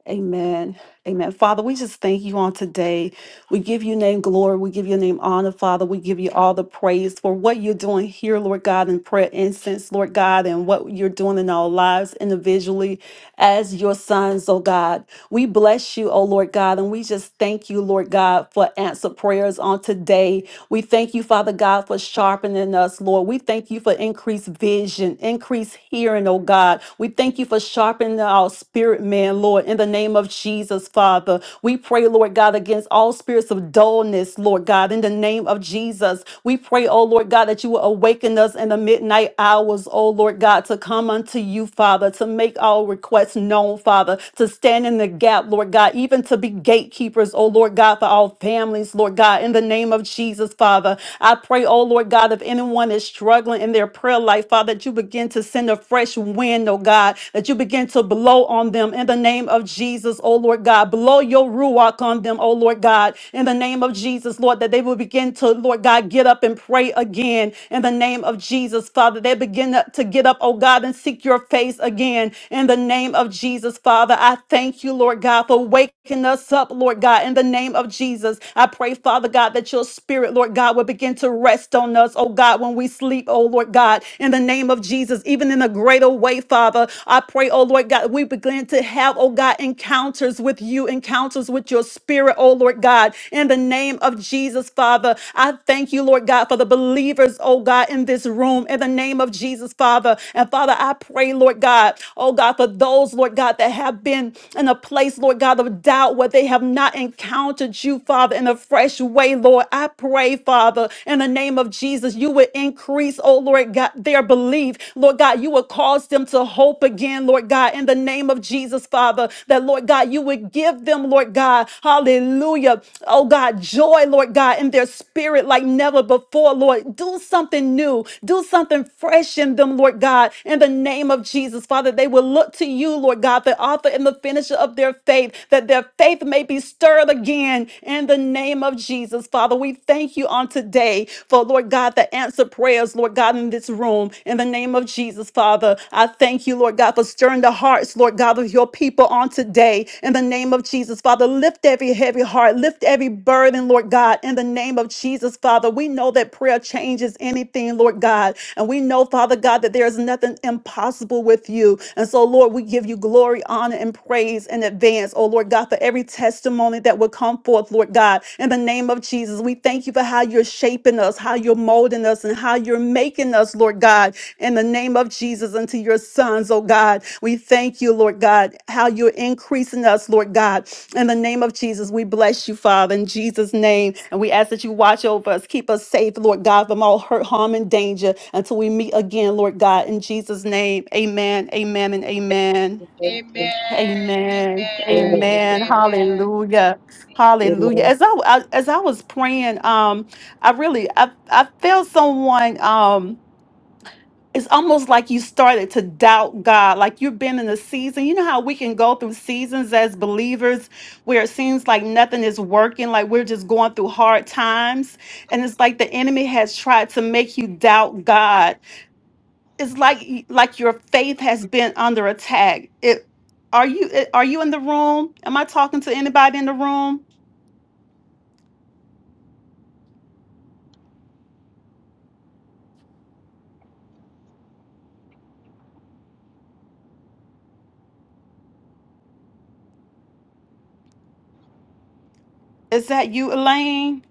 [SPEAKER 5] Amen. Amen. Father, we just thank you on today. We give you name glory. We give your name honor, Father. We give you all the praise for what you're doing here, Lord God, in prayer incense, Lord God, and what you're doing in our lives individually as your sons, oh God. We bless you, oh Lord God, and we just thank you, Lord God, for answer prayers on today. We thank you, Father God, for sharpening us, Lord. We thank you for increased vision, increased hearing, oh God. We thank you for sharpening our spirit, man, Lord, in the name of Jesus, Father. We pray, Lord God, against all spirits of dullness, Lord God, in the name of Jesus. We pray, oh Lord God, that you will awaken us in the midnight hours, oh Lord God, to come unto you, Father, to make our requests known, Father, to stand in the gap, Lord God, even to be gatekeepers, oh Lord God, for our all families, Lord God, in the name of Jesus, Father. I pray, oh Lord God, if anyone is struggling in their prayer life, Father, that you begin to send a fresh wind, oh God, that you begin to blow on them in the name of Jesus, oh Lord God. Blow your ruach on them, oh Lord God, in the name of Jesus, Lord, that they will begin to, Lord God, get up and pray again in the name of Jesus, Father. They begin to get up, oh God, and seek your face again in the name of Jesus, Father. I thank you, Lord God, for waking us up, Lord God, in the name of Jesus. I pray, Father God, that your spirit, Lord God, will begin to rest on us, oh God, when we sleep, oh Lord God, in the name of Jesus, even in a greater way, Father. I pray, oh Lord God, we begin to have, oh God, encounters with you, encounters with your spirit, oh Lord God, in the name of Jesus, Father. I thank you, Lord God, for the believers, oh God, in this room, in the name of Jesus, Father. And Father, I pray, Lord God, oh God, for those, Lord. Lord God, that have been in a place, Lord God, of doubt where they have not encountered you, Father, in a fresh way, Lord. I pray, Father, in the name of Jesus, you would increase, oh Lord God, their belief. Lord God, you would cause them to hope again, Lord God, in the name of Jesus, Father, that Lord God, you would give them, Lord God, hallelujah, oh God, joy, Lord God, in their spirit like never before, Lord. Do something new, do something fresh in them, Lord God, in the name name of Jesus, Father. They will look to you, Lord God, the author and the finisher of their faith, that their faith may be stirred again in the name of Jesus, Father. We thank you on today for, Lord God, the answer prayers, Lord God, in this room. In the name of Jesus, Father, I thank you, Lord God, for stirring the hearts, Lord God, of your people on today. In the name of Jesus, Father, lift every heavy heart, lift every burden, Lord God, in the name of Jesus, Father. We know that prayer changes anything, Lord God. And we know, Father God, that there is nothing impossible with you. And so, Lord, we give you glory, honor, and praise in advance, oh Lord God, for every testimony that will come forth, Lord God. In the name of Jesus, we thank you for how you're shaping us, how you're molding us, and how you're making us, Lord God, in the name of Jesus, unto your sons, oh God. We thank you, Lord God, how you're increasing us, Lord God. In the name of Jesus, we bless you, Father, in Jesus' name. And we ask that you watch over us, keep us safe, Lord God, from all hurt, harm, and danger until we meet again, Lord God, in Jesus' name. Amen, amen, and amen.
[SPEAKER 3] Amen.
[SPEAKER 6] Amen.
[SPEAKER 5] Amen.
[SPEAKER 3] Amen.
[SPEAKER 5] Amen.
[SPEAKER 6] Amen.
[SPEAKER 3] Amen.
[SPEAKER 5] Hallelujah. Hallelujah.
[SPEAKER 6] Amen.
[SPEAKER 5] As I, I- as I was praying, um, I really I, I felt someone um it's almost like you started to doubt God, like you've been in a season. You know how we can go through seasons as believers where it seems like nothing is working, like we're just going through hard times. And it's like the enemy has tried to make you doubt God. It's like y- like your faith has been under attack. It are you eh, are you in the room? Am I talking to anybody in the room? Is that you, Elaine?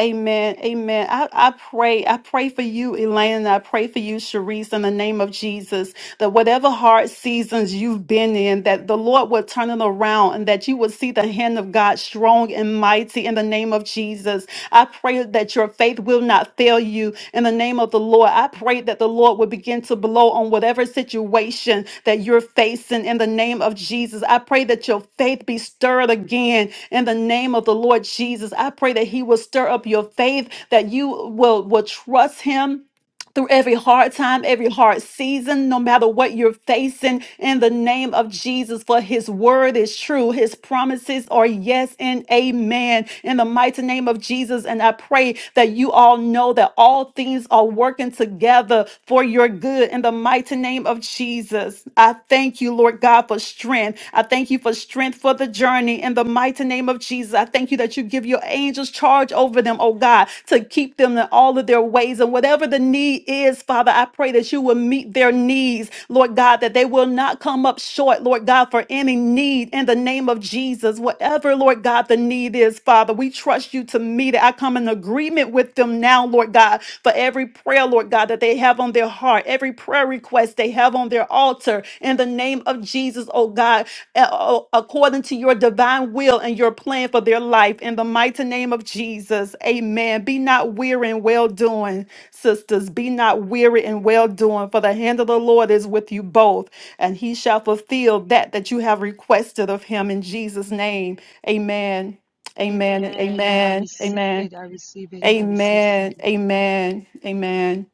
[SPEAKER 5] Amen. Amen. I, I pray. I pray for you, Elaine. I pray for you, Sharice, in the name of Jesus, that whatever hard seasons you've been in, that the Lord will turn it around and that you will see the hand of God strong and mighty in the name of Jesus. I pray that your faith will not fail you in the name of the Lord. I pray that the Lord will begin to blow on whatever situation that you're facing in the name of Jesus. I pray that your faith be stirred again in the name of the Lord Jesus. I pray that He will stir up your faith, that you will, will trust Him through every hard time, every hard season, no matter what you're facing, in the name of Jesus, for his word is true. His promises are yes and amen. In the mighty name of Jesus, and I pray that you all know that all things are working together for your good. In the mighty name of Jesus, I thank you, Lord God, for strength. I thank you for strength strength for the journey in the mighty name of Jesus. I thank you that you give your angels charge over them, oh God, to keep them in all of their ways. And whatever the need is, Father, I pray that you will meet their needs, Lord God, that they will not come up short, Lord God, for any need in the name of Jesus. Whatever, Lord God, the need is, Father, we trust you to meet it. I come in agreement with them now, Lord God, for every prayer, Lord God, that they have on their heart, every prayer request they have on their altar in the name of Jesus, oh God uh, according to your divine will and your plan for their life. In the mighty name of Jesus, amen. Be not weary in well doing, sisters. Be not weary in well doing, for the hand of the Lord is with you both, and he shall fulfill that that you have requested of him in Jesus' name. Amen. Amen. and
[SPEAKER 3] Amen. I
[SPEAKER 5] Amen.
[SPEAKER 3] receive
[SPEAKER 5] Amen.
[SPEAKER 3] it. I receive it. I receive it.
[SPEAKER 5] Amen. Amen. Amen.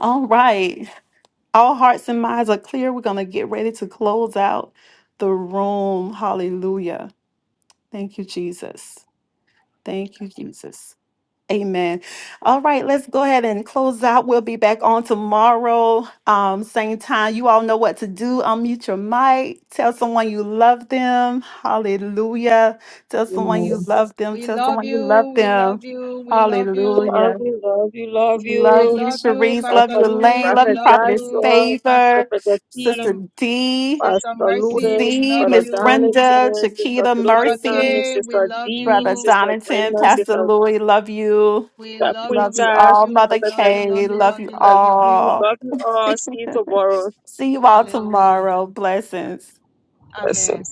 [SPEAKER 5] All right. All hearts and minds are clear. We're going to get ready to close out the room. Hallelujah. Thank you, Jesus. Thank you, Jesus. Amen. All right, let's go ahead and close out. We'll be back on tomorrow, um, same time. You all know what to do. Unmute your mic. Tell someone you love them. Hallelujah. Tell someone you
[SPEAKER 6] Amen.
[SPEAKER 5] love them.
[SPEAKER 3] We
[SPEAKER 5] Tell
[SPEAKER 3] love
[SPEAKER 5] someone you love
[SPEAKER 3] you. We
[SPEAKER 5] them.
[SPEAKER 3] love you. We love you.
[SPEAKER 5] Hallelujah.
[SPEAKER 6] Love you, love you, love
[SPEAKER 3] We
[SPEAKER 5] Love
[SPEAKER 6] you.
[SPEAKER 5] you,
[SPEAKER 3] love you,
[SPEAKER 5] Cherise. Love
[SPEAKER 3] Pastor
[SPEAKER 5] you,
[SPEAKER 6] Prophet,
[SPEAKER 3] Louis.
[SPEAKER 5] Elaine.
[SPEAKER 3] We
[SPEAKER 5] Love you,
[SPEAKER 6] Prophet
[SPEAKER 3] love
[SPEAKER 5] Prophetess
[SPEAKER 3] you,
[SPEAKER 6] Joshua,
[SPEAKER 3] Pastor
[SPEAKER 5] Favor,
[SPEAKER 6] Prophet T,
[SPEAKER 5] Sister
[SPEAKER 3] Brother
[SPEAKER 5] D,
[SPEAKER 3] Sister
[SPEAKER 6] Pastor
[SPEAKER 3] Mercy. We
[SPEAKER 6] Lewis,
[SPEAKER 5] Z,
[SPEAKER 3] love
[SPEAKER 6] Brother
[SPEAKER 5] Miss
[SPEAKER 3] you,
[SPEAKER 5] Brenda,
[SPEAKER 6] Jonathan, Sister
[SPEAKER 5] Shakita,
[SPEAKER 3] Mother
[SPEAKER 5] Mercy,
[SPEAKER 6] Philomena,
[SPEAKER 3] Kay. We
[SPEAKER 6] Sister
[SPEAKER 3] love
[SPEAKER 5] Brother
[SPEAKER 6] Dean,
[SPEAKER 3] you.
[SPEAKER 6] Sister
[SPEAKER 5] Donington,
[SPEAKER 6] Brenda,
[SPEAKER 5] Pastor
[SPEAKER 6] Sister
[SPEAKER 5] Louis. Love you.
[SPEAKER 3] We love you.
[SPEAKER 5] Love
[SPEAKER 3] We
[SPEAKER 5] you
[SPEAKER 3] love
[SPEAKER 6] Quinta,
[SPEAKER 5] all.
[SPEAKER 3] you.
[SPEAKER 5] Mother
[SPEAKER 3] We love
[SPEAKER 6] Sister
[SPEAKER 3] you. Love
[SPEAKER 5] Kay.
[SPEAKER 3] you.
[SPEAKER 6] V,
[SPEAKER 5] Love
[SPEAKER 3] Love
[SPEAKER 5] you
[SPEAKER 3] you.
[SPEAKER 6] Sister
[SPEAKER 3] Love you.
[SPEAKER 6] D.
[SPEAKER 5] all.
[SPEAKER 6] Love you all. See you tomorrow.
[SPEAKER 5] See you all
[SPEAKER 3] Hallelujah.
[SPEAKER 5] tomorrow. Blessings.
[SPEAKER 6] Blessings.
[SPEAKER 3] Amen.